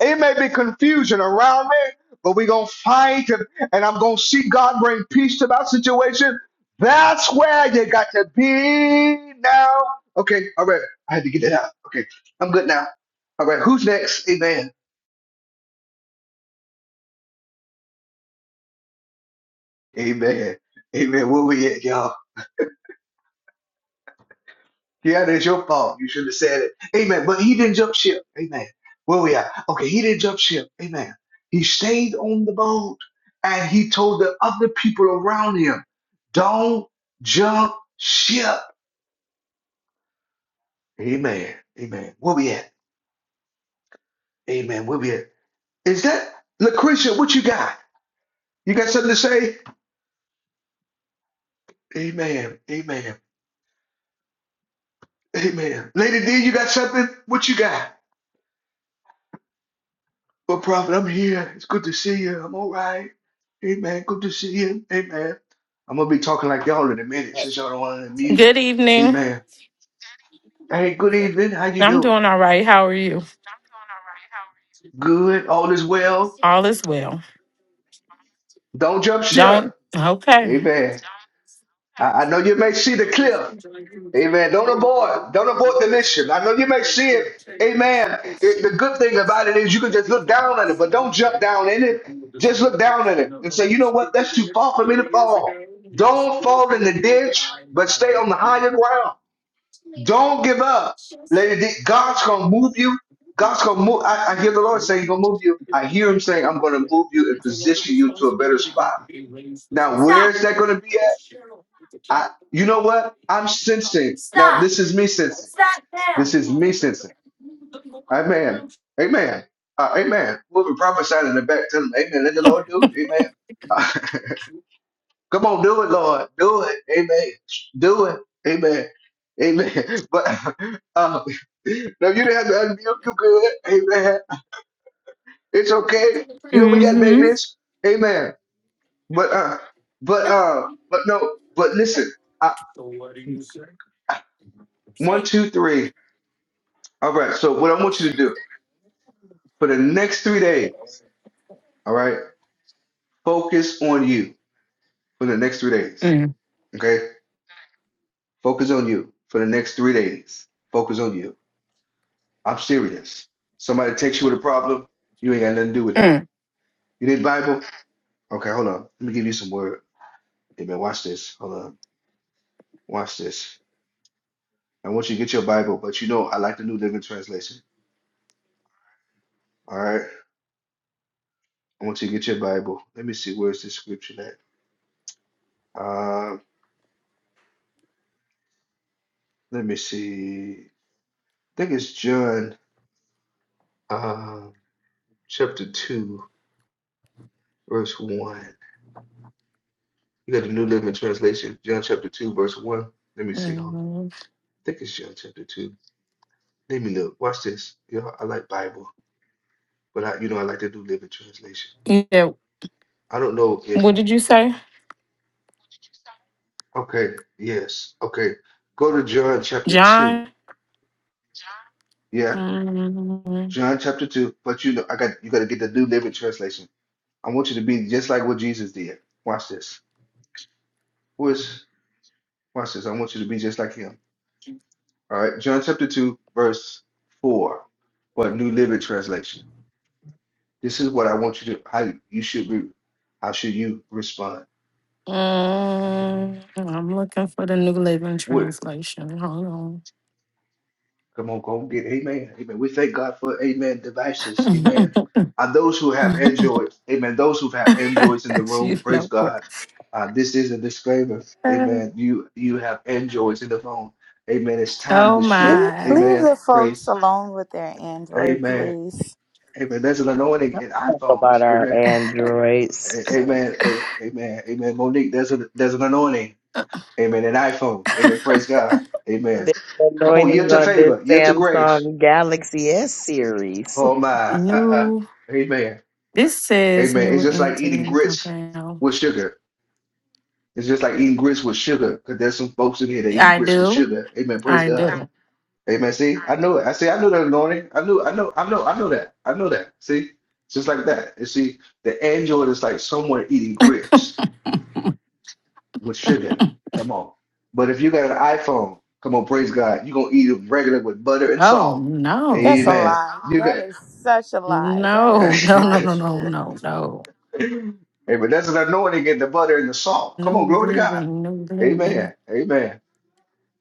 S1: It may be confusion around me, but we're going to fight. And I'm going to see God bring peace to my situation. That's where you got to be now. Okay, all right. I had to get it out. Okay, I'm good now. All right, who's next? Amen. Amen. Amen. Where we at, y'all? Yeah, that's your fault. You should have said it. Amen. But he didn't jump ship. Amen. Where we at? Okay, he didn't jump ship. Amen. He stayed on the boat and he told the other people around him, don't jump ship. Amen. Amen. Where we at? Amen. Where we at? Is that Lucretia? What you got? You got something to say? Amen. Amen. Amen. Lady D, you got something? What you got? Well, Prophet, I'm here. It's good to see you. I'm all right. Amen. Good to see you. Amen. I'm gonna be talking like y'all in a minute since y'all don't want to mute.
S13: Good evening.
S1: Amen. Hey, good evening. How you
S13: I'm
S1: doing?
S13: doing all right. How are you?
S1: Good. All is well.
S13: All is well.
S1: Don't jump
S13: Don't
S1: ship.
S13: okay.
S1: Amen. I, I know you may see the cliff. Amen. Don't abort. Don't abort the mission. I know you may see it. Amen. It- the good thing about it is you can just look down at it, but don't jump down in it. Just look down at it and say, you know what? That's too far for me to fall. Don't fall in the ditch, but stay on the higher ground. Don't give up. Lady D, God's going to move you. God's going to move. I, I hear the Lord saying, He's going to move you. I hear Him saying, I'm going to move you and position you to a better spot. Now, where is that going to be at? I, you know what? I'm sensing. Now, this is me sensing. This is me sensing. Amen. Amen. Uh, amen. We'll be prophesying in the back. Tell them, Amen. Let the Lord do it. Amen. Uh, come on, do it, Lord. Do it. Amen. Do it. Amen. Amen. But uh, no, you didn't have to unmute. You good. Amen. It's okay. You know we got babies. Amen. But uh, but uh, but no. But listen. I, one, two, three. All right. So what I want you to do for the next three days. All right. Focus on you. for the next three days.
S13: Mm,
S1: Okay? Focus on you for the next three days. Focus on you. I'm serious. Somebody takes you with a problem, you ain't got nothing to do with that.
S13: mm,
S1: You need Bible? Okay, hold on. Let me give you some word. Amen. Watch this. Hold on. Watch this. I want you to get your Bible, but you know I like the New Living Translation. All right. I want you to get your Bible. Let me see where's this scripture at. Um, let me see. I think it's John um chapter two, verse one. You got the New Living Translation, John chapter 2, verse 1. Let me see. Hold on. I
S13: mm.
S1: think it's John chapter 2. Let me look. Watch this. You know, I like Bible, but I, you know, I like the New Living Translation.
S13: Yeah.
S1: I don't know if,
S13: What did you say,
S1: okay, yes, okay. Go to John chapter 2.
S13: John?
S1: Yeah,
S13: Mm,
S1: John chapter 2. But you know, I got, you got to get the New Living Translation. I want you to be just like what Jesus did. Watch this. Who is? watch this. I want you to be just like him. All right, John chapter 2, verse 4, or New Living Translation. This is what I want you to how you should be how should you respond?
S13: mm. I'm looking for the New Living
S1: What
S13: Translation. Hold on.
S1: come on, go get amen. Amen. We thank God for amen devices. Amen. And those who have Android, amen. Those who have Androids in the room,
S13: you
S1: praise
S13: know what?
S1: God. Uh, this is a disclaimer. Amen. You you have Androids in the phone. Amen. It's time
S13: Oh
S1: to
S11: Leave,
S1: shift.
S13: my
S11: leave
S1: Amen.
S11: the folks
S1: Praise.
S11: alone with their Android,
S1: Amen.
S11: please.
S1: Amen. There's an anointing in
S7: Talk About
S1: iPhones.
S7: our
S1: Amen.
S7: Androids.
S1: A- Amen. A- Amen. Amen. Monique, there's a there's an anointing. Amen. And iPhones. Amen. Praise God. Amen.
S7: The
S1: Come on,
S7: anointing
S1: yield to
S7: on this
S1: favor, yield to grace.
S7: Samsung Galaxy S series.
S1: Oh my. Uh-uh.
S13: new.
S1: Amen.
S13: This says
S1: Amen.
S13: new
S1: It's just like eating
S13: internet.
S1: grits
S13: Okay. no.
S1: with sugar. It's just like eating grits with sugar. Because there's some folks in here that eat
S13: I
S1: grits with
S13: do.
S1: sugar. Amen. Praise
S13: I
S1: God.
S13: do.
S1: Amen. See, I knew it. I see, I knew that anointing. I knew, I know, I know, I know that. I know that. See? It's just like that. You see, the angel is like someone eating grits. with sugar. Come on. But if you got an iPhone, come on, praise God. You're gonna eat it regular with butter and
S13: Oh
S1: salt.
S11: That's a
S13: no.
S1: Amen.
S11: lie.
S1: You
S11: That
S1: got
S11: is such a lie. That
S13: No,
S11: is
S13: no,
S11: not
S13: no, no, no,
S11: true.
S13: no, no.
S1: Amen. That's an anointing in the butter and the salt. Come on,
S13: New
S1: glory to God.
S13: living, new living.
S1: Amen. Amen.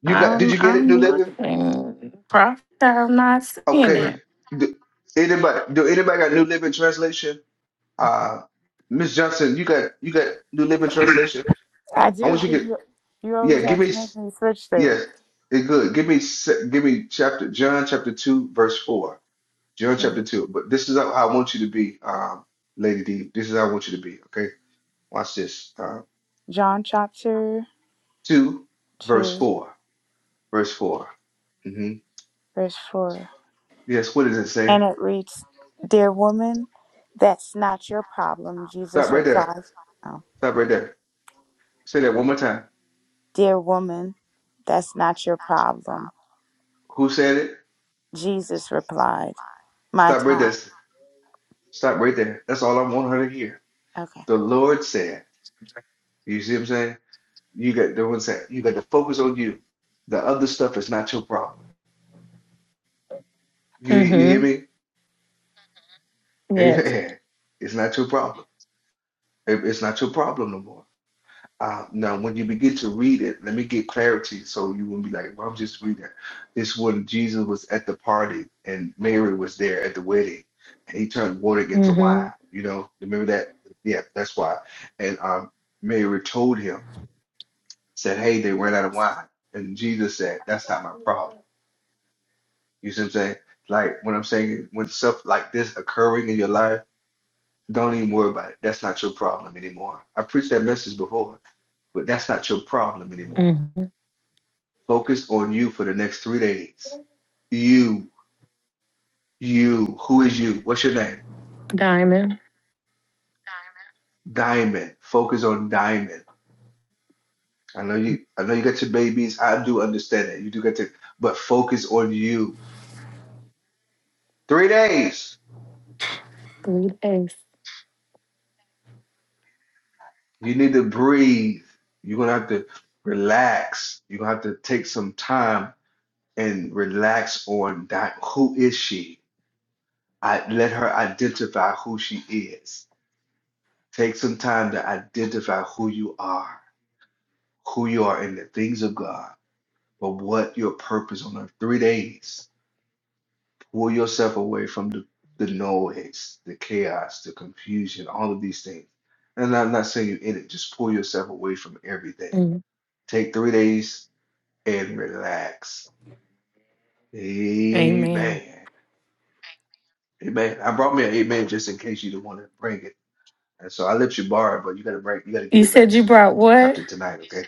S1: You got did
S13: I'm
S1: you get it, New
S13: I'm
S1: Living?
S13: looking. Prophet, I'm not seeing
S1: Okay.
S13: it.
S1: Do anybody do anybody got New Living Translation? Uh Miss Johnson, you got you got New Living Translation?
S11: I
S1: I
S11: do,
S1: want you
S11: because
S1: to get
S11: you, you
S1: yeah,
S11: always
S1: give
S11: have to
S1: me
S11: make me switch there.
S1: Yes, it's good. Give me se- give me chapter John chapter two verse four. John
S11: Okay.
S1: chapter two. But this is how I want you to be, um, Lady D. This is how I want you to be. Okay, watch this. Uh,
S11: John chapter
S1: two verse
S11: 2,
S1: four. Verse 4 Mm-hmm.
S11: verse 4.
S1: Yes. What does it say?
S11: And it reads, Dear woman, that's not your problem.
S1: Stop
S11: Jesus
S1: right there.
S11: replied, oh,
S1: Stop right there. Say that one more time.
S11: Dear woman, that's not your problem.
S1: Who said it?
S11: Jesus replied, My
S1: Stop right
S11: time.
S1: there. Stop right there. That's all I want her to hear.
S11: Okay.
S1: The Lord said. You see what I'm saying? You got the one said. You got to focus on you. The other stuff is not your problem. You you hear
S13: Mm-hmm.
S1: me?
S13: Yes.
S1: Amen. It's not your problem. It- It's not your problem no more. Uh, now, when you begin to read it, let me get clarity so you won't be like, well, I'm just reading. This when Jesus was at the party and Mary was there at the wedding, and he turned water into
S13: Mm-hmm.
S1: wine. You know, remember that? Yeah, that's why. And um, Mary told him, said, "Hey, they ran out of wine." And Jesus said, "That's not my problem." You see what I'm saying? Like when I'm saying when stuff like this occurring in your life. Don't even worry about it. That's not your problem anymore. I preached that message before, but that's not your problem anymore.
S13: Mm-hmm.
S1: Focus on you for the next three days. You, you, who is you? What's your name?
S13: Diamond.
S1: Diamond. Focus on Diamond. I know you, I know you got your babies. I do understand that. You do get to, but focus on you. Three days.
S13: Three days.
S1: You need to breathe. You're gonna have to relax. You're gonna have to take some time and relax on that. Who is she? I let her identify who she is. Take some time to identify who you are, who you are in the things of God, but what your purpose on earth. Three days. Pull yourself away from the, the noise, the chaos, the confusion, all of these things. And I'm not saying you're in it, just pull yourself away from everything.
S13: Mm.
S1: Take three days and relax.
S13: Amen.
S1: Amen. Amen. I brought me an amen just in case you didn't want to bring it. And so I let you borrow, it, but you gotta bring you gotta give
S13: You
S1: it back
S13: said you
S1: to me
S13: brought what?
S1: after tonight, okay?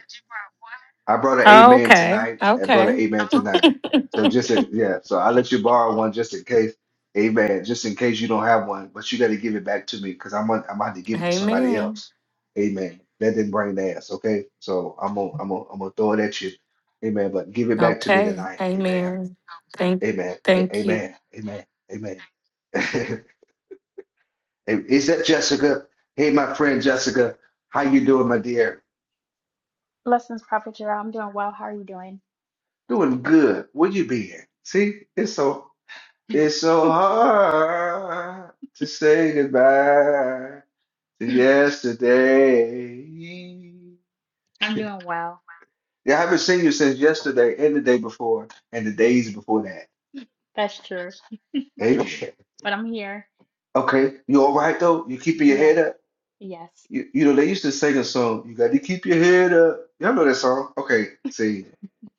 S1: I brought an eight man
S13: Okay.
S1: tonight. I brought an
S13: Okay.
S1: eight man tonight. So just a, yeah, so I let you borrow one just in case. Amen. Just in case you don't have one, but you got to give it back to me because I'm gonna, I'm gonna have to give it to somebody
S13: Amen.
S1: else. Amen. That didn't bring the ass, okay? So I'm gonna I'm gonna I'm gonna throw it at you. Amen. But give it back to me
S13: Okay.
S1: tonight. Amen.
S13: Amen. Thank
S1: Amen. A-
S13: thank you.
S1: Amen. Amen. Amen. Hey, Is that Jessica? Hey, my friend Jessica, how you doing, my dear?
S14: Blessings, Prophet Jarrell. I'm doing well. How are you doing?
S1: Doing good. Where you been? See, it's so it's so hard to say goodbye to yesterday.
S14: I'm doing well.
S1: Yeah, I haven't seen you since yesterday and the day before and the days before that.
S14: That's true.
S1: Amen.
S14: But I'm here.
S1: Okay, you all right though? You keeping your
S14: Yes.
S1: head up?
S14: Yes.
S1: You, you know they used to sing a song. You got to keep your head up. Y'all know that song? Okay, see.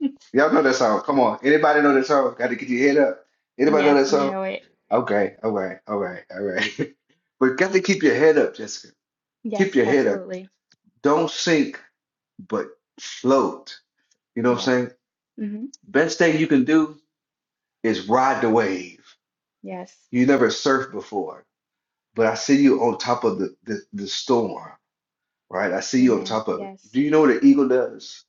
S1: Y'all know that song. Come on. Anybody know that song? Got to get your head up. Anybody know
S14: Yes,
S1: that
S14: we
S1: song?
S14: know it.
S1: Okay. All right. All right. All right. but got to keep your head up, Jessica. Keep
S14: Yes,
S1: your head up.
S14: absolutely.
S1: Don't sink, but float. You know what
S14: Yes.
S1: I'm saying?
S14: Mm-hmm.
S1: Best thing you can do is ride the wave.
S14: Yes.
S1: You never surfed before, but I see you on top of the, the, the storm. right? I see you on
S14: Amen.
S1: top of it.
S14: Yes.
S1: Do you know what an eagle does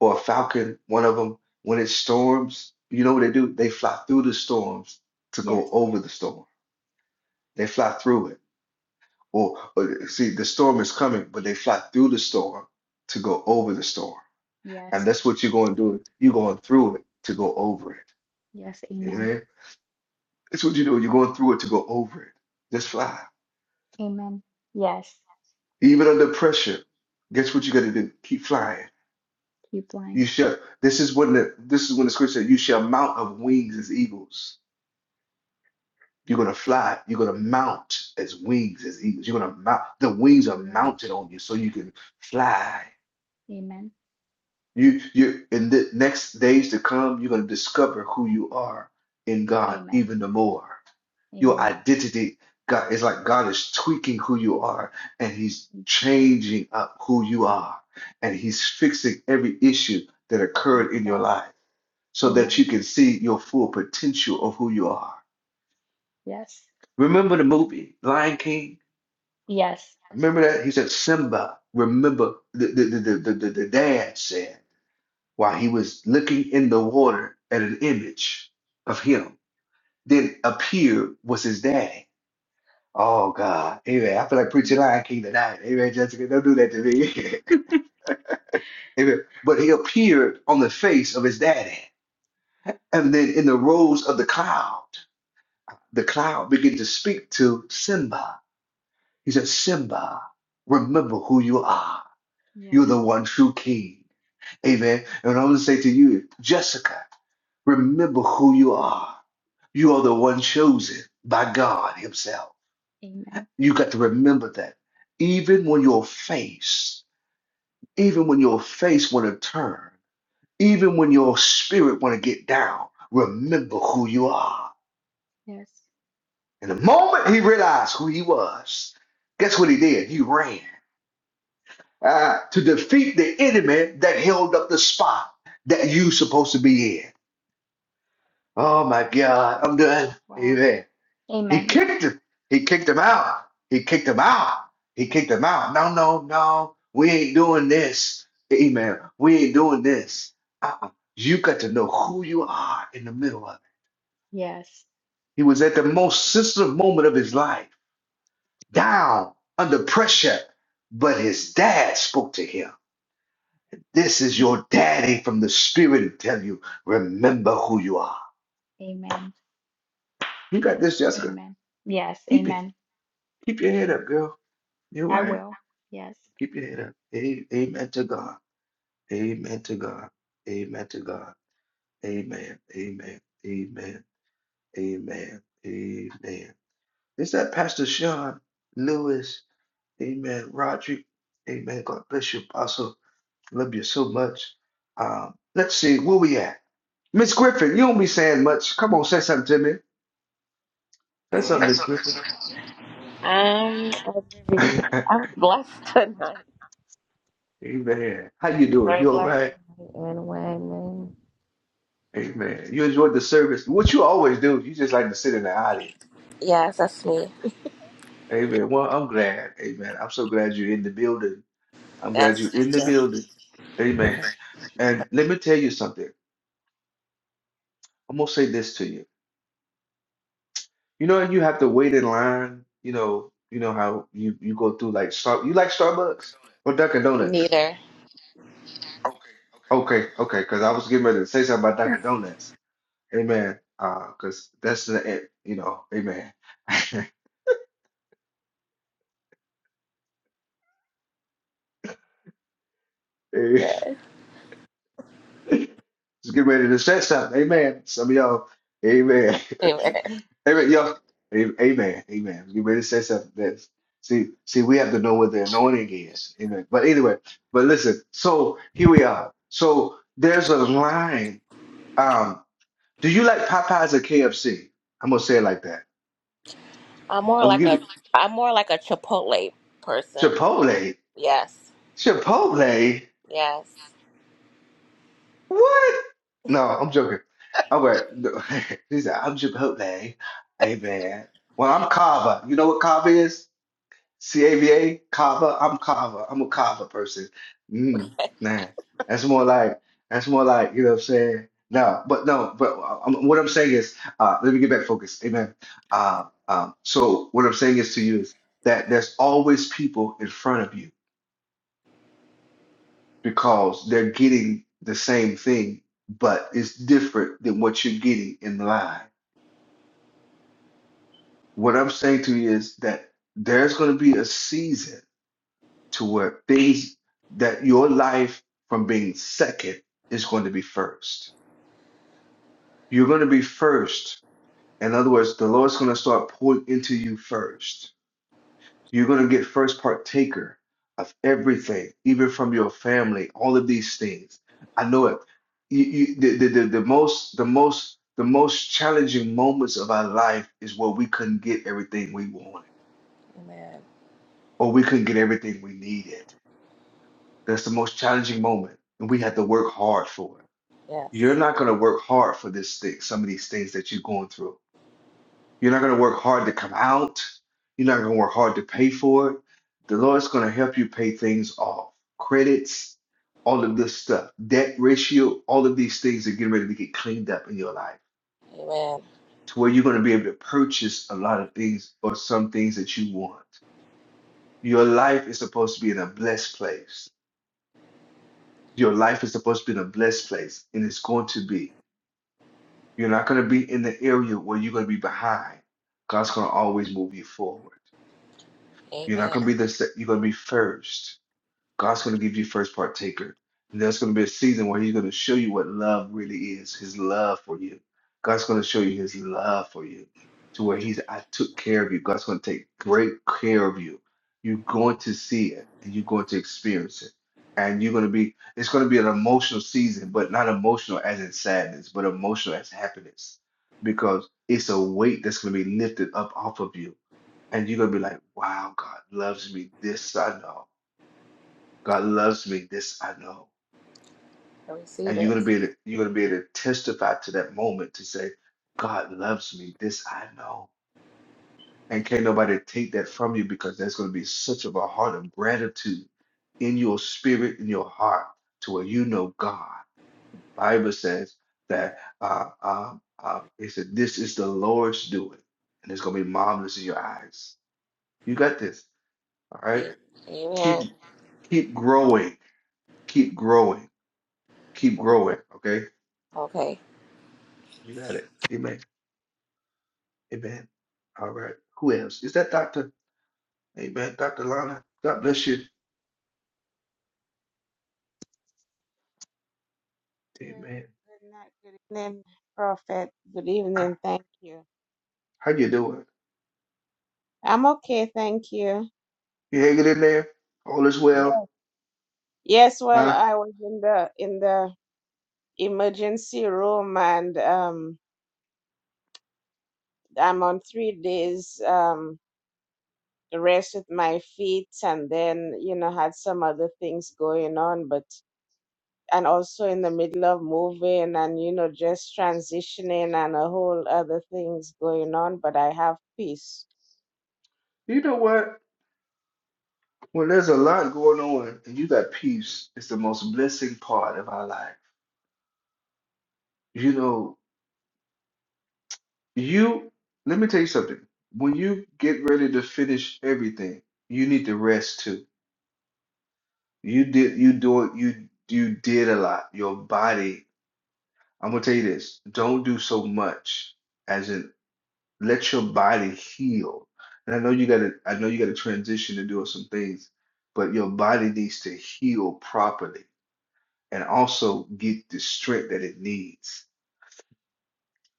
S1: or a falcon? One of them, when it storms, you know what they do? They fly through the storms to go
S14: Yes.
S1: over the storm. They fly through it. Or, or see, the storm is coming, but they fly through the storm to go over the storm.
S14: Yes.
S1: And that's what you're going to do. You're going through it to go over it.
S14: Yes. Amen.
S1: Amen. That's what you do. You're going through it to go over it. Just fly.
S14: Amen. Yes.
S1: Even under pressure, guess what you got to do? Keep flying
S14: Keep lying.
S1: You shall. This is what the, this is when the scripture said, "You shall mount of wings as eagles." You're gonna fly. You're gonna mount as wings as eagles. You're gonna mount. The wings are
S14: Yes.
S1: mounted on you, so you can fly.
S14: Amen.
S1: You you in the next days to come, you're gonna discover who you are in God
S14: Amen.
S1: even the more. Your
S14: Amen.
S1: identity, God is like God is tweaking who you are, and He's
S14: Thank you, Lord.
S1: changing up who you are, and He's fixing every issue that
S14: Thank
S1: occurred
S14: you,
S1: in your
S14: God.
S1: life so that
S14: Amen.
S1: you can see your full potential of who you are.
S14: Yes.
S1: Remember the movie Lion King?
S14: Yes.
S1: Remember that? He said, Simba, remember the, the, the, the, the, the dad said while he was looking in the water at an image of him. Then appeared was his daddy. Oh God. Amen. I feel like preaching
S14: Mm-hmm.
S1: Lion King tonight. Amen, Jessica. Don't do that to me. Amen. But he appeared on the face of his daddy. And then in the rose of the cloud, the cloud began to speak to Simba He said, Simba, remember who you are. You're
S14: Yes.
S1: the one true king. Amen. And I'm going to say to you, Jessica, remember who you are. You are the one chosen by God Himself.
S14: Amen.
S1: You got to remember that. Even when your face, even when your face want to turn, even when your spirit want to get down, remember who you are.
S14: Yes.
S1: And the moment he realized who he was, guess what he did? He ran. uh, to defeat the enemy that held up the spot that you supposed to be in. Oh my God, I'm done.
S14: Wow.
S1: Amen. He
S14: Amen.
S1: kicked him. He kicked him out. He kicked him out. He kicked him out. No, no, no. We ain't doing this. Amen. We ain't doing this. Uh-uh. You got to know who you are in the middle of it.
S14: Yes.
S1: He was at the most sensitive moment of his life, down under pressure, but his dad spoke to him. This is your daddy from the spirit to tell you, remember who you are.
S14: Amen.
S1: You got this, Jessica.
S14: Amen. Yes.
S1: Keep it.
S14: Amen.
S1: Keep your head up, girl. You're
S14: I
S1: right.
S14: will. Yes.
S1: Keep your head up. A- Amen to God. Amen to God. Amen to God. Amen. Amen. Amen. Amen. Amen. Is that Pastor Sean Lewis? Amen. Roderick. Amen. God bless you, Apostle. Love you so much. Um, let's see, where we at? Miss Griffin, you don't be saying much. Come on, say something to me. That's up, Miss Griffin.
S15: Um, I'm blessed tonight.
S1: Amen. How you doing?
S15: Very
S1: You all
S15: blessed
S1: right?
S15: And a
S1: Amen. You enjoyed the service. What you always do, you just like to sit in the audience.
S15: Yes, that's me.
S1: Amen. Well, I'm glad. Amen. I'm so glad you're in the building. I'm glad
S15: Yes.
S1: you're in the
S15: Yeah.
S1: building. Amen. And let me tell you something. I'm gonna say this to you. You know, you have to wait in line. You know, you know how you you go through like Star. You like Starbucks or Dunkin' Donuts?
S15: Neither.
S1: Okay, okay. Because I was getting ready to say something about Dunkin' Donuts. Amen. Uh, cause that's the it, you know, amen. Amen.
S15: But
S1: Just get ready to set something. Amen. Some of y'all, amen.
S15: anyway,
S1: Amen. Y'all, a- amen. Amen. Get ready to set something. That's, see, see, we have to know what the anointing is. Amen. But anyway, but listen, so here we are. So there's a line. Um, do you like Popeyes or KFC? I'm gonna say it like that.
S15: I'm more
S1: I'm gonna
S15: like
S1: give
S15: a
S1: you
S15: I'm more like a Chipotle person.
S1: Chipotle.
S15: Yes.
S1: Chipotle.
S15: Yes.
S1: What? No, I'm joking. i He said, I'm Chipotle. Hey, man. Well, I'm Kava. You know what Kava is? C-A-V-A? Kava? I'm Kava. I'm a Kava person. Mm, man. That's more like, that's more like, you know what I'm saying? No, but no, but uh, um, what I'm saying is, uh, let me get back focused. Amen. Uh, um, so what I'm saying is to you is that there's always people in front of you because they're getting the same thing, but it's different than what you're getting in line. What I'm saying to you is that there's going to be a season to where things that your life from being second is going to be first. You're going to be first. In other words, the Lord's going to start pouring into you first You're going to get first partaker of everything, even from your family, all of these things. I know it. You, you, the, the, the, the most the most the most challenging moments of our life is where we couldn't get everything we wanted
S15: Amen.
S1: or we couldn't get everything we needed. That's the most challenging moment, and we had to work hard for it. You're
S15: Yes.
S1: not going to work hard for this thing, some of these things that you're going through. You're not going to work hard to come out. You're not going to work hard to pay for it. The Lord's going to help you pay things off, credits, all of this stuff, debt ratio, all of these things are getting ready to get cleaned up in your life
S15: Amen.
S1: to where you're going to be able to purchase a lot of things or some things that you want. Your life is supposed to be in a blessed place. Your life is supposed to be in a blessed place, and it's going to be. You're not going to be in the area where you're going to be behind. God's going to always move you forward. You're not
S15: Amen.
S1: gonna be the se- you're gonna be first. God's going to give you first partaker. And there's going to be a season where He's going to show you what love really is, His love for you. God's going to show you His love for you to where He's, I took care of you. God's going to take great care of you. You're going to see it and you're going to experience it. And you're going to be, it's going to be an emotional season, but not emotional as in sadness, but emotional as happiness because it's a weight that's going to be lifted up off of you. And you're going to be like, wow, God loves me this I know. God loves me. This I know.
S15: I receive
S1: And you're
S15: it.
S1: gonna be able to, you're gonna be able to testify to that moment to say, God loves me. This I know. And can't nobody take that from you because there's gonna be such of a heart of gratitude in your spirit, in your heart, to where you know God. The Bible says that uh, uh, uh, it said this is the Lord's doing, and it's gonna be marvelous in your eyes. You got this. All right.
S15: A- Amen.
S1: Keep keep growing. Keep growing. Keep growing. Okay
S15: Okay.
S1: You got it. Amen. Amen. All right. Who else? Is that Doctor? Amen. Doctor Lana. God bless you.
S16: Thank you.
S1: Amen.
S16: Good night. Good evening, Prophet. Good
S1: Ah,
S16: evening. Thank you.
S1: How you doing?
S16: I'm okay. Thank you.
S1: You hanging in there? All is well,
S16: Yes. Well,
S1: huh?
S16: I was in the in the emergency room, and um, I'm on three days um rest with my feet, and then you know had some other things going on, but and also in the middle of moving and you know just transitioning and a whole other things going on, but I have peace.
S1: You know what? When there's a lot going on and you got peace, it's the most blessing part of our life. You know, you. Let me tell you something. When you get ready to finish everything, you need to rest too. You did. You do it. You you did a lot. Your body. I'm gonna tell you this. Don't do so much as in let your body heal. And I know you gotta I know you gotta transition to doing some things, but your body needs to heal properly and also get the strength that it needs.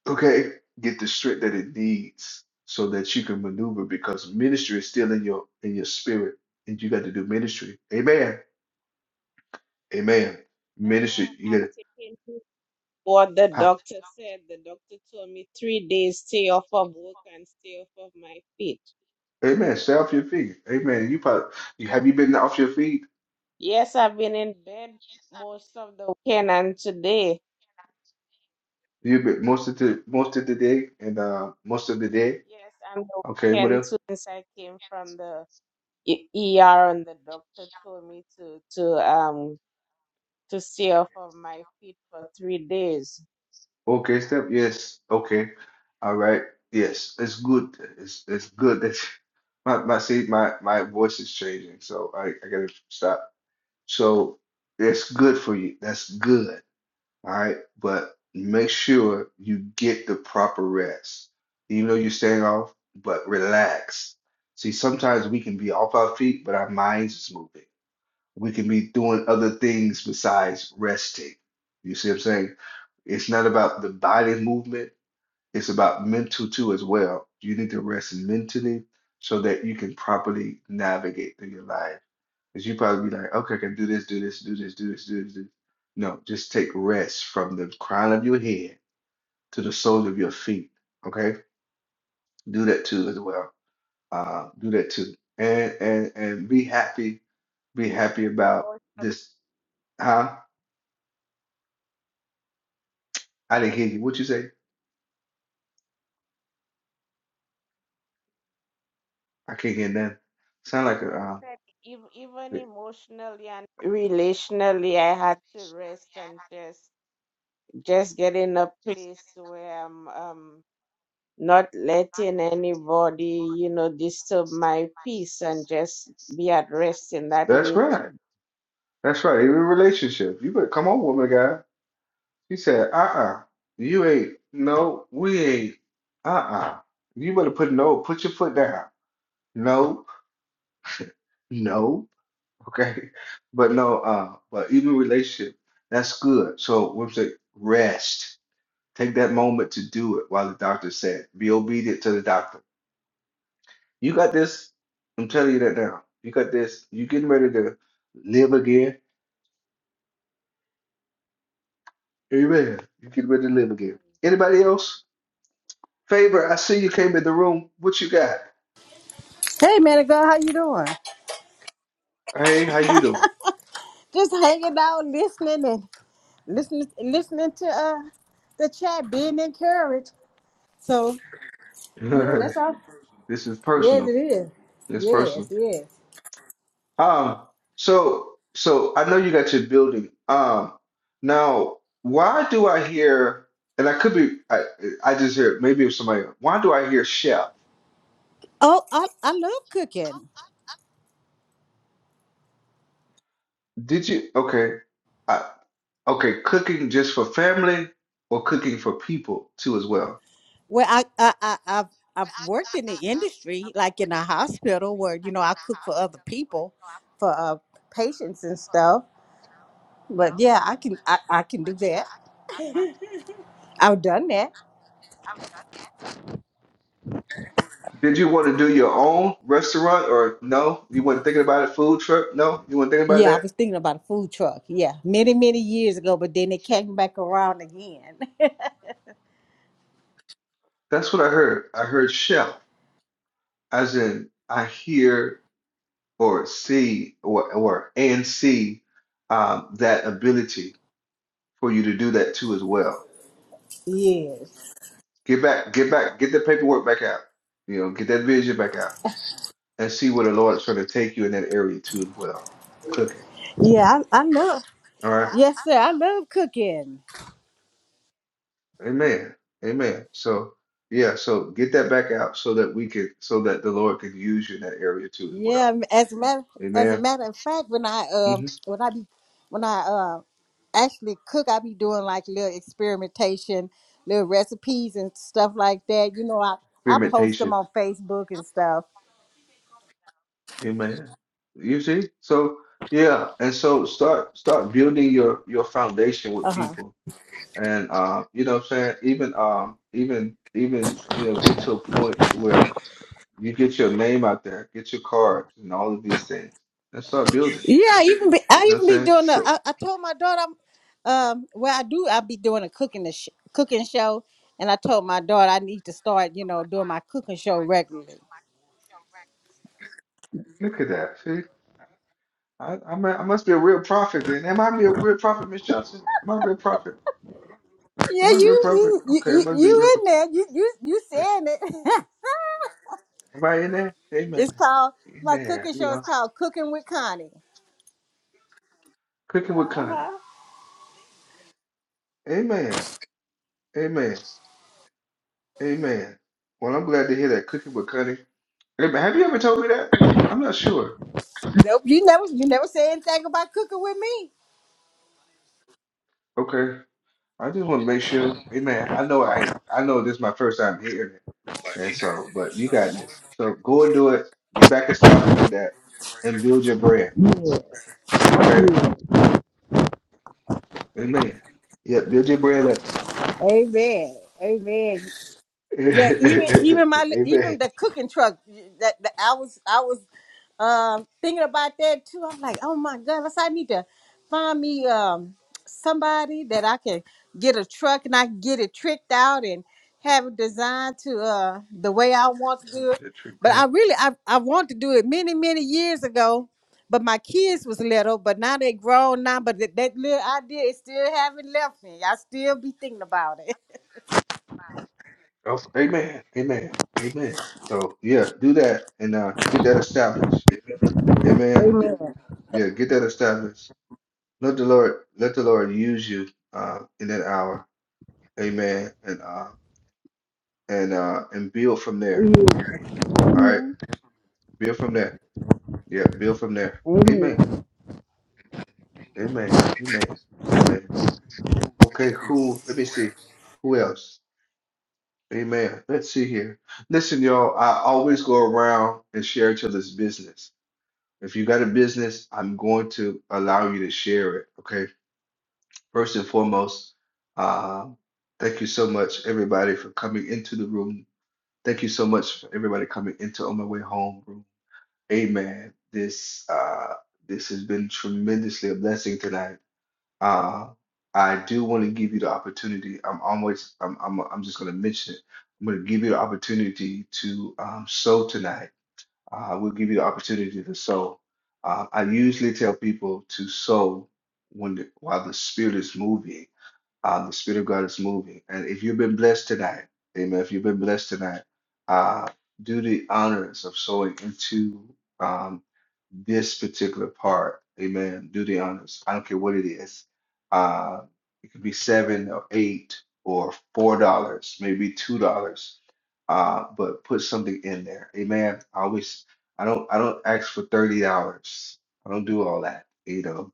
S1: Okay? Get the strength that it needs so that you can maneuver because ministry is still in your in your spirit and you got to do ministry. Amen. Amen.
S16: That's why
S1: Ministry, you
S16: I'm
S1: gotta
S16: taking. what the
S1: ha-
S16: doctor said. The doctor told me three days stay off of work and stay off of my feet.
S1: Amen. Stay off your feet. Amen. You probably you have you been off your feet?
S16: Yes, I've been in bed most of the weekend and today.
S1: You've been most of the most of the day and uh most of the day.
S16: Yes, and the
S1: Okay, what
S16: weekend
S1: else?
S16: too since I came from the E- ER and the doctor told me to to um to stay off of my feet for three days.
S1: Okay, step. Yes. Okay. All right. Yes. It's good. It's it's good that you- my my see my my voice is changing, so I I gotta stop. So it's good for you. That's good. All right. But make sure you get the proper rest. Even though you're staying off, but relax. See, sometimes we can be off our feet, but our minds is moving. we can be doing other things besides resting. You see what I'm saying? It's not about the body movement, it's about mental too as well. You need to rest mentally so that you can properly navigate through your life. Because you probably be like, okay, I can do this, do this, do this, do this, do this, do this. No, just take rest from the crown of your head to the soles of your feet. Okay? Do that too as well. Uh, do that too. And and and be happy, be happy about
S16: Or-
S1: this, huh? I didn't hear you. What you say? I can't hear nothing. Sound like
S16: or I
S1: a.
S16: said ev- Even
S1: Uh,
S16: emotionally and relationally, I had to rest and just just get in a place where I'm um not letting anybody, you know, disturb my peace and just be at rest in that
S1: that's
S16: way too.
S1: right. That's right. Every relationship, you better come on, woman guy. He said, "Uh-uh, you ain't. No, we ain't. Uh-uh. You better put no. Put your foot down. No, no. Okay, but no. Uh, but even relationship, that's good. So women say, rest. Take that moment to do it while the doctor said. Be obedient to the doctor. You got this. I'm telling you that now. You got this. You getting ready to live again. Amen. You getting ready to live again. Anybody else? Favor, I see you came in the room. What you got?
S17: Hey man of God, how you doing?
S1: Hey, how you doing?
S17: Just hanging out, listening and listening listening to uh the chat, being encouraged. So yeah, that's all.
S1: this is
S17: Yes, it
S1: personal.
S17: is.
S1: It's
S17: Yes,
S1: personal.
S17: yes.
S1: Um, so so I know you got your building. Um, now why do I hear and I could be I I just hear maybe it was somebody else. Why do I hear chef?
S17: Oh, I I love cooking.
S1: Did you? Okay. I, okay, cooking just for family or cooking for people too as well.
S17: Well, I I, I I've I've worked in the industry, like in a hospital where you know I cook for other people, for uh patients and stuff. But yeah, I can I, I can do that. I've done that.
S1: Did you want to do your own restaurant or no? You weren't thinking about it, food truck? No, you weren't thinking about
S17: Yeah, I was
S1: that?
S17: thinking about a food truck. Yeah, many, many years ago, but then it came back around again.
S1: That's what I heard. I heard chef, as in I hear or see or or and see um, that ability for you to do that too as well.
S17: yes.
S1: Get back, get back, get the paperwork back out. You know, get that vision back out. and see where the Lord is trying to take you in that area too as well. Cooking.
S17: Yeah, I, I love.
S1: All right.
S17: Yes, sir. I love cooking.
S1: Amen. Amen. So yeah, so get that back out so that we can so that the Lord can use you in that area too as well.
S17: Yeah. As a matter, as a
S1: Amen.
S17: matter of fact, when I um
S1: hmm
S17: when I be when I uh actually cook, I be doing like little experimentation, little recipes and stuff like that. You know, I I post them
S1: Experimentation.
S17: on Facebook and stuff.
S1: Amen. You see? So yeah, and so start start building your your foundation
S17: Uh
S1: with
S17: huh.
S1: people. And uh, you know what I'm saying? Even um even even you know get to a point to where You get your name out there, get your cards, and all of these things, and start building.
S17: Yeah, I even be,
S1: You
S17: I
S1: know
S17: even
S1: what
S17: be
S1: I'm saying?
S17: doing the.
S1: So
S17: I, I told my daughter, I'm, um, well, I do. I be doing a cooking sh- cooking show, and I told my daughter I need to start, you know, doing my cooking show regularly.
S1: look at that. See, I, I, mu- I must be a real prophet then. Am I be a real prophet, Miss Johnson? Am I a real prophet?
S17: Yeah,
S1: Am I a real
S17: you
S1: prophet?
S17: you you,
S1: Okay, I
S17: you
S1: must be a real
S17: you in there? You you you
S1: prophet.
S17: saying it?
S1: Am I in there? Amen.
S17: it's called
S1: In
S17: my
S1: there,
S17: cooking
S1: you
S17: show. is
S1: know,
S17: called Cooking with Connie.
S1: cooking with Connie. Amen. Amen. Amen. Well, I'm glad to hear that cooking with Connie. Amen. Have you ever told me that? I'm not sure.
S17: Nope, you never you never say anything about cooking with me.
S1: Okay. I just want to make sure, hey man, I know I I know this is my first time hearing it. And so, but you got this. So go and do it. Get back established with that and build your brand. Okay? Amen. Yeah, build your brand up.
S17: Amen. Amen. Yeah, even
S1: Amen.
S17: even my even the cooking truck that, that I was I was um thinking about that too. I'm like, oh my goodness, I need to find me um somebody that I can get a truck and I can get it tricked out and have it designed to uh the way I want to do it.
S1: Get you
S17: But I
S1: down.
S17: really I I wanted to do it many many years ago, but my kids was little, but now they grown now. But that, that little idea is still haven't left me. I still be thinking about it.
S1: Oh, Amen. Amen. Amen. So yeah, do that and uh get that established. Amen.
S17: Amen.
S1: Yeah, get that established. Let the Lord let the Lord use you uh in that hour. Amen. And uh and uh and build from there. All right,
S17: Yeah.
S1: build from there. Yeah, build from there.
S17: Amen.
S1: Amen. Amen. Amen. Amen. Okay, who? Let me see. Who else? Amen. Let's see here. Listen, y'all. I always go around and share each other's business. If you got a business, I'm going to allow you to share it. Okay. First and foremost, uh, thank you so much, everybody, for coming into the room. Thank you so much for everybody coming into On My Way Home room. Amen. This uh this has been tremendously a blessing tonight. Uh I do want to give you the opportunity. I'm always I'm I'm I'm just gonna mention it. I'm gonna give you the opportunity to um sow tonight. Uh we'll give you the opportunity to sow. Uh I usually tell people to sow when the, while the spirit is moving, uh the spirit of God is moving. And if you've been blessed tonight, amen, if you've been blessed tonight, uh do the honors of sowing into um, this particular part. Amen. Do the honors. I don't care what it is. Uh, it could be seven or eight or four dollars, maybe two dollars. Uh, but put something in there. Amen. I always I don't I don't ask for thirty dollars. I don't do all that. You know,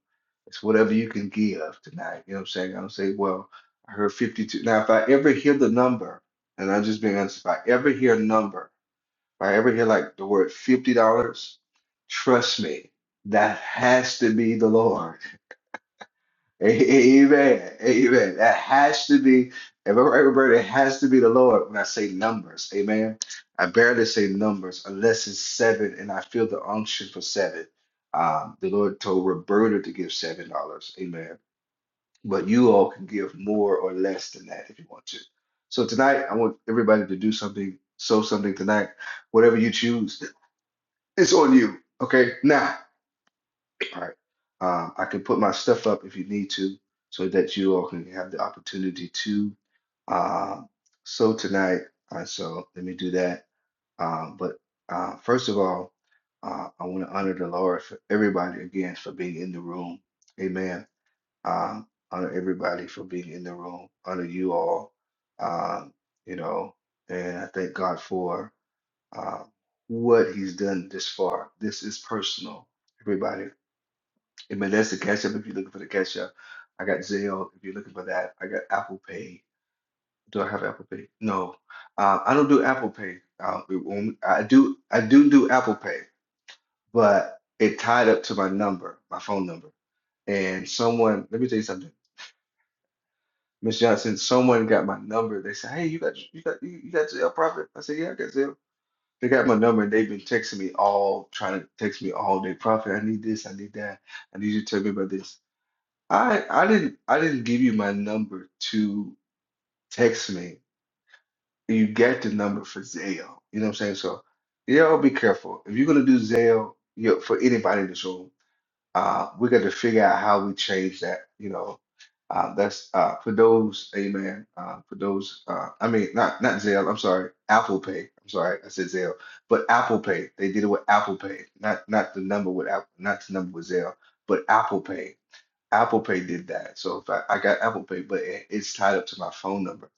S1: it's whatever you can give tonight. You know what I'm saying? I don't say, well, I heard 52. Now, if I ever hear the number, and I'm just being honest, if I ever hear a number if I ever hear like the word fifty dollars, trust me, that has to be the Lord. Amen. Amen. That has to be. If I'm right, Roberta, it has to be the Lord when I say numbers. Amen. I barely say numbers unless it's seven, and I feel the unction for seven. Um, the Lord told Roberta to give seven dollars. Amen. But you all can give more or less than that if you want to. So tonight, I want everybody to do something, sow something tonight, whatever you choose. It's on you. Okay. Now, all right. Um, I can put my stuff up if you need to, so that you all can have the opportunity to uh, sow tonight. Uh, so let me do that. Um, but uh, first of all, uh, I want to honor the Lord for everybody again for being in the room. Amen. Um, honor everybody for being in the room. Honor you all. Um, you know, and I thank God for uh, what he's done this far. This is personal, everybody. Amen. That's the Cash App. If you're looking for the Cash App, I got Zelle. If you're looking for that, I got Apple Pay. Do I have Apple Pay? No, uh, I don't do Apple Pay. Uh, it won't- I do. I do do Apple Pay, but it tied up to my number, my phone number. And someone, let me tell you something, Miss Johnson. Someone got my number. They said, "Hey, you got you got you you got Zelle Profit?" I said, "Yeah, I got Zelle." They got my number. and They've been texting me all, trying to text me all day. Prophet, I need this. I need that. I need you to tell me about this. I I didn't I didn't give you my number to text me. You got the number for Zelle. You know what I'm saying? So, y'all be careful. If you're gonna do Zelle, you know, for anybody in this room. Uh, we got to figure out how we change that. You know, uh, that's uh, for those, amen. Uh, for those, uh, I mean, not not Zelle. I'm sorry, Apple Pay. I'm sorry, I said Zelle, but Apple Pay. They did it with Apple Pay, not not the number with Apple, not the number with Zelle, but Apple Pay. Apple Pay did that. So if I, I got Apple Pay, but it, it's tied up to my phone number.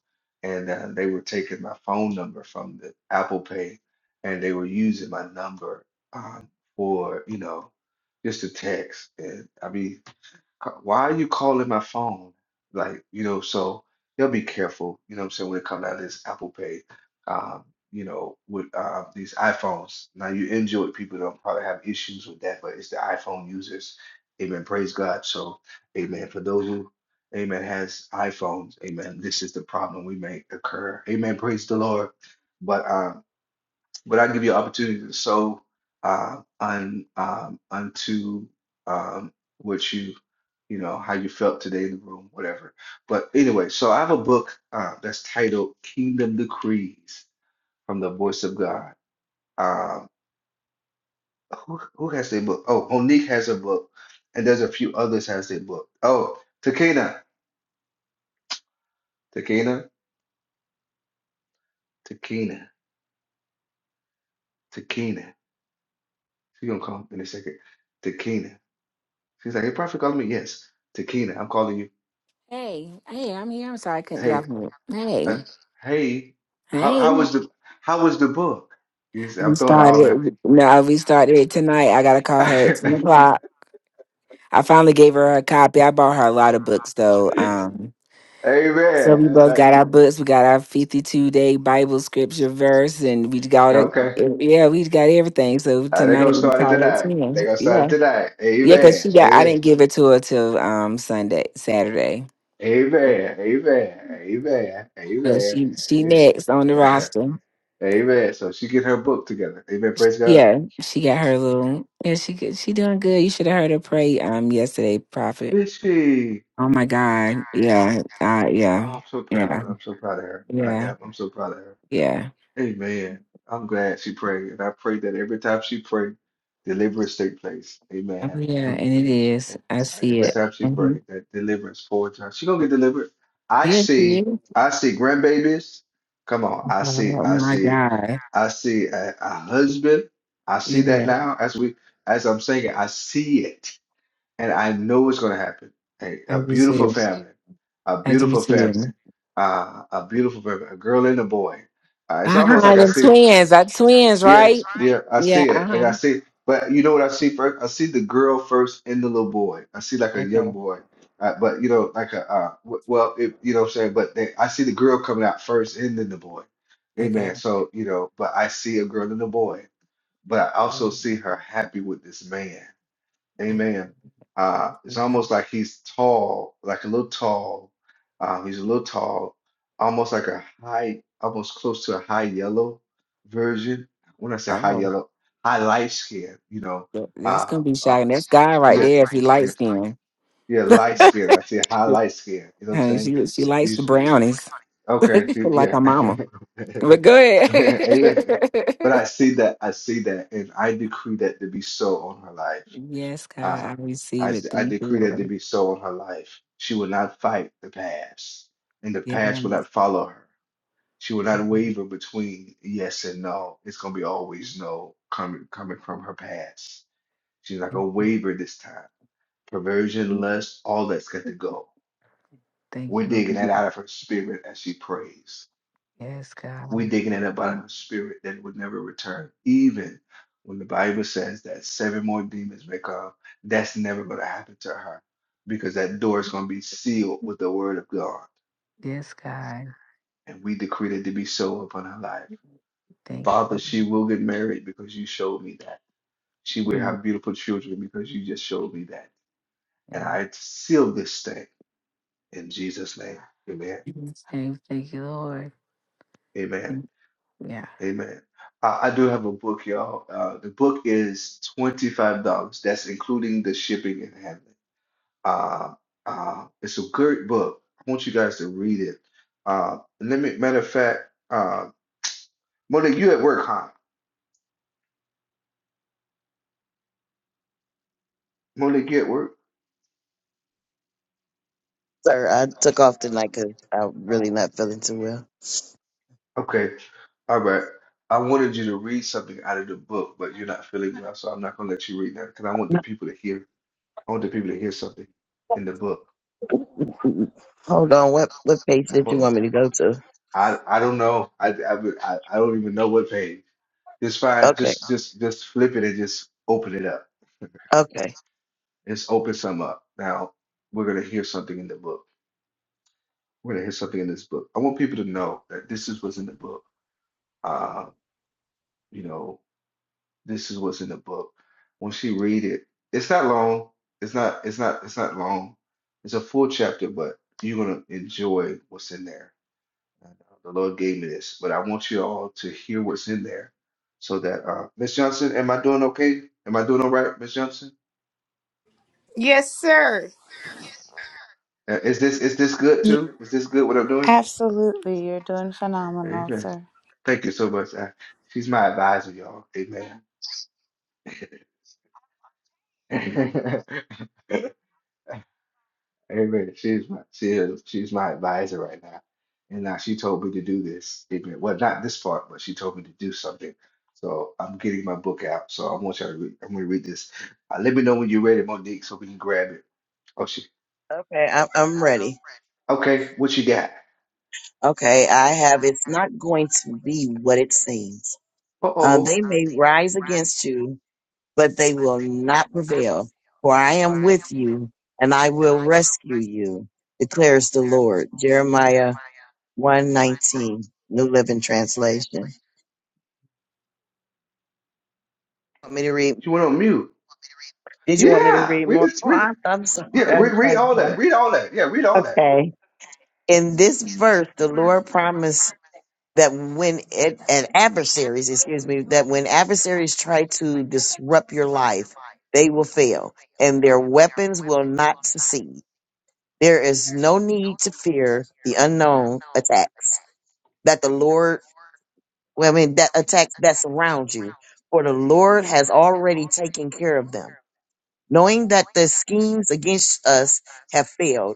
S1: And uh, they were taking my phone number from the Apple Pay and they were using my number um, for, you know, just to text. And I mean, c- why are you calling my phone? Like, you know, so they'll be careful, you know what I'm saying, when it comes out of this Apple Pay, um, you know, with uh, these iPhones. Now you enjoy people don't probably have issues with that, but it's the iPhone users. Amen. Praise God. So, amen. For those who, amen, has iPhones, amen, this is the problem we may occur. Amen. Praise the Lord. But um, but I give you opportunity to sow uh, un, um, unto um, what you you know, how you felt today in the room, whatever. But anyway, so I have a book uh, that's titled Kingdom Decrees from the Voice of God. Um, who, who has their book? Oh, Monique has a book, and there's a few others has their book. Oh, Takina, Takina, Takina, Takina. She's gonna call in a second. Takina. She's like, hey, prophet, calling me. Yes, Takina, I'm calling you.
S18: Hey, hey, I'm here. I'm sorry I couldn't get
S1: Hey,
S18: off mute.
S1: uh,
S18: Hey,
S1: hey, how how
S18: hey.
S1: was the how was the book? You see, I'm
S18: We
S1: throwing it all down.
S18: started. No, we started it tonight. I gotta call her at
S1: Amen.
S18: ten o'clock. I finally gave her a copy. I bought her a lot of books though. Um, so we
S1: I was
S18: both got
S1: like,
S18: our books. We got our fifty-two day Bible scripture verse, and we got it.
S1: okay.
S18: Yeah, we got everything. So
S1: Uh, they gonna
S18: tonight we
S1: start it
S18: call it
S1: tonight. they
S18: ten.
S1: gonna start it
S18: Yeah,
S1: tonight.
S18: yeah, cause
S1: Amen.
S18: she got. I
S1: Amen.
S18: didn't give it to her till um Sunday, Saturday.
S1: Amen. Amen. Amen.
S18: So
S1: Amen.
S18: she she
S1: Amen.
S18: next on the roster.
S1: Amen. So she get her book together. Amen. Praise God.
S18: Yeah, she got her little. Yeah, she good- she doing good. You should have heard her pray um yesterday, Prophet.
S1: Did she?
S18: Oh my God. Yeah. Uh, yeah.
S1: Oh, I'm so
S18: Yeah.
S1: proud. I'm so proud of her. I
S18: Yeah.
S1: am. I'm so proud of her.
S18: Yeah.
S1: Amen. I'm glad she prayed. And I pray that every time she prayed, deliverance take place.
S18: Oh
S1: Amen.
S18: yeah. And it is.
S1: And
S18: I
S1: uh,
S18: see
S1: every
S18: it.
S1: time she
S18: hmm
S1: pray that deliverance for her, she gonna get delivered. I
S18: Yeah, she
S1: see,
S18: is.
S1: I see grandbabies. Come on, I see,
S18: Oh
S1: I
S18: my
S1: see,
S18: God.
S1: I see a, a husband. I see that
S18: Yeah.
S1: now as we, as I'm saying, I see it and I know it's going to happen. A,
S18: I
S1: a
S18: do
S1: beautiful
S18: too.
S1: family, a
S18: I do
S1: beautiful family,
S18: too.
S1: uh, a beautiful family, a girl and a boy. Uh, it's
S18: Uh
S1: almost
S18: huh.
S1: like I
S18: Them
S1: see,
S18: twins. Our twins,
S1: yeah,
S18: right?
S1: yeah, I
S18: Yeah.
S1: see
S18: Uh
S1: it, and
S18: huh.
S1: I see. But you know what I see first? I see the girl first and the little boy. I see like a
S18: Okay.
S1: young boy, uh, but you know, like a uh, w- well, it, you know what I'm saying. But they, I see the girl coming out first and then the boy.
S18: Okay.
S1: Amen. So you know, but I see a girl and a boy, but I also see her happy with this man. Amen. Uh, it's
S18: Okay.
S1: almost like he's tall, like a little tall. Um, he's a little tall, almost like a high, almost close to a high yellow version. When I say high
S18: Oh,
S1: yellow, high light skin, you know.
S18: that- that's
S1: Uh,
S18: gonna be
S1: uh,
S18: shocking. That's God right
S1: yeah,
S18: there. If he light
S1: yeah,
S18: skinned.
S1: yeah, light skin. I say high light skin. You know what I'm
S18: Honey,
S1: saying?
S18: she she likes the
S1: He's-
S18: brownies,
S1: Okay, so
S18: like
S1: yeah.
S18: her mama. But go ahead.
S1: Amen. But I see that, I see that, and I decree that to be so on her life.
S18: yes, God,
S1: Uh,
S18: I receive
S1: I,
S18: it.
S1: I
S18: Thank you,
S1: decree that to
S18: Lord.
S1: be so in her life. She will not fight the past, and the
S18: Yes.
S1: past will not follow her. She will not waver between yes and no. It's going to be always no coming coming from her past. She's not
S18: Thank
S1: going to
S18: you.
S1: waver this time. Perversion, lust, all that's got to go.
S18: Thank
S1: We're
S18: you,
S1: digging that
S18: Lord.
S1: out of her spirit as she prays.
S18: Yes,
S1: We're
S18: God.
S1: digging it up out of her spirit that it would never return. Even when the Bible says that seven more demons may come, that's never going to happen to her because that door is going to be sealed with the word of God.
S18: Yes, God.
S1: And we decreed it to be so upon her life.
S18: Thank you,
S1: Father,
S18: Lord.
S1: she will get married because you showed me that. She will
S18: Mm,
S1: have beautiful children because you just showed me that. And
S18: Yeah.
S1: I seal this thing in Jesus' name. Amen.
S18: Same. Thank you, Lord.
S1: Amen.
S18: Thank Yeah.
S1: Amen. I, I do have a book, y'all. Uh, the book is $25. That's including the shipping and handling. Uh, uh, it's a great book. I want you guys to read it. Uh, let me, matter of fact, uh, Monique, you at work, huh? Monique, you at work?
S7: sir. I took off tonight because 'cause I'm really not feeling too well.
S1: Okay. All right. I wanted you to read something out of the book, but you're not feeling well, so I'm not going to let you read that because I want the people to hear. I want the people to hear something in the book.
S7: Mm, Hold on. What what page
S1: I
S7: did you want
S1: want,
S7: me to go to?
S1: I, I don't know. I, I, would- I I don't even know what page. Just find,
S7: Okay.
S1: just just just flip it and just open it up.
S7: Okay.
S1: Just open some up. Now we're gonna hear something in the book. We're gonna hear something in this book. I want people to know that this is what's in the book. Uh, you know, this is what's in the book. Once you read it, it's not long. It's not. It's not. It's not long. It's a full chapter, but you're gonna enjoy what's in there. And, uh, the Lord gave me this, but I want you all to hear what's in there, so that uh, Miss Johnson, am I doing okay? Am I doing all right, Miss Johnson?
S11: Yes, sir.
S1: Uh, Is this is this good too? Is this good what I'm doing?
S11: Absolutely, you're doing phenomenal,
S1: Amen.
S11: sir.
S1: Thank you so much. Uh, she's my advisor, y'all. Amen. Amen. She's my she is she's my advisor right now. And now she told me to do this. Amen. Well, not this part, but she told me to do something. So I'm getting my book out. So I want y'all to read. I'm gonna read this. Uh, let me know when you're ready, Monique, so we can grab it. Oh she
S7: Okay. I'm I'm ready.
S1: okay, what you got?
S7: Okay. I have. It's not going to be what it seems. Uh,
S1: Uh-oh.
S7: they may rise against you, but they will not prevail. For I am with you, and I will rescue you, declares the Lord. Jeremiah one nineteen, New Living Translation. Want me to read
S1: You went on mute.
S7: Did you want me to
S1: Yeah,
S7: read
S1: read
S7: more?
S1: this.
S7: Oh,
S1: Read,
S7: I, I'm sorry.
S1: yeah, read,
S7: I-
S1: read
S7: I'm
S1: all that.
S7: sorry.
S1: Read all that. Yeah, read all that.
S7: Okay. In this verse, the Lord promised that when it, and adversaries, excuse me, that when adversaries try to disrupt your life, they will fail and their weapons will not succeed. There is no need to fear the unknown attacks that the Lord, well, I mean, that attacks that surround you, for the Lord has already taken care of them. Knowing that the schemes against us have failed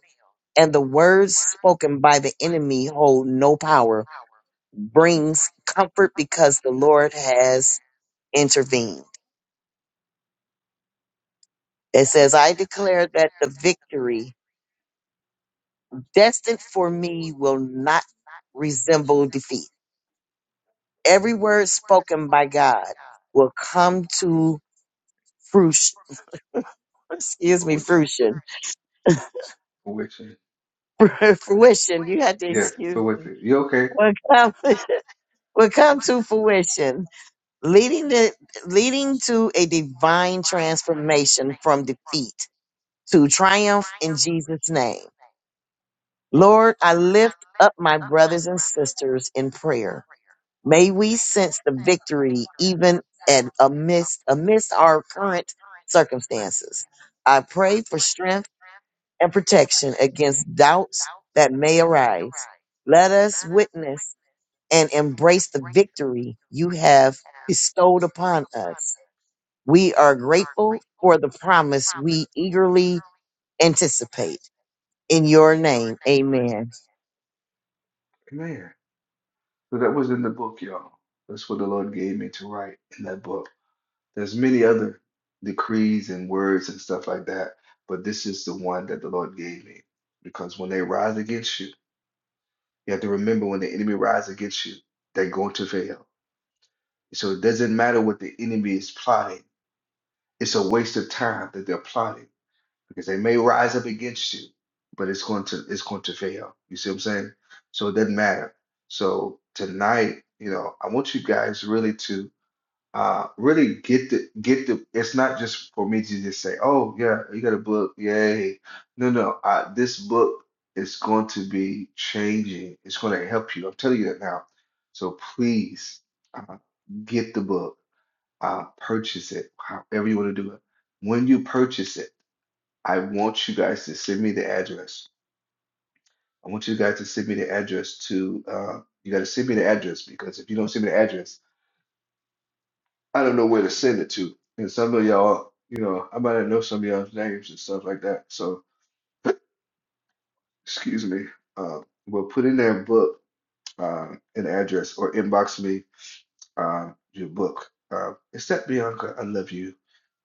S7: and the words spoken by the enemy hold no power brings comfort because the Lord has intervened. It says, I declare that the victory destined for me will not resemble defeat. Every word spoken by God will come to fruition. Excuse
S1: For
S7: me,
S1: which,
S7: fruition.
S1: for which,
S7: fruition. You had to
S1: yeah,
S7: excuse
S1: for which.
S7: me.
S1: You okay?
S7: Will come, will come to fruition leading the leading to a divine transformation from defeat to triumph in Jesus name. Lord, I lift up my brothers and sisters in prayer. May we sense the victory even at amidst amidst our current circumstances. I pray for strength and protection against doubts that may arise. Let us witness and embrace the victory you have bestowed upon us We are grateful for the promise we eagerly anticipate. In your name, amen.
S1: Man, so that was in the book, y'all. That's what the Lord gave me to write in that book. There's many other decrees and words and stuff like that, but this is the one that the Lord gave me. Because when they rise against you, you have to remember when the enemy rises against you, they're going to fail. So it doesn't matter what the enemy is plotting. It's a waste of time that they're plotting because they may rise up against you, but it's going to it's going to fail. You see what I'm saying? So it doesn't matter. So tonight, you know, I want you guys really to uh really get the get the it's not just for me to just say, oh yeah, you got a book, yay. No, no, uh this book is going to be changing. It's going to help you. I'm telling you that now. So please uh, get the book, uh purchase it, however you want to do it. When you purchase it I want you guys to send me the address. I want you guys to send me the address to, uh, you got to send me the address because if you don't send me the address, I don't know where to send it to. And some of y'all, you know, I might not know some of y'all's names and stuff like that. So, excuse me. Uh, but put in there book uh, an address or inbox me uh, your book. Uh, except Bianca, I love you.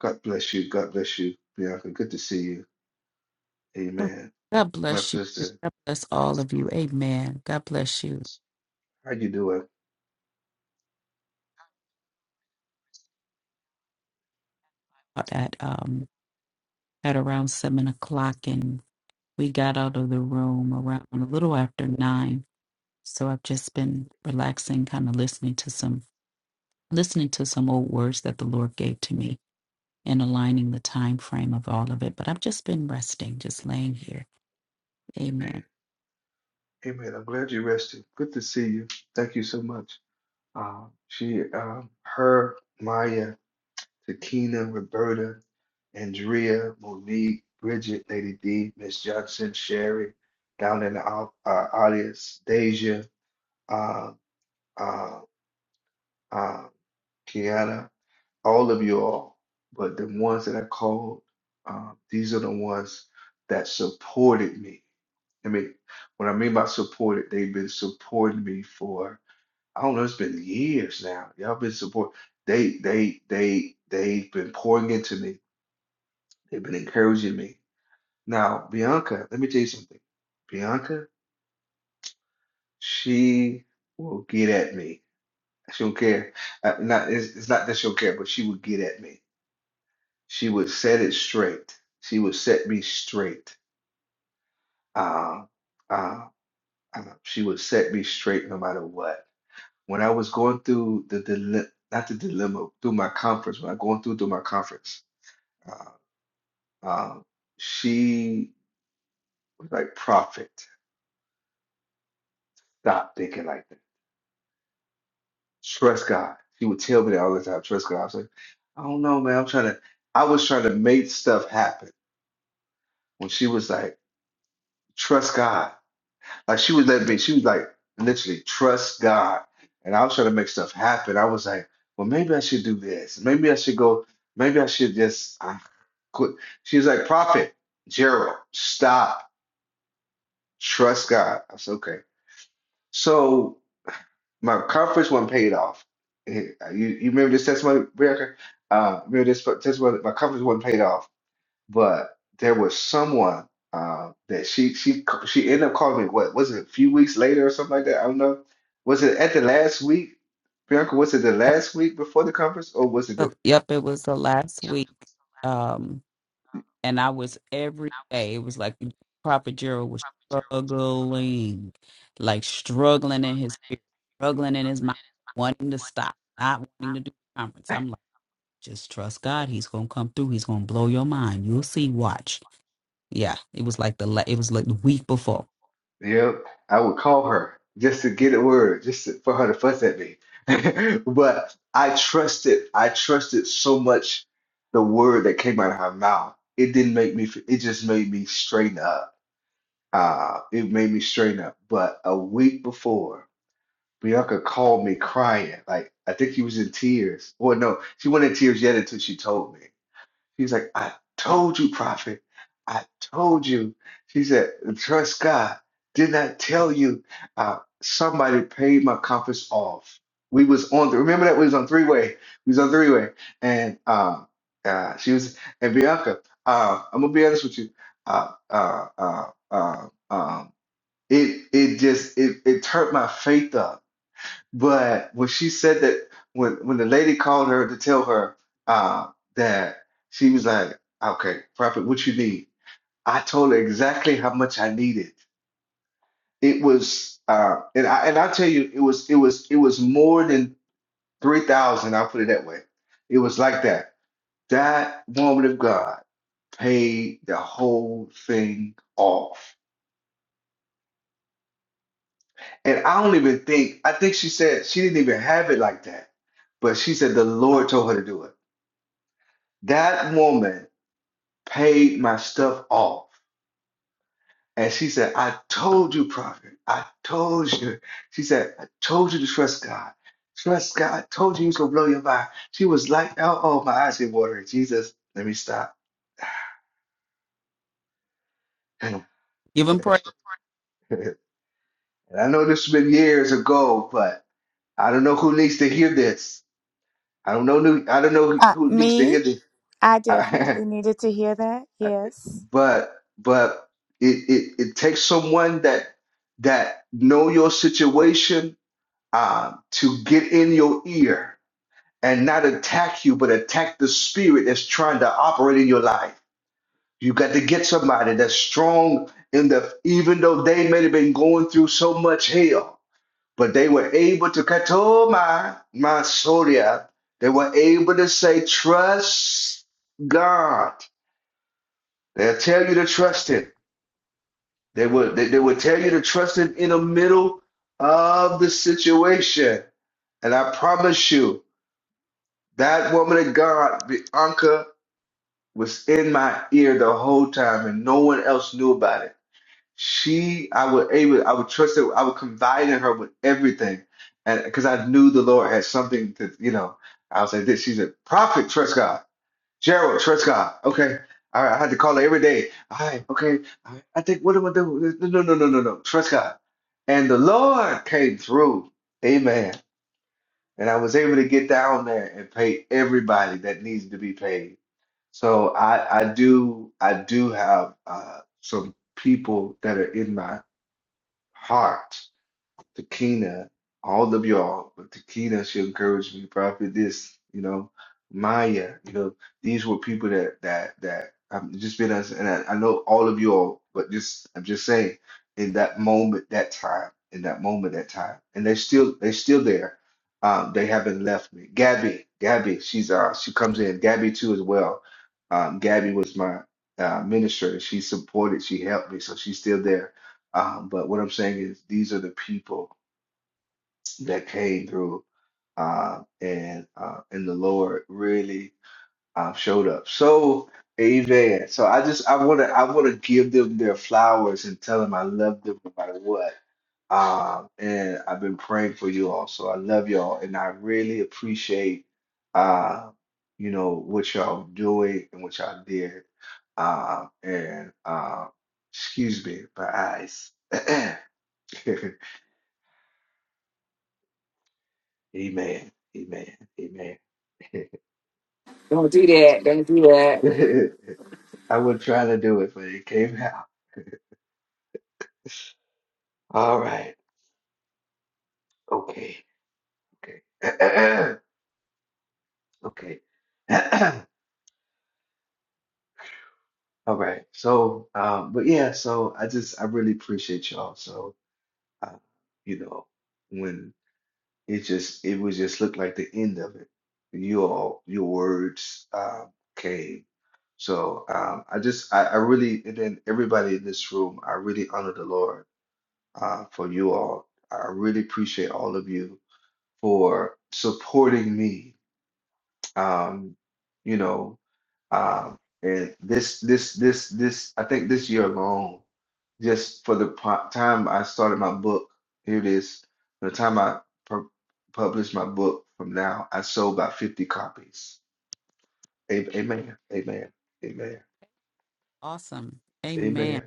S1: God bless you. God bless you, Bianca. Good to see you. Amen.
S19: God
S1: My
S19: bless you.
S1: sister,
S19: God bless all of you. Amen. God bless you.
S1: how you doing?
S19: At um at around seven o'clock, and we got out of the room around a little after nine. So I've just been relaxing, kind of listening to some listening to some old words that the Lord gave to me, and aligning the time frame of all of it. But I've just been resting, just laying here.
S1: Amen.
S19: Amen.
S1: Amen. I'm glad you rested. Good to see you. Thank you so much. Uh, she, um, her, Maya, Takina, Roberta, Andrea, Monique, Bridget, Lady D, Miss Johnson, Sherry, down in the au- uh, audience, Deja, uh, uh, uh, Kiana, all of you all. But the ones that I called, uh, these are the ones that supported me. I mean, what I mean by supported, they've been supporting me for. I don't know, it's been years now. Y'all been support. They they they they've been pouring into me. They've been encouraging me. Now, Bianca, let me tell you something. Bianca, she will get at me. She don't care. Uh, not it's, it's not that she don't care, but she would get at me. She would set it straight. She would set me straight. Uh, uh, uh, she would set me straight no matter what. When I was going through the dile not the dilemma, through my conference, when I going through through my conference Uh, um, she was like, Prophet, stop thinking like that. Trust God. She would tell me that all the time. Trust God. I was like, I don't know, man. I'm trying to, I was trying to make stuff happen when she was like, Trust God. Like she was that me. She was like, literally, trust God. And I was trying to make stuff happen. I was like, well, maybe I should do this. Maybe I should go. Maybe I should just I quit. She was like, Prophet, Gerald, stop. Trust God. I said, okay. So. my conference one paid off. Eh, You, you remember this testimony, Bianca? Uh, remember this testimony? My conference one paid off, but there was someone uh, that she she she ended up calling me. What was it? A few weeks later or something like that. I don't know. Was it at the last week, Bianca? Was it the last week before the conference, or was it
S19: Yep,
S1: the?
S19: yep, it was the last week. Um, and I was every day. It was like Prophet Gerald was struggling, like struggling in his spirit, struggling in his mind, wanting to stop, not wanting to do the conference. I'm like, just trust God. He's gonna come through. He's gonna blow your mind. You'll see. Watch. Yeah, it was like the la- it was like the week before.
S1: Yep, I would call her just to get a word, just to- for her to fuss at me. But I trusted, I trusted so much the word that came out of her mouth. It didn't make me, f- it just made me straighten up. Uh, it made me straighten up. But a week before, Bianca called me crying. Like, I think she was in tears. Well, no, she wasn't in tears yet until she told me. She's like, I told you, prophet. I told you. She said, trust God. Didn't I tell you? Uh, somebody paid my compass off. We was on. remember that we was on three way. We was on three way, and uh, uh, she was and Bianca. Uh, I'm gonna be honest with you. Uh, uh, uh, uh, um, it it just it it turned my faith up but when she said that, when when the lady called her to tell her uh, that she was like, "Okay, prophet, what you need?" I told her exactly how much I needed. It was, uh, and I and I tell you, it was it was it was more than three thousand. I'll put it that way. It was like that. That woman of God paid the whole thing off, and I don't even think I think she said she didn't even have it like that, but she said the Lord told her to do it. That woman paid my stuff off. And she said, I told you, prophet. I told you. She said, I told you to trust God. Trust God. I told you he was going to blow your mind. She was like, oh, oh, my eyes get watering. Jesus, let me stop. and
S19: Give him praise.
S1: I know this has been years ago, but I don't know who needs to hear this. I don't know. I don't know
S11: Uh,
S1: who needs to
S11: me?
S1: hear this.
S11: I
S1: I,
S11: definitely needed to hear that.
S1: I-
S11: Yes.
S1: but but it, it it takes someone that that know your situation um, to get in your ear and not attack you, but attack the spirit that's trying to operate in your life. You got to get somebody that's strong in the even though they may have been going through so much hell, but they were able to cut oh my my soria. They were able to say, trust God. They'll tell you to trust him. They would they, they would tell you to trust him in the middle of the situation. And I promise you, that woman of God, Bianca, was in my ear the whole time and no one else knew about it. She, I would able, I would trust her, I would confide in her with everything. And because I knew the Lord had something to, you know, I was like, this, she's a prophet, trust God. Gerald Triscott. Okay. All right. I had to call her every day. All right. Okay. All right. I think, what do I do? No, no, no, no, no. Triscott. And the Lord came through. Amen. And I was able to get down there and pay everybody that needs to be paid. So I, I do, I do have uh, some people that are in my heart Takina, all of y'all, but Takina, she encouraged me, Prophet, this, you know, Maya, you know, these were people that that that I've just been as and I, I know all of you all, but just I'm just saying, in that moment, that time, in that moment, that time. And they're still they're still there. Um, they haven't left me. Gabby, Gabby, she's uh she comes in. Gabby too as well. Um, Gabby was my uh minister. She supported, she helped me, so she's still there. Um, but what I'm saying is, these are the people that came through uh, and uh, and the Lord really uh, showed up. So, amen. So I just I want to I want to give them their flowers and tell them I love them no matter what. Um, and I've been praying for you all, so I love y'all, and I really appreciate uh, you know what y'all doing and what y'all did. Uh, and uh, excuse me, my eyes. Amen. Amen. Amen.
S18: Don't do that. Don't do that.
S1: I would try to do it, but it came out. All right. Okay. Okay. Okay. All right. So, um, but yeah, so I just, I really appreciate y'all. So, uh, you know, when it just, it was just looked like the end of it. You all, your words, um, came. So, um, I just, I, I really, and then everybody in this room, I really honor the Lord, uh, for you all. I really appreciate all of you for supporting me. Um, you know, um, and this, this, this, this, I think this year alone, just for the po- time I started my book, here it is, the time I pu- published my book from now, I sold about 50 copies. A- Amen. Amen. Amen.
S19: Awesome.
S1: Amen.
S19: Amen.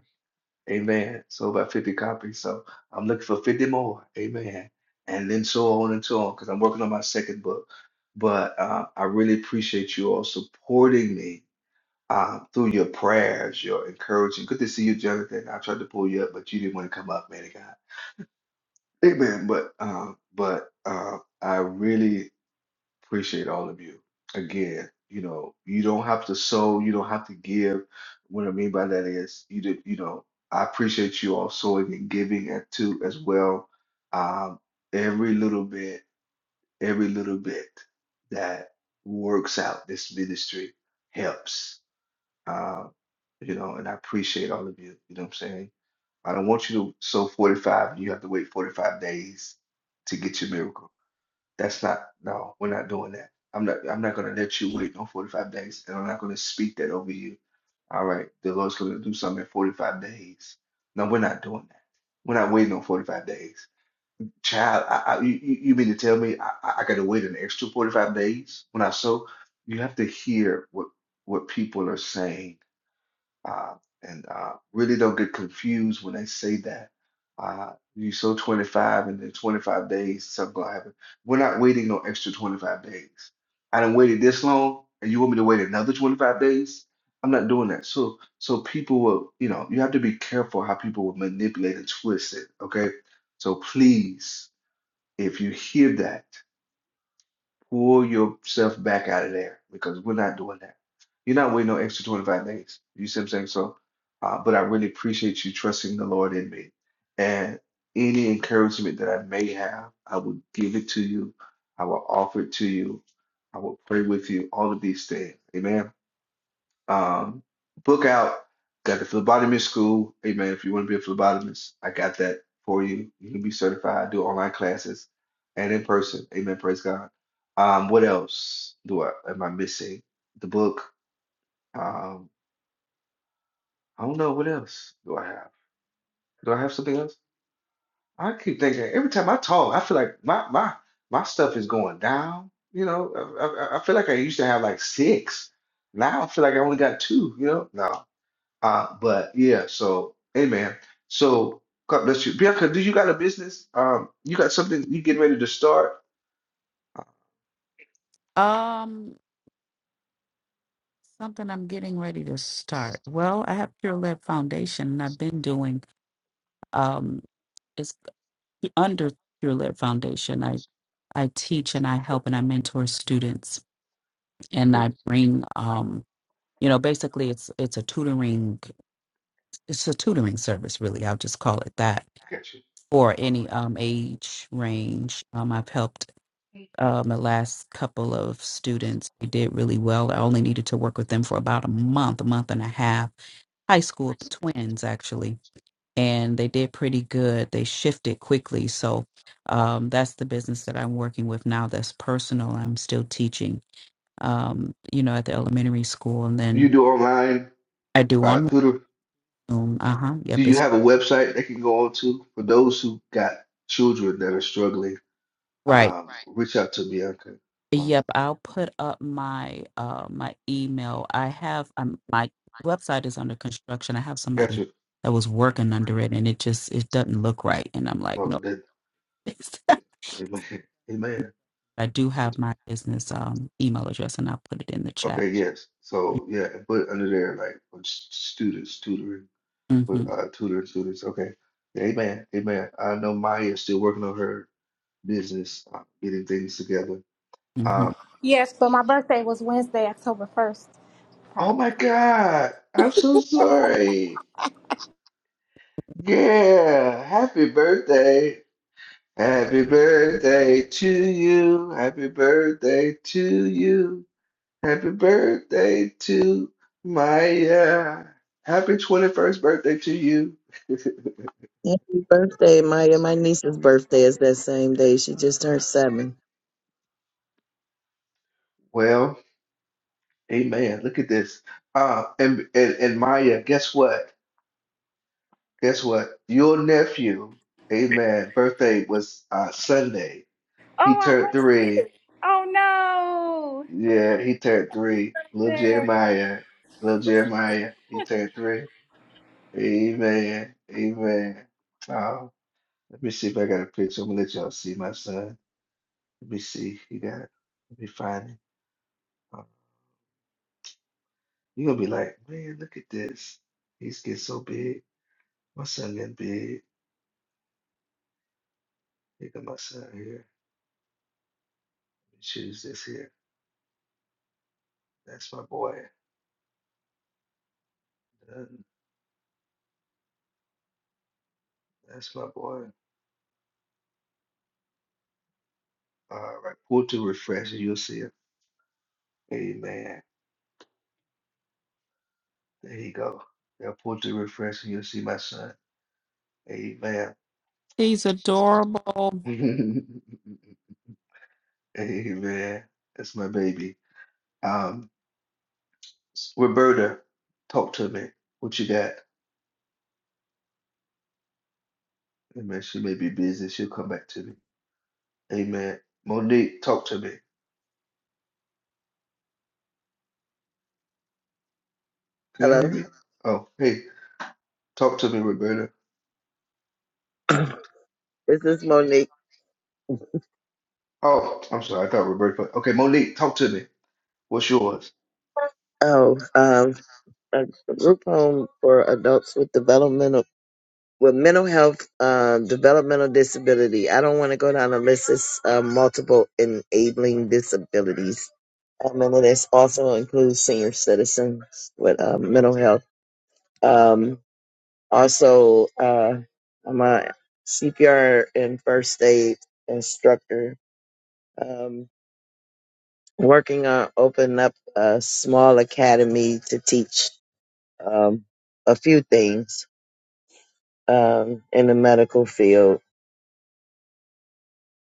S1: Amen. Sold about 50 copies. So I'm looking for 50 more. Amen. And then so on and so on, because I'm working on my second book. But uh, I really appreciate you all supporting me uh, through your prayers, your encouraging. Good to see you, Jonathan. I tried to pull you up, but you didn't want to come up, man of God. Amen. But uh, but uh, I really Appreciate all of you. Again, you know, you don't have to sow, you don't have to give. What I mean by that is, you did, you know, I appreciate you all sowing and giving at too as well. Um, every little bit, every little bit that works out this ministry helps. Um, you know, and I appreciate all of you. You know what I'm saying? I don't want you to sow 45 and you have to wait 45 days to get your miracle. That's not, no, we're not doing that. I'm not, I'm not going to let you wait on 45 days, and I'm not going to speak that over you. All right, the Lord's going to do something in 45 days. No, we're not doing that. We're not waiting on 45 days. Child, I, I, you, you you mean to tell me I, I got to wait an extra 45 days? When I so, you have to hear what what people are saying uh, and uh, really don't get confused when they say that. Uh, you sow 25 and then 25 days, something gonna happen. We're not waiting no extra 25 days. I done waited this long and you want me to wait another 25 days? I'm not doing that. So so people will, you know, you have to be careful how people will manipulate and twist it, okay? So please, if you hear that, Pull yourself back out of there because we're not doing that. You're not waiting no extra 25 days. You see what I'm saying? So, uh, but I really appreciate you trusting the Lord in me. And any encouragement that I may have, I will give it to you. I will offer it to you. I will pray with you. All of these things. Amen. Um, book out. Got the phlebotomist school. Hey man, if you want to be a phlebotomist, I got that for you. You can be certified, do online classes and in person. Amen. Praise God. Um, what else do I am I missing? The book. Um, I don't know what else do I have. Do I have something else? I keep thinking every time I talk, I feel like my my my stuff is going down. You know, I, I, I feel like I used to have like six. Now I feel like I only got two. You know, no. Uh, but yeah, so amen. So God bless you. Bianca, do you got a business? Um, you got something you getting ready to start?
S19: Um, something I'm getting ready to start. Well, I have Pure Led Foundation, and I've been doing um under Pure Lit Foundation, I, I teach and I help and I mentor students and
S1: Okay,
S19: I bring um you know basically it's it's a tutoring it's a tutoring service really I'll just call it that
S1: I got you.
S19: for any um age range um I've helped um the last couple of students they did really well I only needed to work with them for about a month a month and a half high school twins actually and they did pretty good. They shifted quickly. So um, that's the business that I'm working with now that's personal. I'm still teaching, um, you know, at the elementary school. And
S1: You
S19: then
S1: do online
S19: I do
S1: uh
S19: online.
S1: tutor.
S19: Uh huh.
S1: Do
S19: Yep.
S1: you
S19: It's
S1: have a website they can go on to for those who got children that are struggling?
S19: right.
S1: Um, reach out to Bianca. Uh,
S19: Yep. I'll put up my uh, my email. I have um, my website is under construction. I have
S1: got
S19: somebody
S1: you.
S19: that was working under it and it just it doesn't look right. And I'm like,
S1: Oh,
S19: no.
S1: that, amen. Amen.
S19: I do have my business um, email address and I'll put it in the chat.
S1: Okay, yes. So yeah, put it under there like for s- students tutoring for
S19: hmm
S1: uh, tutor tutors. Okay. Yeah, Amen. Amen. I know Maya is still working on her business, uh, getting things together. Uh,
S19: hmm
S2: Yes, but my birthday was Wednesday, October 1st.
S1: oh my God. I'm so sorry. Yeah. Happy birthday. Happy birthday to you. Happy birthday to you. Happy birthday to Maya. Happy 21st birthday to you.
S7: Happy birthday, Maya. My niece's birthday is that same day. She just turned seven.
S1: Well, amen. Look at this. Uh, and, and, and Maya, guess what? Guess what? Your nephew, amen, birthday was uh, Sunday. He
S2: Oh, I know.
S1: turned three.
S2: Oh no.
S1: Yeah, he turned three. Little
S2: There.
S1: Jeremiah. Little Jeremiah. He turned three. Amen. Amen. Oh, let me see if I got a picture. I'm gonna let y'all see my son. Let me see. He got it. Let me find him. Oh, you're gonna be like, man, look at this. He's getting so big. My son getting big. Look at my son here. Let me choose this here. That's my boy. That's my boy. All right. Pull to refresh and you'll see it. Amen. There you go. Yeah, pull to refresh and you'll see my son. Amen.
S19: He's adorable.
S1: Amen. That's my baby. Um, Roberta, talk to me. What you got? Amen. She may be busy. She'll come back to me. Amen. Monique, talk to me. Can y'all
S7: Hello.
S1: hear me? Oh, hey, talk to me, Roberta.
S7: this is Monique.
S1: Oh, I'm sorry. I thought Roberta. Okay, Monique, talk to me. What's yours?
S7: Oh, um, a group home for adults with developmental with mental health, uh, developmental disability. I don't want to go down the list. It's uh, multiple enabling disabilities. Um, and then it also includes senior citizens with uh, mental health. Um, also, uh, I'm a CPR and first aid instructor, um, working on opening up a small academy to teach um, a few things um, in the medical field.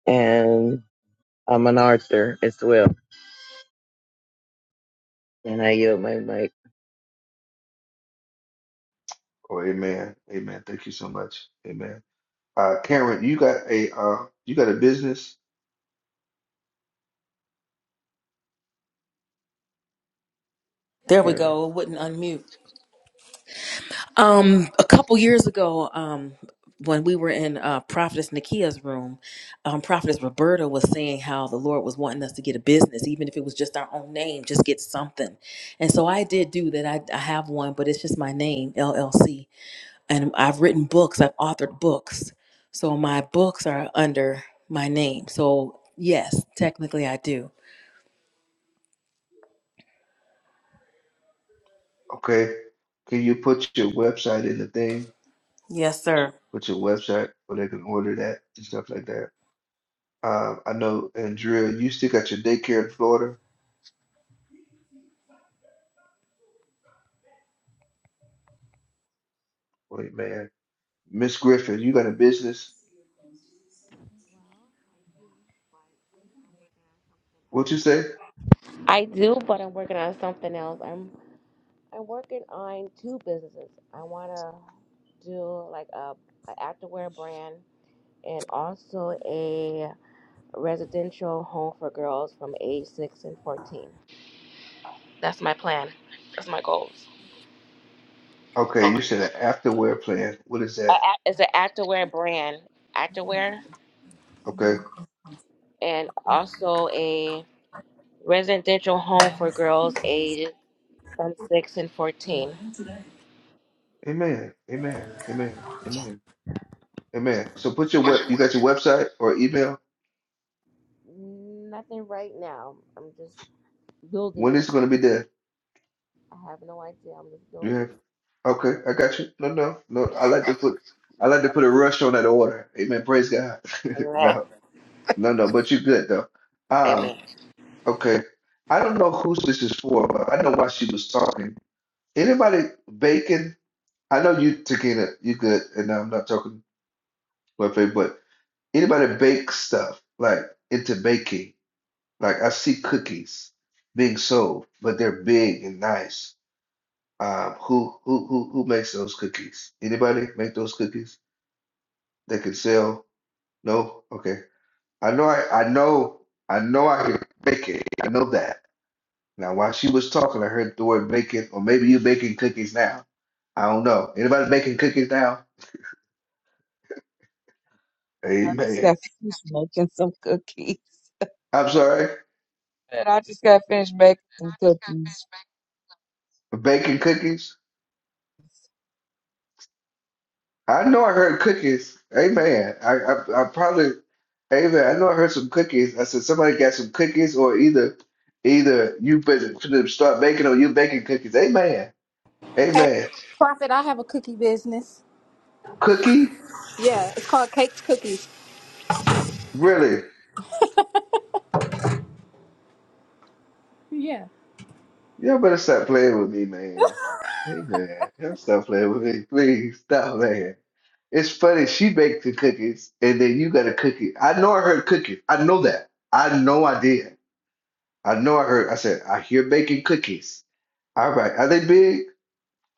S7: And I'm an author as well. And I yield my mic.
S1: Oh, amen. Amen. Thank you so much. Amen. Uh, Karen, you got a uh, you got a business,
S4: there we
S1: Karen.
S4: go it wouldn't unmute Um, a couple years ago, um, when we were in uh, Prophetess Nakia's room, um, Prophetess Roberta was saying how the Lord was wanting us to get a business, even if it was just our own name, just get something. And so I did do that. I, I have one, but it's just my name, LLC. And I've written books, I've authored books. So my books are under my name. So, yes, technically I do.
S1: Okay. Can you put your website in the thing?
S4: Yes, sir.
S1: Put your website where they can order that and stuff like that. Uh, I know, Andrea, you still got your daycare in Florida. Wait, man. Miss Griffin, you got a business. What you say?
S15: I do, but I'm working on something else. I'm. I'm working on two businesses. I want to do like a, a activewear brand and also a residential home for girls from age six and fourteen. That's my plan. That's my goals.
S1: Okay, you said an afterwear plan. What is
S15: A,
S1: that?
S15: act- it's an activewear brand, activewear,
S1: Okay.
S15: and also a residential home for girls aged from six and fourteen.
S1: Amen. Amen. Amen. Amen. Amen. So put your web, you got your website or email?
S15: Nothing right now. I'm just building
S1: When
S15: it.
S1: is it going to be there?
S15: I have no idea. I'm just building
S1: Yeah.
S15: it.
S1: Okay, I got you. No, no, no. I like to put I like to put a rush on that order. Amen. Praise God.
S15: Amen.
S1: No, no, no. But you good though. Um.
S15: Amen.
S1: Okay. I don't know who this is for, but I know why she was talking. Anybody baking? I know you, Takina. You good? And I'm not talking about faith, but anybody bake stuff like into baking? Like I see cookies being sold, but they're big and nice. Um, who who who who makes those cookies? Anybody make those cookies that can sell? No? Okay. I know I, I know I know I can bake it. I know that. Now while she was talking, I heard the word bacon, or maybe you baking cookies now. I don't know. Anybody baking cookies now?
S3: I just
S1: Amen.
S3: got finished making some cookies.
S1: I'm sorry.
S3: And I just got finished making some cookies.
S1: Baking cookies? I know I heard cookies. Amen. I, I, I probably, amen. I know I heard some cookies. I said somebody got some cookies, or either, either you better finna start baking, or you baking cookies. Amen.
S2: Hey,
S1: Amen.
S2: Prophet, I have a cookie business.
S1: Cookie,
S2: Yeah, it's called Caked Cookies.
S1: really?
S2: Yeah.
S1: Y'all better stop playing with me, man. Amen. Y'all stop playing with me, please. Stop, man. It's funny. She baked the cookies, and then you got a cookie. I know I heard cookies. I know that. I know I did. I know I heard. I said I hear baking cookies. All right, are they big?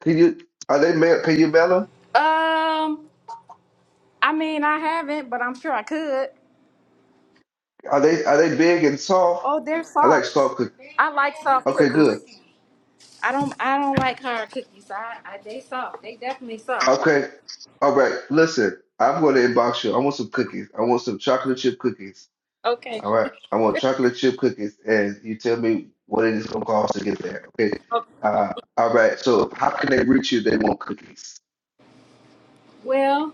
S1: Can you are they ma- can you mail them?
S2: Um, I mean, I haven't, but I'm sure I could.
S1: Are they are they big and soft?
S2: Oh, they're
S1: I like
S2: soft.
S1: soft cookies.
S2: I like soft
S1: Okay, good.
S2: cookies. I don't. I don't like hard cookies. I, I they soft. They definitely soft.
S1: Okay, all right. Listen, I'm going to inbox you. I want some cookies. I want some chocolate chip cookies.
S2: Okay.
S1: All right, I want chocolate chip cookies, and you tell me what it is going to cost to get there. Okay.
S2: Oh,
S1: Uh, all right. So how can they reach you? if They want cookies.
S2: well.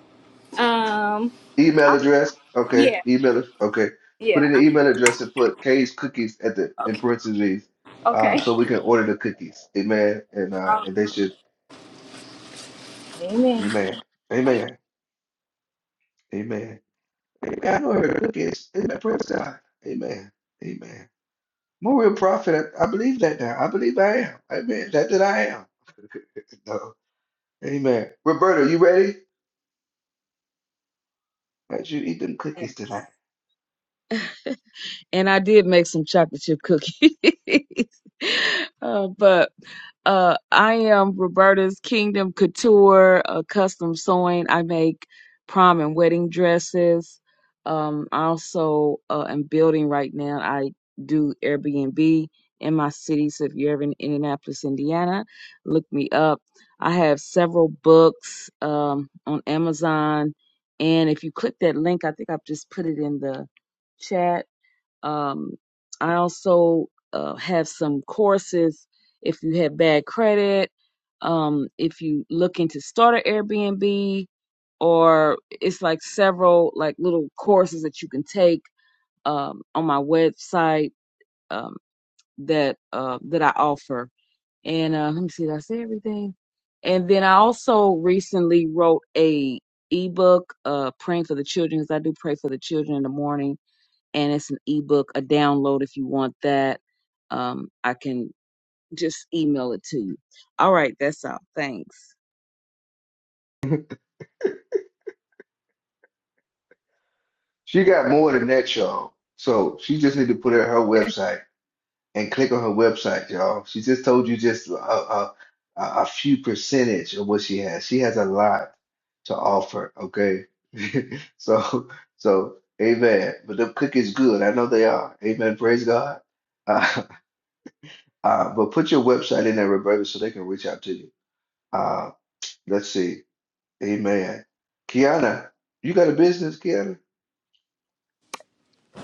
S2: Um.
S1: Email address. Okay.
S2: Yeah.
S1: Email. it- Okay. Put
S2: Yeah.
S1: in the email address and put K's cookies at the in parentheses, uh,
S2: Okay.
S1: so we can order the cookies. Amen. And uh,
S2: Oh,
S1: and they should.
S2: amen.
S1: Amen. Amen. Amen. Amen. I know every cookie is. Amen. Praise God. Amen. Amen. I'm a real prophet. I, I believe that now. I believe I am. Amen. That that I am. No. Amen. Roberta, you ready? Let you eat them cookies
S3: Yes.
S1: tonight.
S3: and I did make some chocolate chip cookies. uh, but uh, I am Roberta's Kingdom Couture, uh, custom sewing. I make prom and wedding dresses. Um, I also uh, am building right now. I do Airbnb in my city. So if you're ever in Indianapolis, Indiana, look me up. I have several books um, on Amazon. And if you click that link, I think I've just put it in the chat um, I also uh, have some courses if you have bad credit, um, if you looking to start an Airbnb, or it's like several like little courses that you can take um, on my website um, that uh, that I offer. And uh, let me see, did I say everything? And then I also recently wrote a ebook, uh, praying for the children, because I do pray for the children in the morning and it's an ebook, a download if you want that. Um, I can just email it to you. All right, that's all. Thanks.
S1: She got more than that, y'all. So she just need to put it on her website and click on her website, y'all. She just told you just a, a, a a few percentage of what she has. She has a lot to offer, okay? So, so amen. But the cookies good. I know they are. Amen. Praise God. Uh, uh, but put your website in there, Roberta, so they can reach out to you. Uh, let's see. Amen. Kiana, you got a business, Kiana?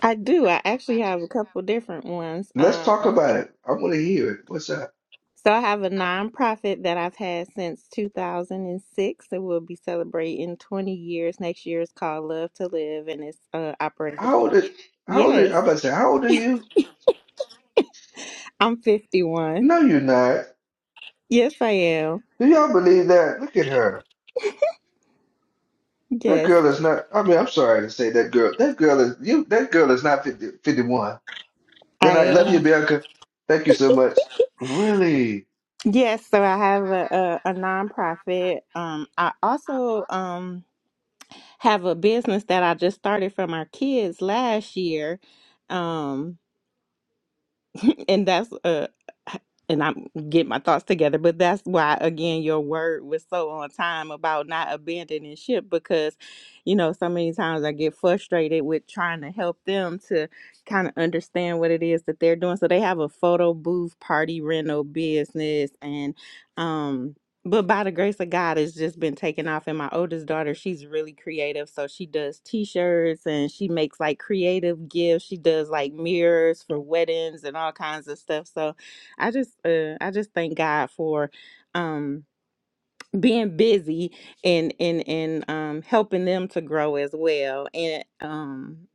S12: I do. I actually have a couple different ones.
S1: Let's talk
S12: Um
S1: about it. I want to hear it. What's up?
S12: so I have a nonprofit that I've had since 2006 that will be celebrating 20 years next year. It's called Love to Live and it's uh operated.
S1: How old is, how old is,
S12: Yes,
S1: I'm about to say, how old are you?
S12: I'm 51.
S1: No, you're not.
S12: Yes, I am.
S1: Do y'all believe that? Look at her. That
S12: Yes,
S1: girl is not. I mean, I'm sorry to say that girl. That girl is you. That girl is not 50, 51. Good
S12: I
S1: night. Love you,
S12: am.
S1: Bianca. Thank you so much. Really.
S12: Yes, so I have a a, a nonprofit. Um I also um have a business that I just started from our kids last year. Um, and that's uh and I'm getting my thoughts together, but that's why again your word was so on time about not abandoning ship because you know, so many times I get frustrated with trying to help them to kind of understand what it is that they're doing. So they have a photo booth party rental business and um but by the grace of God, it's just been taken off. And my oldest daughter, she's really creative. So she does t shirts and she makes like creative gifts. She does like mirrors for weddings and all kinds of stuff. So I just uh I just thank God for um being busy and and and um helping them to grow as well and um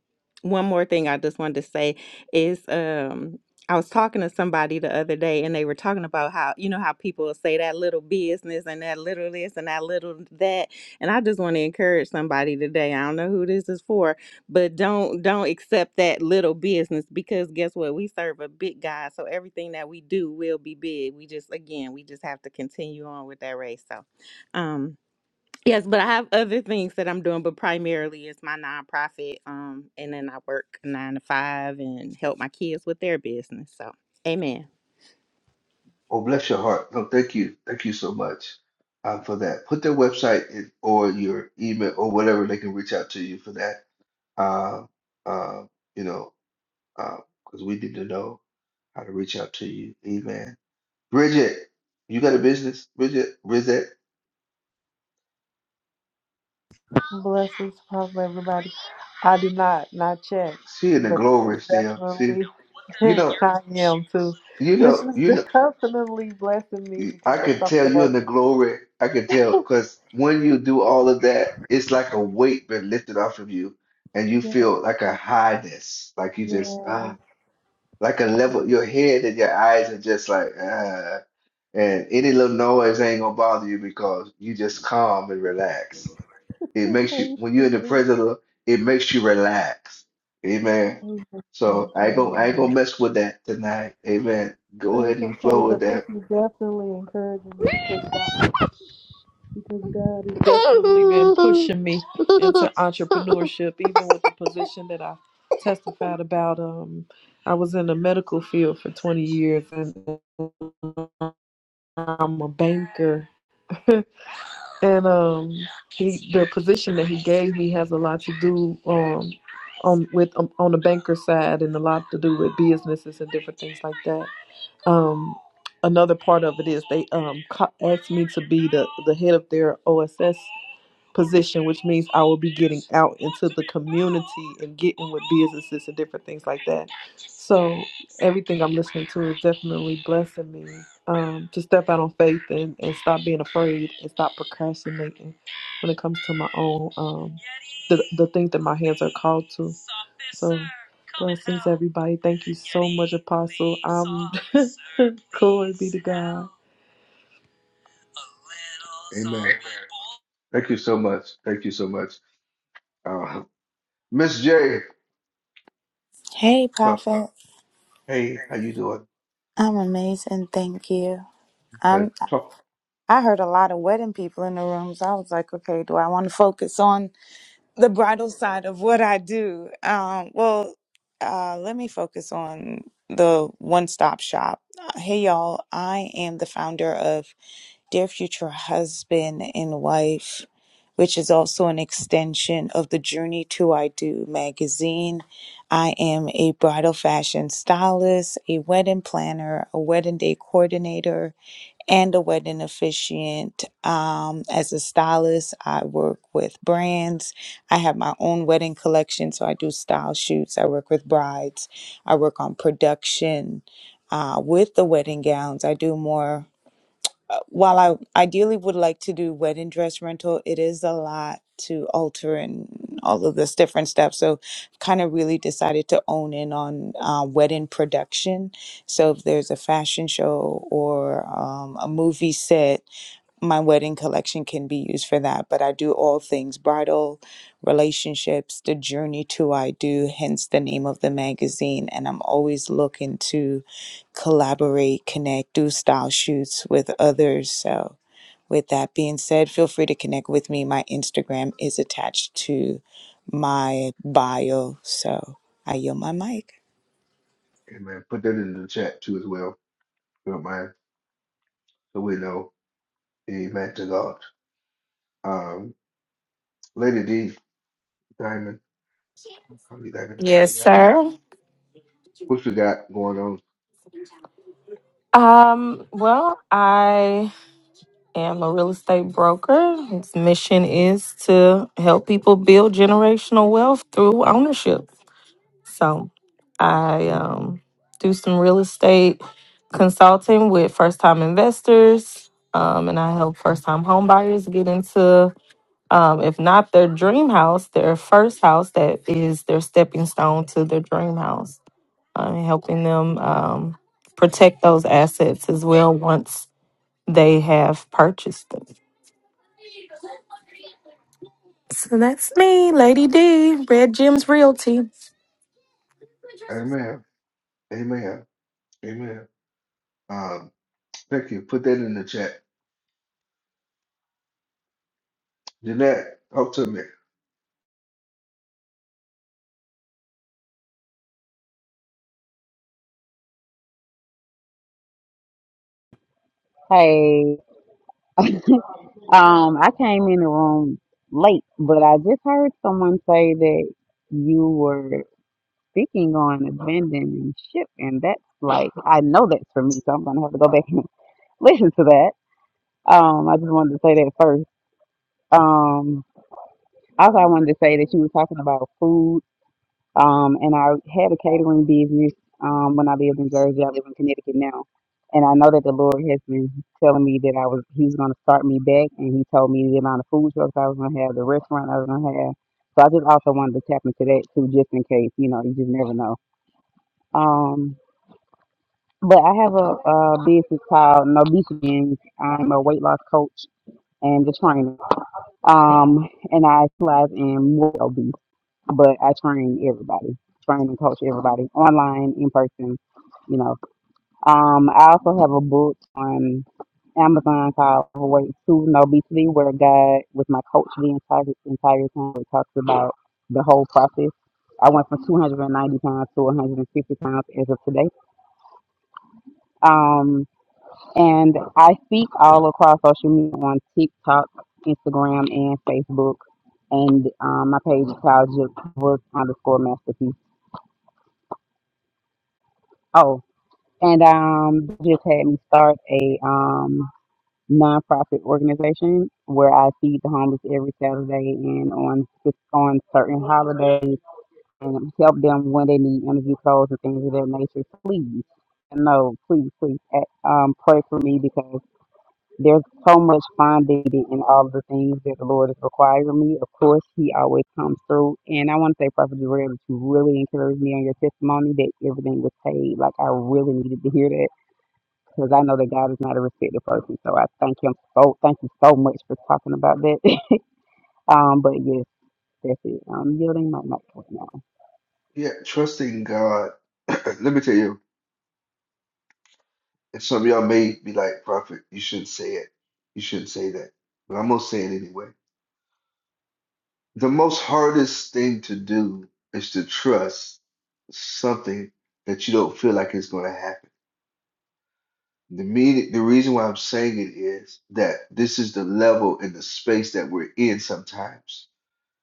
S12: one more thing i just wanted to say is um i was talking to somebody the other day and they were talking about how you know how people will say that little business and that little this and that little that and i just want to encourage somebody today i don't know who this is for but don't don't accept that little business because guess what we serve a big god so everything that we do will be big we just again we just have to continue on with that race so um, yes, but I have other things that I'm doing, but primarily it's my nonprofit. Um, and then I work nine to five and help my kids with their business. So, amen.
S1: Oh, bless your heart. No, thank you. Thank you so much um, for that. Put their website in, or your email or whatever they can reach out to you for that. Um, um, you know, because we need to know how to reach out to you. Amen. Bridget, you got a business, Bridget. Bridget,
S9: Blessings upon everybody. I did not not check,
S1: she in the
S9: but
S1: glory still. See.
S9: definitely
S1: You know,
S9: I am too.
S1: you
S9: This
S1: know,
S9: is
S1: you know,
S9: definitely blessing me because
S1: I
S9: that's
S1: could
S9: something
S1: tell you
S9: that
S1: in the glory. I could tell because when you do all of that, it's like a weight been lifted off of you, and you
S9: yes,
S1: feel like a highness, like you just
S9: yes.
S1: ah, like a level. Your head and your eyes are just like ah, and any little noise ain't gonna bother you because you just calm and relax. It makes you
S9: Thank
S1: when you're in the presence of the Lord, it makes you relax. Amen.
S9: you. amen,
S1: So I ain't gonna I ain't gonna
S9: amen.
S1: mess with that tonight. Amen. Go ahead
S9: That's
S1: and
S9: okay,
S1: flow with
S9: but this
S1: that.
S9: is definitely encouraging me. because God Because God has definitely been pushing me into entrepreneurship, even with the position that I testified about. Um, I was in the medical field for 20 years, and I'm a banker. and um, he, the position that he gave me has a lot to do um, on with um, on the banker side, and a lot to do with businesses and different things like that. Um, another part of it is they um, co- asked me to be the, the head of their OSS position, which means I will be getting out into the community and getting with businesses and different things like that. So everything I'm listening to is definitely blessing me um, to step out on faith and, and stop being afraid and stop procrastinating when it comes to my own um, the the things that my hands are called to. So blessings everybody. Thank you so much, Apostle. I'm glory be to God.
S1: Amen. Thank you so much. Thank you so much. Uh, Miss J.
S11: Hey,
S1: uh,
S11: Prophet.
S1: hey, how you doing?
S11: I'm amazing. Thank you.
S1: Okay.
S11: I'm.
S1: So,
S11: I heard a lot of wedding people in the room, so I was like, okay, do I want to focus on the bridal side of what I do? Um, well, uh, let me focus on the one stop shop. Uh, Hey, y'all. I am the founder of dear future husband and wife, which is also an extension of the Journey to I Do magazine. I am a bridal fashion stylist, a wedding planner, a wedding day coordinator, and a wedding officiant. Um, as a stylist, I work with brands. I have my own wedding collection, so I do style shoots. I work with brides. I work on production uh, with the wedding gowns. I do more while I ideally would like to do wedding dress rental, it is a lot to alter and all of this different stuff. So, kind of really decided to own in on uh, wedding production. So, if there's a fashion show or um, a movie set my wedding collection can be used for that, but I do all things bridal, relationships, the journey to I do, hence the name of the magazine. And I'm always looking to collaborate, connect, do style shoots with others. So, with that being said, feel free to connect with me. My Instagram is attached to my bio. So, I yield my mic.
S1: amen. Put that in the chat too as well. if You don't mind. So we know. Amen to God. Um, Lady D. Diamond. I'm you Diamond. What
S13: Yes,
S1: you got?
S13: sir.
S1: What you got going on?
S13: Um, well, I i am a real estate broker. Its mission is to help people build generational wealth through ownership. So I um, do some real estate consulting with first time investors, um, and I help first time home buyers get into. Um, if not their dream house, their first house that is their stepping stone to their dream house, uh, and helping them um, protect those assets as well once they have purchased them. So that's me, Lady D, Red Jim's Realty.
S1: Amen. Amen. Amen. Um, thank you. Put that in the chat. Jeanette, talk to me.
S20: Hey, um, I came in the room late, but I just heard someone say that you were speaking on abandoning ship, and that's like I know that's for me, so I'm gonna have to go back and listen to that. Um, I just wanted to say that first. Um, also, I wanted to say that you were talking about food Um, and I had a catering business um, when I lived in Jersey. I live in Connecticut now. And I know that the Lord has been telling me that I was He was going to start me back, and He told me the amount of food trucks I was going to have, the restaurant I was going to have. So I just also wanted to tap into that too, just in case. You know, you just never know. Um, but I have a, a business called Nobitians. I'm a weight loss coach and a trainer. Um, and I specialize in morbid obese but I train everybody, train and coach everybody online, in person, you know. Um, I also have a book on Amazon called Overweight to No Obesity, where God, was my coach the entire, entire time, it talks about the whole process. I went from 290 pounds to 150 pounds as of today. Um, and I speak all across social media on TikTok, Instagram, and Facebook. And um, my page is called Just Work underscore Masterpiece. Oh, and um they just had me start a um nonprofit organization where I feed the homeless every Saturday and on on certain holidays and help them when they need interview clothes and things of that nature. Please, no, please, please, uh, um, pray for me because there's so much finding in all of the things that the Lord is requiring of me. Of course, He always comes through, and I want to say, Prophet Jarrell, that you really encouraged me on your testimony that everything was paid. Like I really needed to hear that because I know that God is not a respected person. So I thank him so thank you so much for talking about that. um, but yes, that's it. I'm yielding my mic right now.
S1: Yeah, trusting God. Let me tell you. And some of y'all may be like, Prophet, you shouldn't say it. You shouldn't say that. But I'm going to say it anyway. The most hardest thing to do is to trust something that you don't feel like is going to happen. The meaning, the reason why I'm saying it is that this is the level and the space that we're in sometimes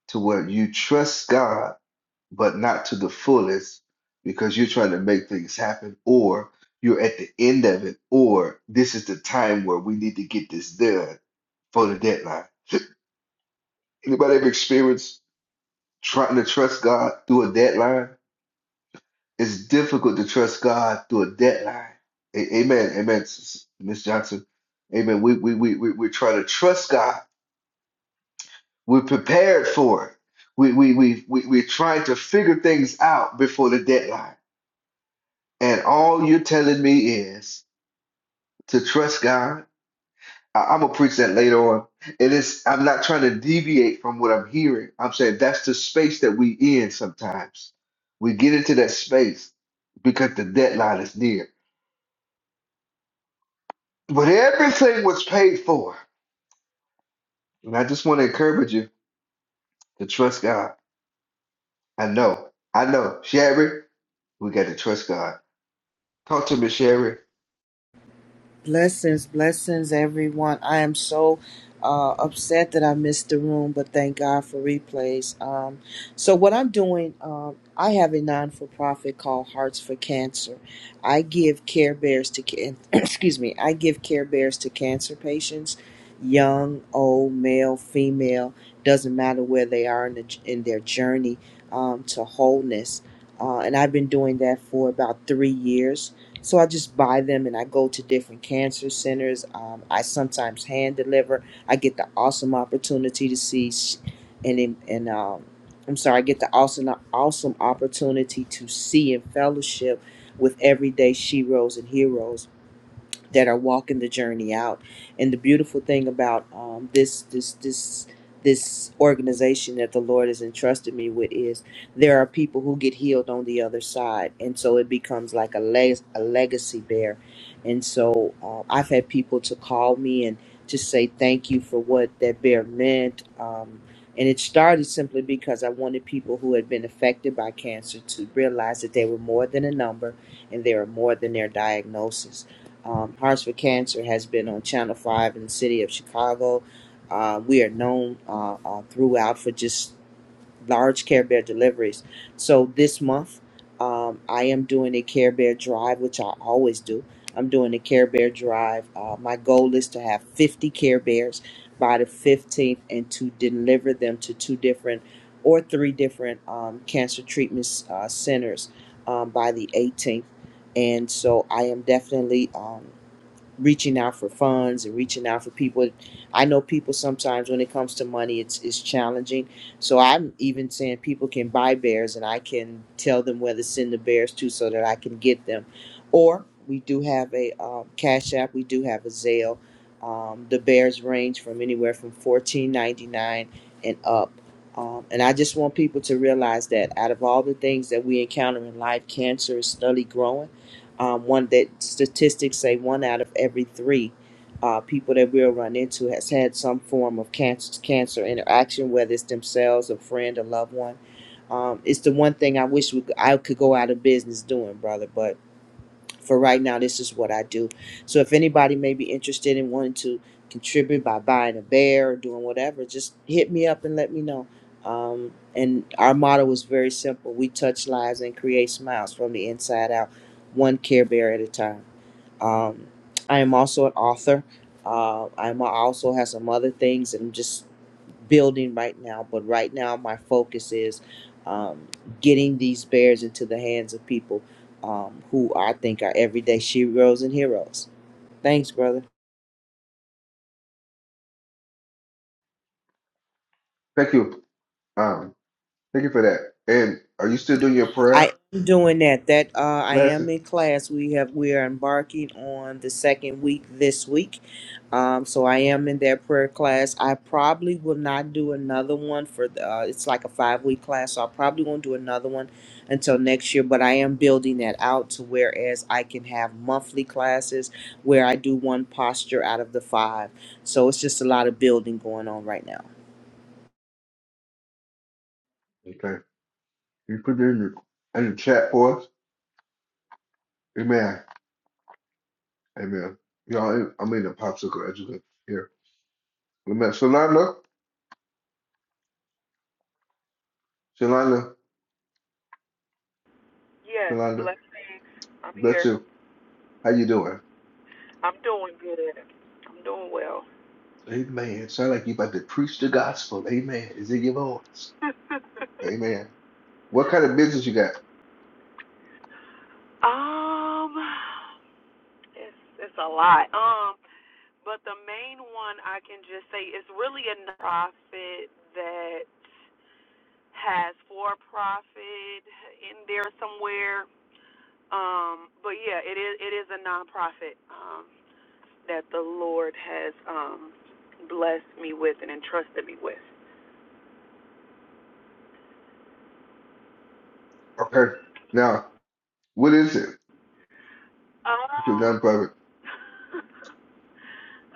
S1: to where you trust God but not to the fullest because you're trying to make things happen or you're at the end of it or this is the time where we need to get this done for the deadline. Anybody ever experienced trying to trust God through a deadline? It's difficult to trust God through a deadline. A- amen. Amen. Miss Johnson. Amen. We we we we we're trying to trust God. We're prepared for it. We we we we we're trying to figure things out before the deadline and all you're telling me is to trust God. I, am gonna preach that later on. It is. I'm not trying to deviate from what I'm hearing. I'm saying that's the space that we in. Sometimes we get into that space because the deadline is near. But everything was paid for, and I just want to encourage you to trust God. I know. I know, Sherry. We got to trust God. Talk to me, Sherry.
S21: Blessings, blessings, everyone. I am so uh, upset that I missed the room, but thank God for replays. Um, so, what I'm doing, um, I have a non for profit called Hearts for Cancer. I give Care Bears to, can- excuse me, I give Care Bears to cancer patients, young, old, male, female, doesn't matter where they are in, the, in their journey um, to wholeness. Uh, and I've been doing that for about three years so I just buy them and I go to different cancer centers. Um, I sometimes hand deliver. I get the awesome opportunity to see, sh- and and um, I'm sorry, I get the awesome awesome opportunity to see and fellowship with everyday sheroes and heroes that are walking the journey out. And the beautiful thing about um, this this this this organization that the Lord has entrusted me with is there are people who get healed on the other side, and so it becomes like a leg a legacy bear, And so uh, I've had people to call me and to say thank you for what that bear meant. Um, and it started simply because I wanted people who had been affected by cancer to realize that they were more than a number and they were more than their diagnosis um, Hearts for Cancer has been on Channel 5 in the city of Chicago. Uh, we are known uh, uh, throughout for just large Care Bear deliveries. So this month, um, I am doing a Care Bear drive, which I always do. I'm doing a Care Bear drive. Uh, my goal is to have 50 Care Bears by the 15th and to deliver them to two different or three different um, cancer treatment uh, centers um, by the 18th and so I am definitely um, reaching out for funds and reaching out for people. I know people sometimes when it comes to money, it's it's challenging. So I'm even saying people can buy bears, and I can tell them where to send the bears to, so that I can get them. Or we do have a um, Cash App. We do have a Zelle. Um, the bears range from anywhere from fourteen ninety nine and up. Um, and I just want people to realize that out of all the things that we encounter in life, cancer is slowly growing um, one that statistics say one out of every three uh, people that we'll run into has had some form of cancer cancer interaction, whether it's themselves, a friend, a loved one. Um, it's the one thing I wish we I could go out of business doing, brother. But for right now this is what i do so if anybody may be interested in wanting to contribute by buying a bear or doing whatever just hit me up and let me know um, and our motto was very simple we touch lives and create smiles from the inside out one care bear at a time um, i am also an author uh, i'm also have some other things and i'm just building right now, but right now my focus is um, getting these bears into the hands of people um, who I think are everyday sheroes and heroes. Thanks, brother.
S1: Thank you. Um, thank you for that. And are you still doing your
S21: I
S1: prayer
S21: am doing that. That uh, I am
S1: classes?
S21: in class. We have we are embarking on the second week this week, um, so I am in that prayer class. I probably will not do another one for the. Uh, it's like a five week class, so I probably won't do another one until next year. But I am building that out to whereas I can have monthly classes where I do one posture out of the five. So it's just a lot of building going on right now.
S1: Okay. You put it in the, in the chat for us. Amen. Amen. Y'all, hey, I'm in the popsicle educator here. Amen. Shalanda, Shalanda,
S10: Yes,
S1: Shalanda,
S10: blessings. I'm
S1: bless
S10: here.
S1: you. How you doing?
S10: I'm doing good. I'm doing well.
S1: Amen. Sound like you about to preach the gospel. Amen. Is it your voice? Amen. What kind of business you got?
S10: um, it's it's a lot. Um, but the main one I can just say is really a nonprofit that has for profit in there somewhere. Um, but yeah, it is it is a nonprofit um that the Lord has um blessed me with and entrusted me with.
S1: Okay. Now, what is it? It's a
S10: Um,
S1: nonprofit.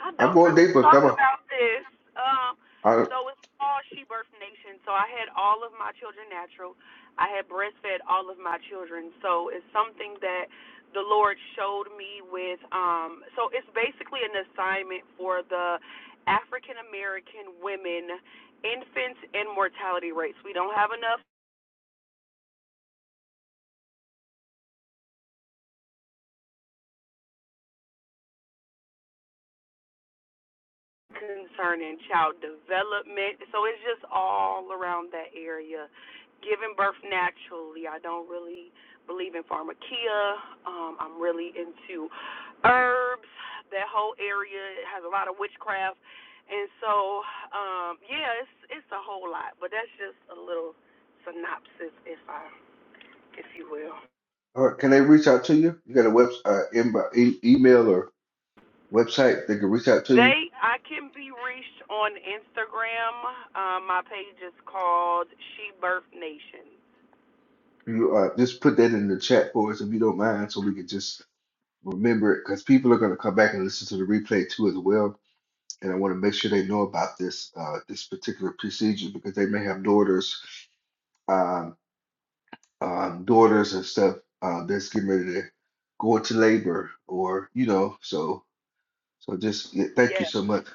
S10: I
S1: I'm
S10: don't
S1: going
S10: really
S1: deeper.
S10: talk
S1: Come on.
S10: about this. Um,
S1: All right.
S10: so it's called She Birth Nation. So I had all of my children natural. I had breastfed all of my children. So it's something that the Lord showed me with. Um, so it's basically an assignment for the African American women, infants and mortality rates. We don't have enough concerning child development. So it's just all around that area. Giving birth naturally. I don't really believe in pharmakia. Um, I'm really into herbs. That whole area has a lot of witchcraft. And so, um, yeah, it's it's a whole lot, but that's just a little synopsis if I if you will.
S1: All right. Can they reach out to you? You got a website, uh, inbo- e- email or website they can reach out to you?
S10: They I can be reached on Instagram. Um, my page is called She Birth Nation.
S1: You uh, just put that in the chat for us if you don't mind, so we can just remember it because people are going to come back and listen to the replay too as well. And I want to make sure they know about this uh, this particular procedure because they may have daughters, um, um, daughters and stuff uh, that's getting ready to go into labor or you know. So so just yeah, thank you
S10: Yeah,
S1: so much.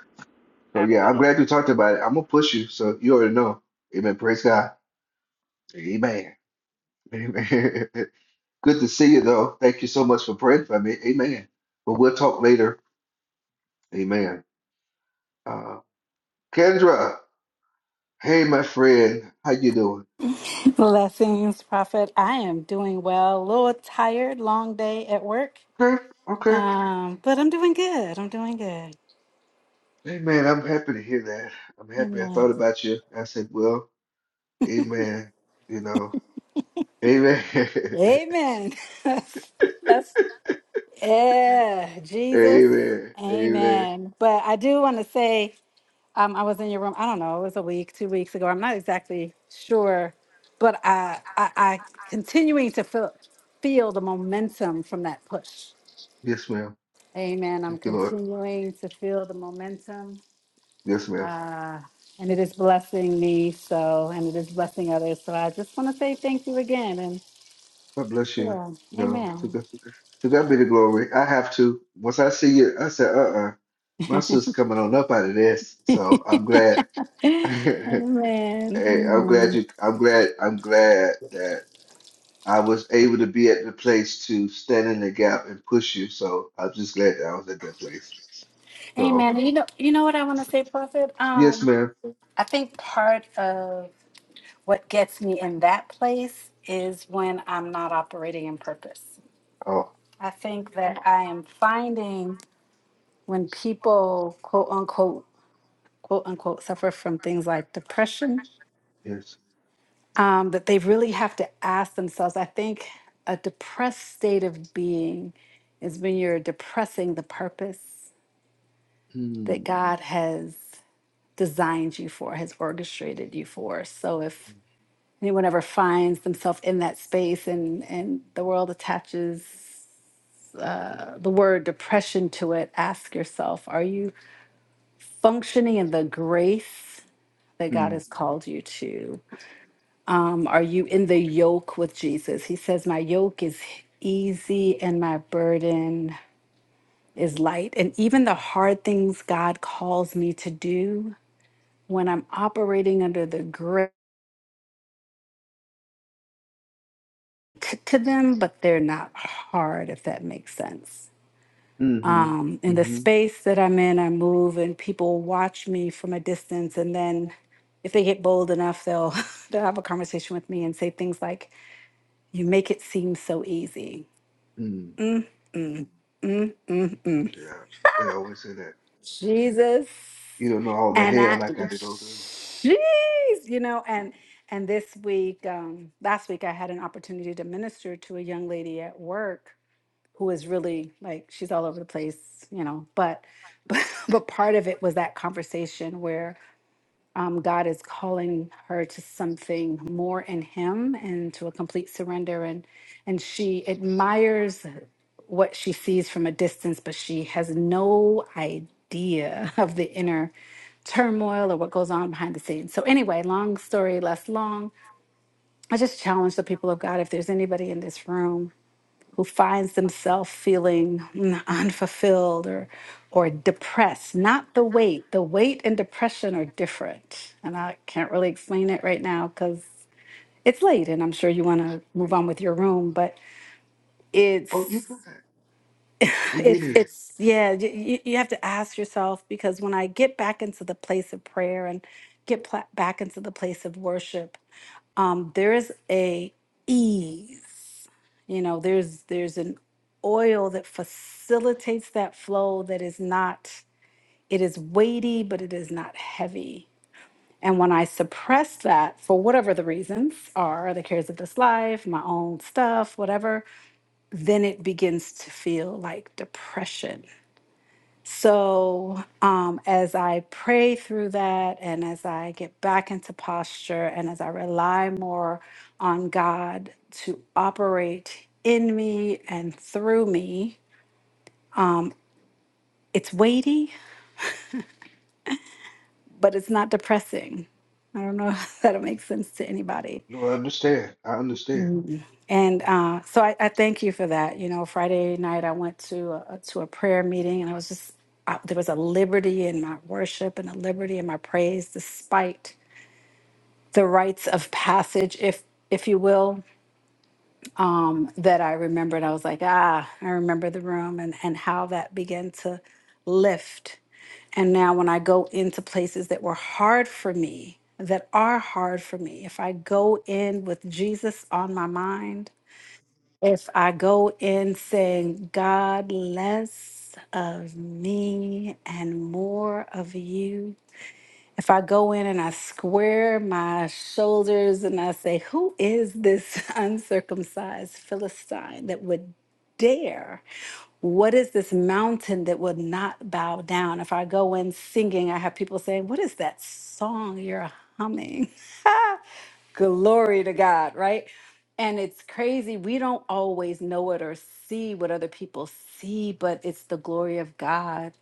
S1: So yeah, I'm
S10: absolutely.
S1: glad you talked about it. I'm gonna push you, so you already know. Amen. Praise God. Amen. Amen. Good to see you, though. Thank you so much for praying for me. Amen. But we'll talk later. Amen. Uh, Kendra, hey, my friend, how you doing?
S22: Blessings, Prophet. I am doing well. A little tired, long day at work.
S1: Okay, okay.
S22: Um, but I'm doing good. I'm doing good.
S1: Amen. I'm happy to hear that. I'm happy. I
S22: Amen.
S1: thought about you. I said, well, amen. You know, amen.
S22: Amen. That's yeah, Jesus.
S1: amen. Amen.
S22: Amen. But I do want to say, um, I was in your room, I don't know, it was a week, two weeks ago. I'm not exactly sure, but I I, I continuing to feel feel the momentum from that push.
S1: Yes, ma'am.
S22: Amen. I'm
S1: Thank you, Lord.
S22: continuing to feel the momentum
S1: Yes, ma'am.
S22: uh, and it is blessing me so, and it is blessing others. So I just want to say thank you again, and
S1: God bless you.
S22: yeah,
S1: No, took a
S22: amen.
S1: To God be the glory. I have to. Once I see you, I said, uh-uh, my sister's coming on up out of this. So I'm glad.
S22: amen.
S1: Hey, I'm glad
S22: Amen.
S1: you. I'm glad. I'm glad that I was able to be at the place to stand in the gap and push you. So I'm just glad that I was at that place. So
S22: Amen. And You know, you know what I want to say, Prophet.
S1: yes,
S22: Um,
S1: ma'am.
S22: I think part of what gets me in that place is when I'm not operating in purpose.
S1: Oh
S22: I think that I am finding when people quote unquote quote unquote suffer from things like depression
S1: yes.
S22: um, that they really have to ask themselves. I think a depressed state of being is when you're depressing the purpose that
S1: Mm,
S22: God has designed you for, has orchestrated you for. So if anyone ever finds themselves in that space and, and the world attaches the word depression to it, ask yourself, are you functioning in the grace that God
S1: mm,
S22: has called you to? Um, are you in the yoke with Jesus? He says, My yoke is easy and my burden is light. And even the hard things God calls me to do when I'm operating under the grip to them, but they're not hard, if that makes sense.
S1: mm-hmm,
S22: Um, in the
S1: mm-hmm,
S22: space that I'm in, I move and people watch me from a distance. And then if they get bold enough, they'll, they'll have a conversation with me and say things like, You make it seem so easy.
S1: mm. Yeah, they always say that.
S22: Jesus.
S1: You don't know all the
S22: and I,
S1: hell I got to go through.
S22: jeez, you know, and and this week, um, last week, I had an opportunity to minister to a young lady at work who is really like she's all over the place, you know. But but but part of it was that conversation where um, God is calling her to something more in Him and to a complete surrender, and and she admires what she sees from a distance, but she has no idea of the inner turmoil or what goes on behind the scenes. So, anyway, long story less long, I just challenge the people of God if there's anybody in this room who finds themselves feeling mm, unfulfilled or or depressed not the weight the weight and depression are different and i can't really explain it right now because it's late and i'm sure you want to move on with your room but
S1: Oh, you're
S22: it's
S1: fine. We've been
S22: it's
S1: here.
S22: it's yeah you, you you have to ask yourself because when i get back into the place of prayer and get pla- back into the place of worship um there's a ease you know there's there's an oil that facilitates that flow that is not it is weighty but it is not heavy and when i suppress that for whatever the reasons are the cares of this life my own stuff whatever then it begins to feel like depression so, um, as I pray through that and as I get back into posture and as I rely more on God to operate in me and through me, it's weighty, but it's not depressing. I don't know if that'll make sense to anybody.
S1: No, I understand. I understand.
S22: And uh, so I, I thank you for that. You know, Friday night I went to a, to a prayer meeting and I was just, I, there was a liberty in my worship and a liberty in my praise despite the rites of passage, if if you will, um, that I remembered. I was like, ah, I remember the room and and how that began to lift. And now when I go into places that were hard for me, that are hard for me, if I go in with Jesus on my mind, if I go in saying, God, less of me and more of you, if I go in and I square my shoulders and I say, Who is this uncircumcised Philistine that would dare? What is this mountain that would not bow down? If I go in singing, I have people saying, What is that song you're humming? Glory to God, right? And it's crazy. We don't always know it or see what other people see, but it's the glory of God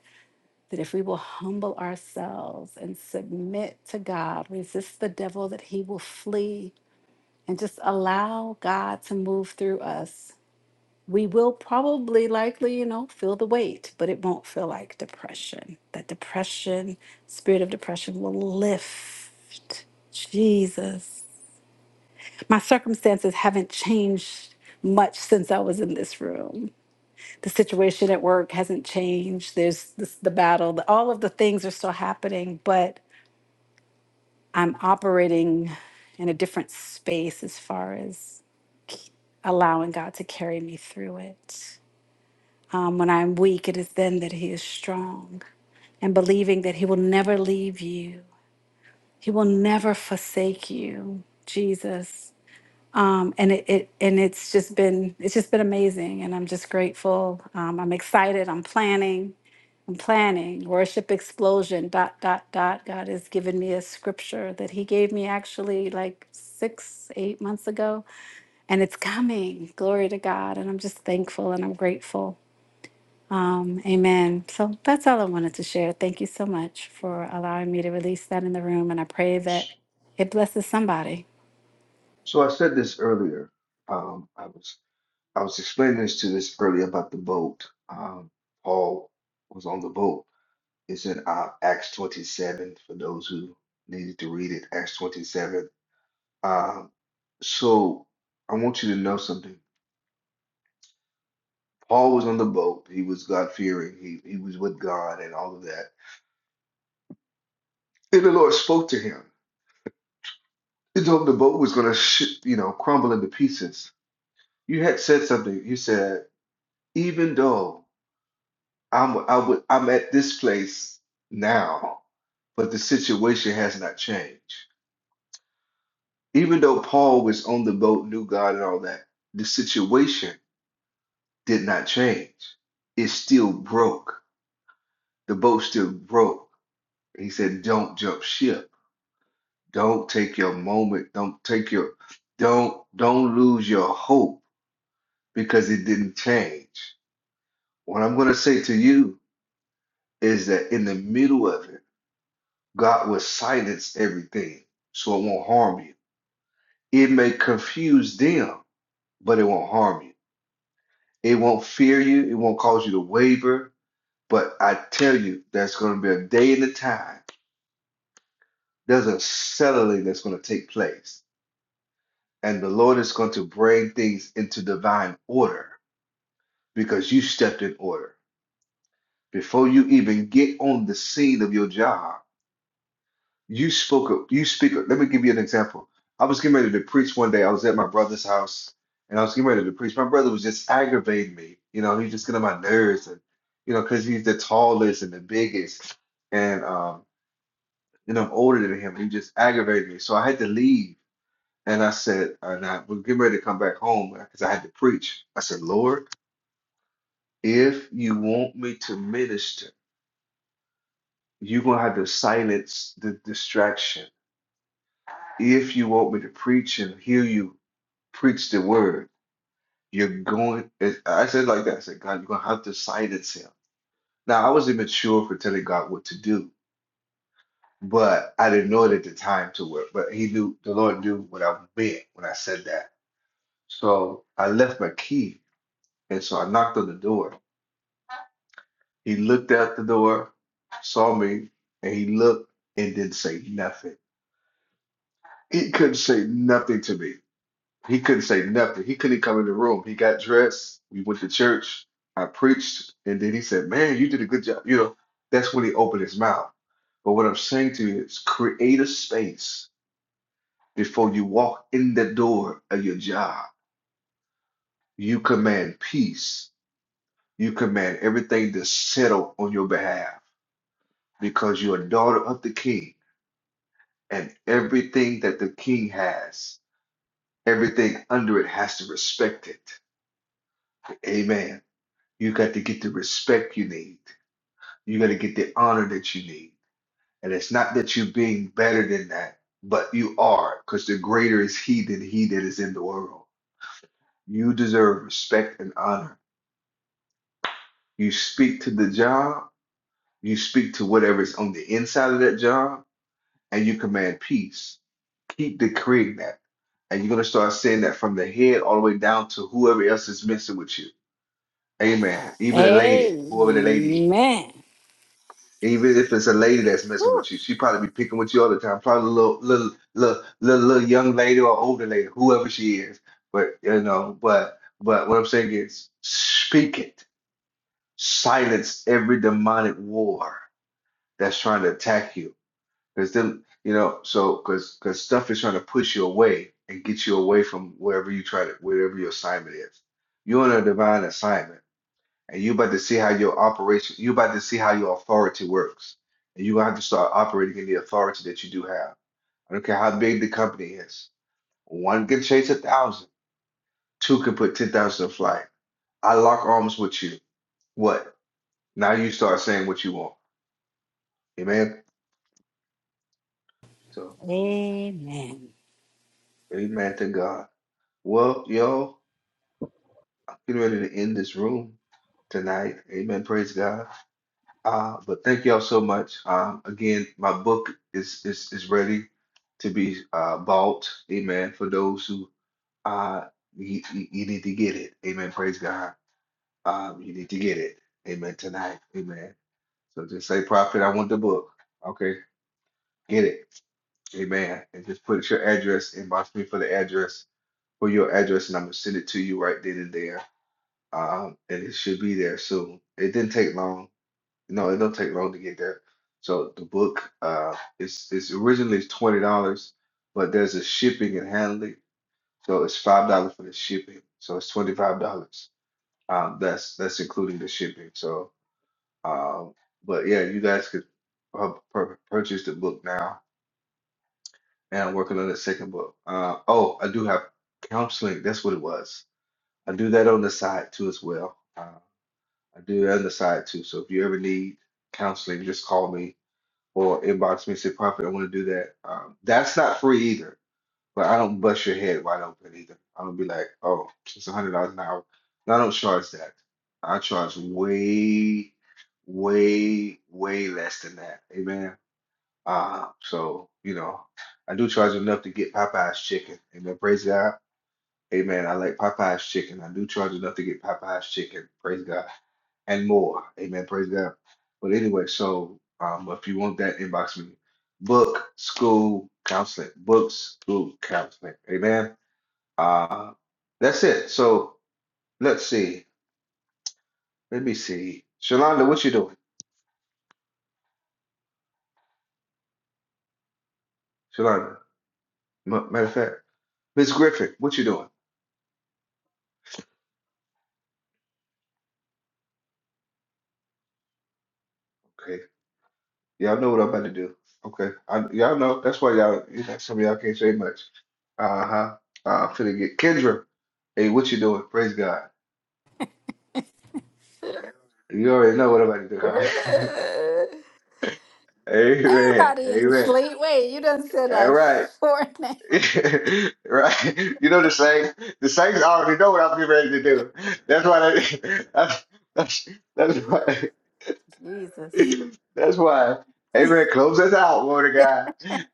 S22: that if we will humble ourselves and submit to God, resist the devil, that he will flee, and just allow God to move through us, we will probably likely, you know, feel the weight, but it won't feel like depression. That depression, spirit of depression, will lift. Jesus. My circumstances haven't changed much since I was in this room. The situation at work hasn't changed. There's this, the battle, the- all of the things are still happening, but I'm operating in a different space as far as allowing God to carry me through it. Um, when I'm weak, it is then that He is strong, and believing that He will never leave you, He will never forsake you, Jesus. um, and it, it and it's just been it's just been amazing and i'm just grateful um, i'm excited i'm planning i'm planning worship explosion dot dot dot god has given me a scripture that he gave me actually like six eight months ago and it's coming glory to god and i'm just thankful and i'm grateful um, amen so that's all i wanted to share thank you so much for allowing me to release that in the room and i pray
S1: S-
S22: that it blesses somebody
S1: So I said this earlier. Um, I was I was explaining this to this earlier about the boat. Um, Paul was on the boat. It's in uh, Acts 27 for those who needed to read it. Acts 27. Um, so I want you to know something. Paul was on the boat. He was God fearing. He he was with God and all of that. And the Lord spoke to him. He told him the boat was going to, sh- you know, crumble into pieces. You had said something. You said. even though I'm I would I'm at this place now, but the situation has not changed. Even though Paul was on the boat, knew God and all that, the situation did not change. It still broke. The boat still broke. He said, "Don't jump ship. Don't take your moment. Don't take your don't don't lose your hope because it didn't change." What I'm going to say to you is that in the middle of it God will silence everything so it won't harm you. It may confuse them, but it won't harm you. It won't fear you. It won't cause you to waver. But I tell you, there's going to be a day and a time. There's a settling that's going to take place. And the Lord is going to bring things into divine order because you stepped in order. Before you even get on the scene of your job, You spoke, you speak. Let me give you an example. I was getting ready to preach one day. I was at my brother's house and I was getting ready to preach. My brother was just aggravating me. You know, he was just getting on my nerves and, you know, because he's the tallest and the biggest. And, um, you know, I'm older than him. He just aggravated me. So I had to leave. And I said, and I was getting ready to come back home because I had to preach. I said, Lord, if you want me to minister, you're going to have to silence the distraction if you want me to preach and hear you preach the word. You're going, it- I said it like that. I said, God, you're going to have to silence him. Now, I was immature for telling God what to do, but I didn't know it at the time to work. But he knew, the Lord knew what I meant when I said that. So I left my key. And so I knocked on the door. He looked out the door, saw me, and he looked and didn't say nothing. He couldn't say nothing to me. He couldn't say nothing. He couldn't come in the room. He got dressed. We went to church. I preached, and then he said, "Man, you did a good job." You know, that's when he opened his mouth. But what I'm saying to you is, create a space before you walk in the door of your job. You command peace. You command everything to settle on your behalf because you're a daughter of the King, and everything that the King has, everything under it has to respect it. Amen. You got to get the respect you need. You got to get the honor that you need. And it's not that you're being better than that, but you are, because the greater is He than He that is in the world. You deserve respect and honor. You speak to the job, you speak to whatever's on the inside of that job, and you command peace. Keep decreeing that. And you're going to start saying that from the head all the way down to whoever else is messing with you. Amen. Even the lady, whoever the lady is.
S22: Amen.
S1: Even if it's a lady that's messing with you, she probably be picking with you all the time. Probably a little, little, little, little, little young lady or older lady, whoever she is. But you know, but but what I'm saying is, speak it, silence every demonic war that's trying to attack you. Because them, you know, so because because stuff is trying to push you away and get you away from wherever you try to, wherever your assignment is. You're on a divine assignment and you about to see how your operation, you about to see how your authority works, and you have to start operating in the authority that you do have. I don't care how big the company is. One can chase a thousand, two can put ten thousand in flight. I lock arms with you. What? Now you start saying what you want. Amen. So,
S22: Amen.
S1: amen to God. Well, yo, I'm getting ready to end this room tonight. Amen. Praise God. Uh, but thank y'all so much. Um, again, my book is is is ready to be uh, bought. Amen. For those who uh you, you, you need to get it. Amen. Praise God. Um, you need to get it. Amen. Tonight. Amen. So just say, Prophet, I want the book. Okay, get it. Amen. And just put your address. Inbox me for the address for your address, and I'm gonna send it to you right then and there. Um, and it should be there soon. It didn't take long. No, it don't take long to get there. So the book, uh, it's it's originally it's twenty dollars, but there's a shipping and handling, so it's five dollars for the shipping. So it's twenty five dollars. Um, that's that's including the shipping. So, um, but yeah, you guys could uh, pur purchase the book now, and I'm working on the second book. Uh, oh, I do have counseling. That's what it was. I do that on the side too as well. Uh, I do that on the side too. So if you ever need counseling, just call me or inbox me and say, Prophet, I want to do that. Um, that's not free either, but I don't bust your head wide open either. I don't be like, oh, it's a hundred dollars an hour. And I don't charge that. I charge way, way, way less than that. Amen. Uh, so you know, I do charge enough to get Popeye's chicken. Amen. Praise God. Amen. I like Popeye's chicken. I do charge enough to get Popeye's chicken. Praise God. And more. Amen. Praise God. But anyway, so um, if you want that, inbox me. Book school counseling. Book school counseling. Amen. Uh, that's it. So let's see. Let me see. Shalonda, what you doing? Shalonda. M- Matter of fact, Miss Griffin, what you doing? Okay. Y'all know what I'm about to do. Okay. I, y'all know. That's why y'all, you know, some of y'all can't say much. Uh-huh. Uh, I'm finna get Kendra. Hey, what you doing? Praise God. You already know what I'm about to do, huh?
S22: Uh,
S1: Amen.
S22: Everybody ain't
S1: Amen.
S22: sleep. Wait, you done said
S1: All
S22: like
S1: right.
S22: four names.
S1: Right. You know the saints. The saints already know what I'm getting ready to do. That's why they, that's, that's, that's why.
S22: Jesus.
S1: That's why. Amen. Close us out, Lord of God.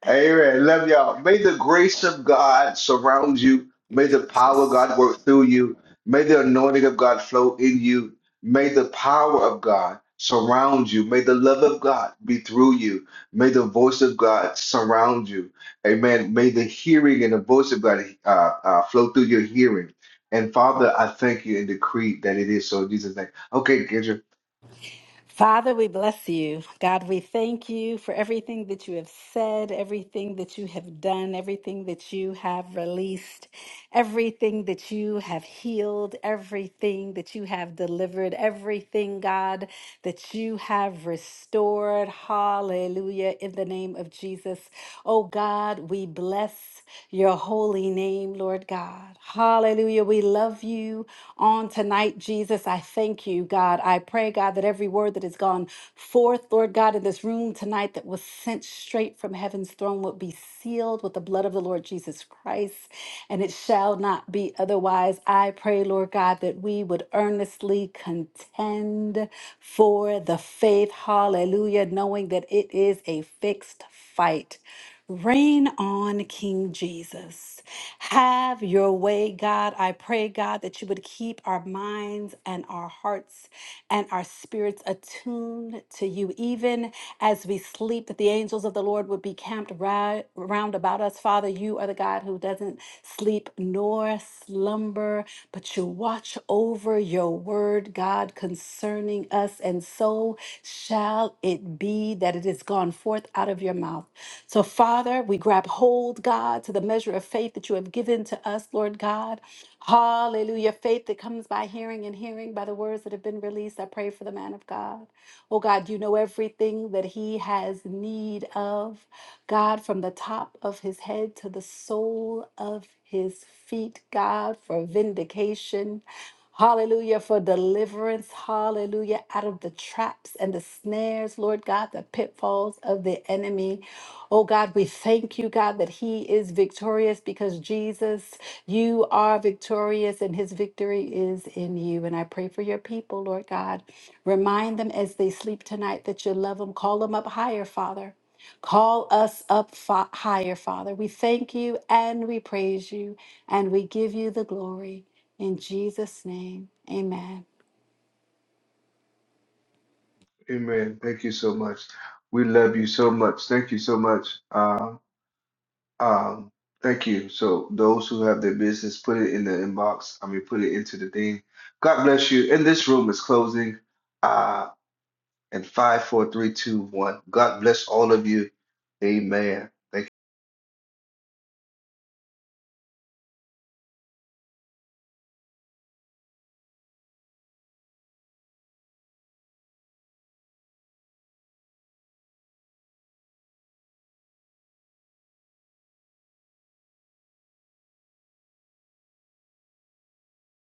S1: Amen. Love y'all. May the grace of God surround you.
S22: You
S1: May the power of
S22: Jesus.
S1: God work through you. May the anointing of God flow in you. May the power of God surround you. May the love of God be through you. May the voice of God surround you. Amen. May the hearing and the voice of God uh, uh, flow through your hearing. And Father, I thank you and decree that it is so in Jesus' name. Okay, Kendra.
S22: Father, we bless you. God, we thank you for everything that you have said, everything that you have done, everything that you have released, everything that you have healed, everything that you have delivered, everything, God, that you have restored. Hallelujah. In the name of Jesus. Oh, God, we bless your holy holy name, Lord God. Hallelujah. We love you on tonight, Jesus. I thank you, God. I pray, God, that every word that has gone forth, Lord God, in this room tonight that was sent straight from heaven's throne would be sealed with the blood of the Lord Jesus Christ, and it shall not be otherwise. I pray, Lord God, that we would earnestly contend for the faith. Hallelujah. Knowing that it is a fixed faith fight. Reign on, King Jesus. Have your way, God. I pray, God, that you would keep our minds and our hearts and our spirits attuned to you, even as we sleep, that the angels of the Lord would be camped ri- round about us. Father, you are the God who doesn't sleep nor slumber slumber, but you watch over your word, God, concerning us, and so shall it be that it is gone forth out of your mouth. So, Father, we grab hold, God, to the measure of faith that you have given to us, Lord God. Hallelujah. Faith that comes by hearing and hearing by the words that have been released. I pray for the man of God. Oh God, you know everything that he has need of. God, from the top of his head to the sole of his feet, God, for vindication. Hallelujah, for deliverance. Hallelujah, out of the traps and the snares, Lord God, the pitfalls of the enemy. Oh God, we thank you, God, that He is victorious because Jesus, you are victorious and His victory is in you. And I pray for your people, Lord God. Remind them as they sleep tonight that you love them. Call them up higher, Father. Call us up fa- higher, Father. We thank you and we praise you and we give you the glory. In Jesus' name, amen.
S1: Amen. Thank you so much. We love you so much. Thank you so much. Uh, um, thank you. So those who have their business, put it in the inbox. I mean, put it into the thing. God bless you. And this room is closing. Uh, and five, four, three, two, one. God bless all of you. Amen. Thank you.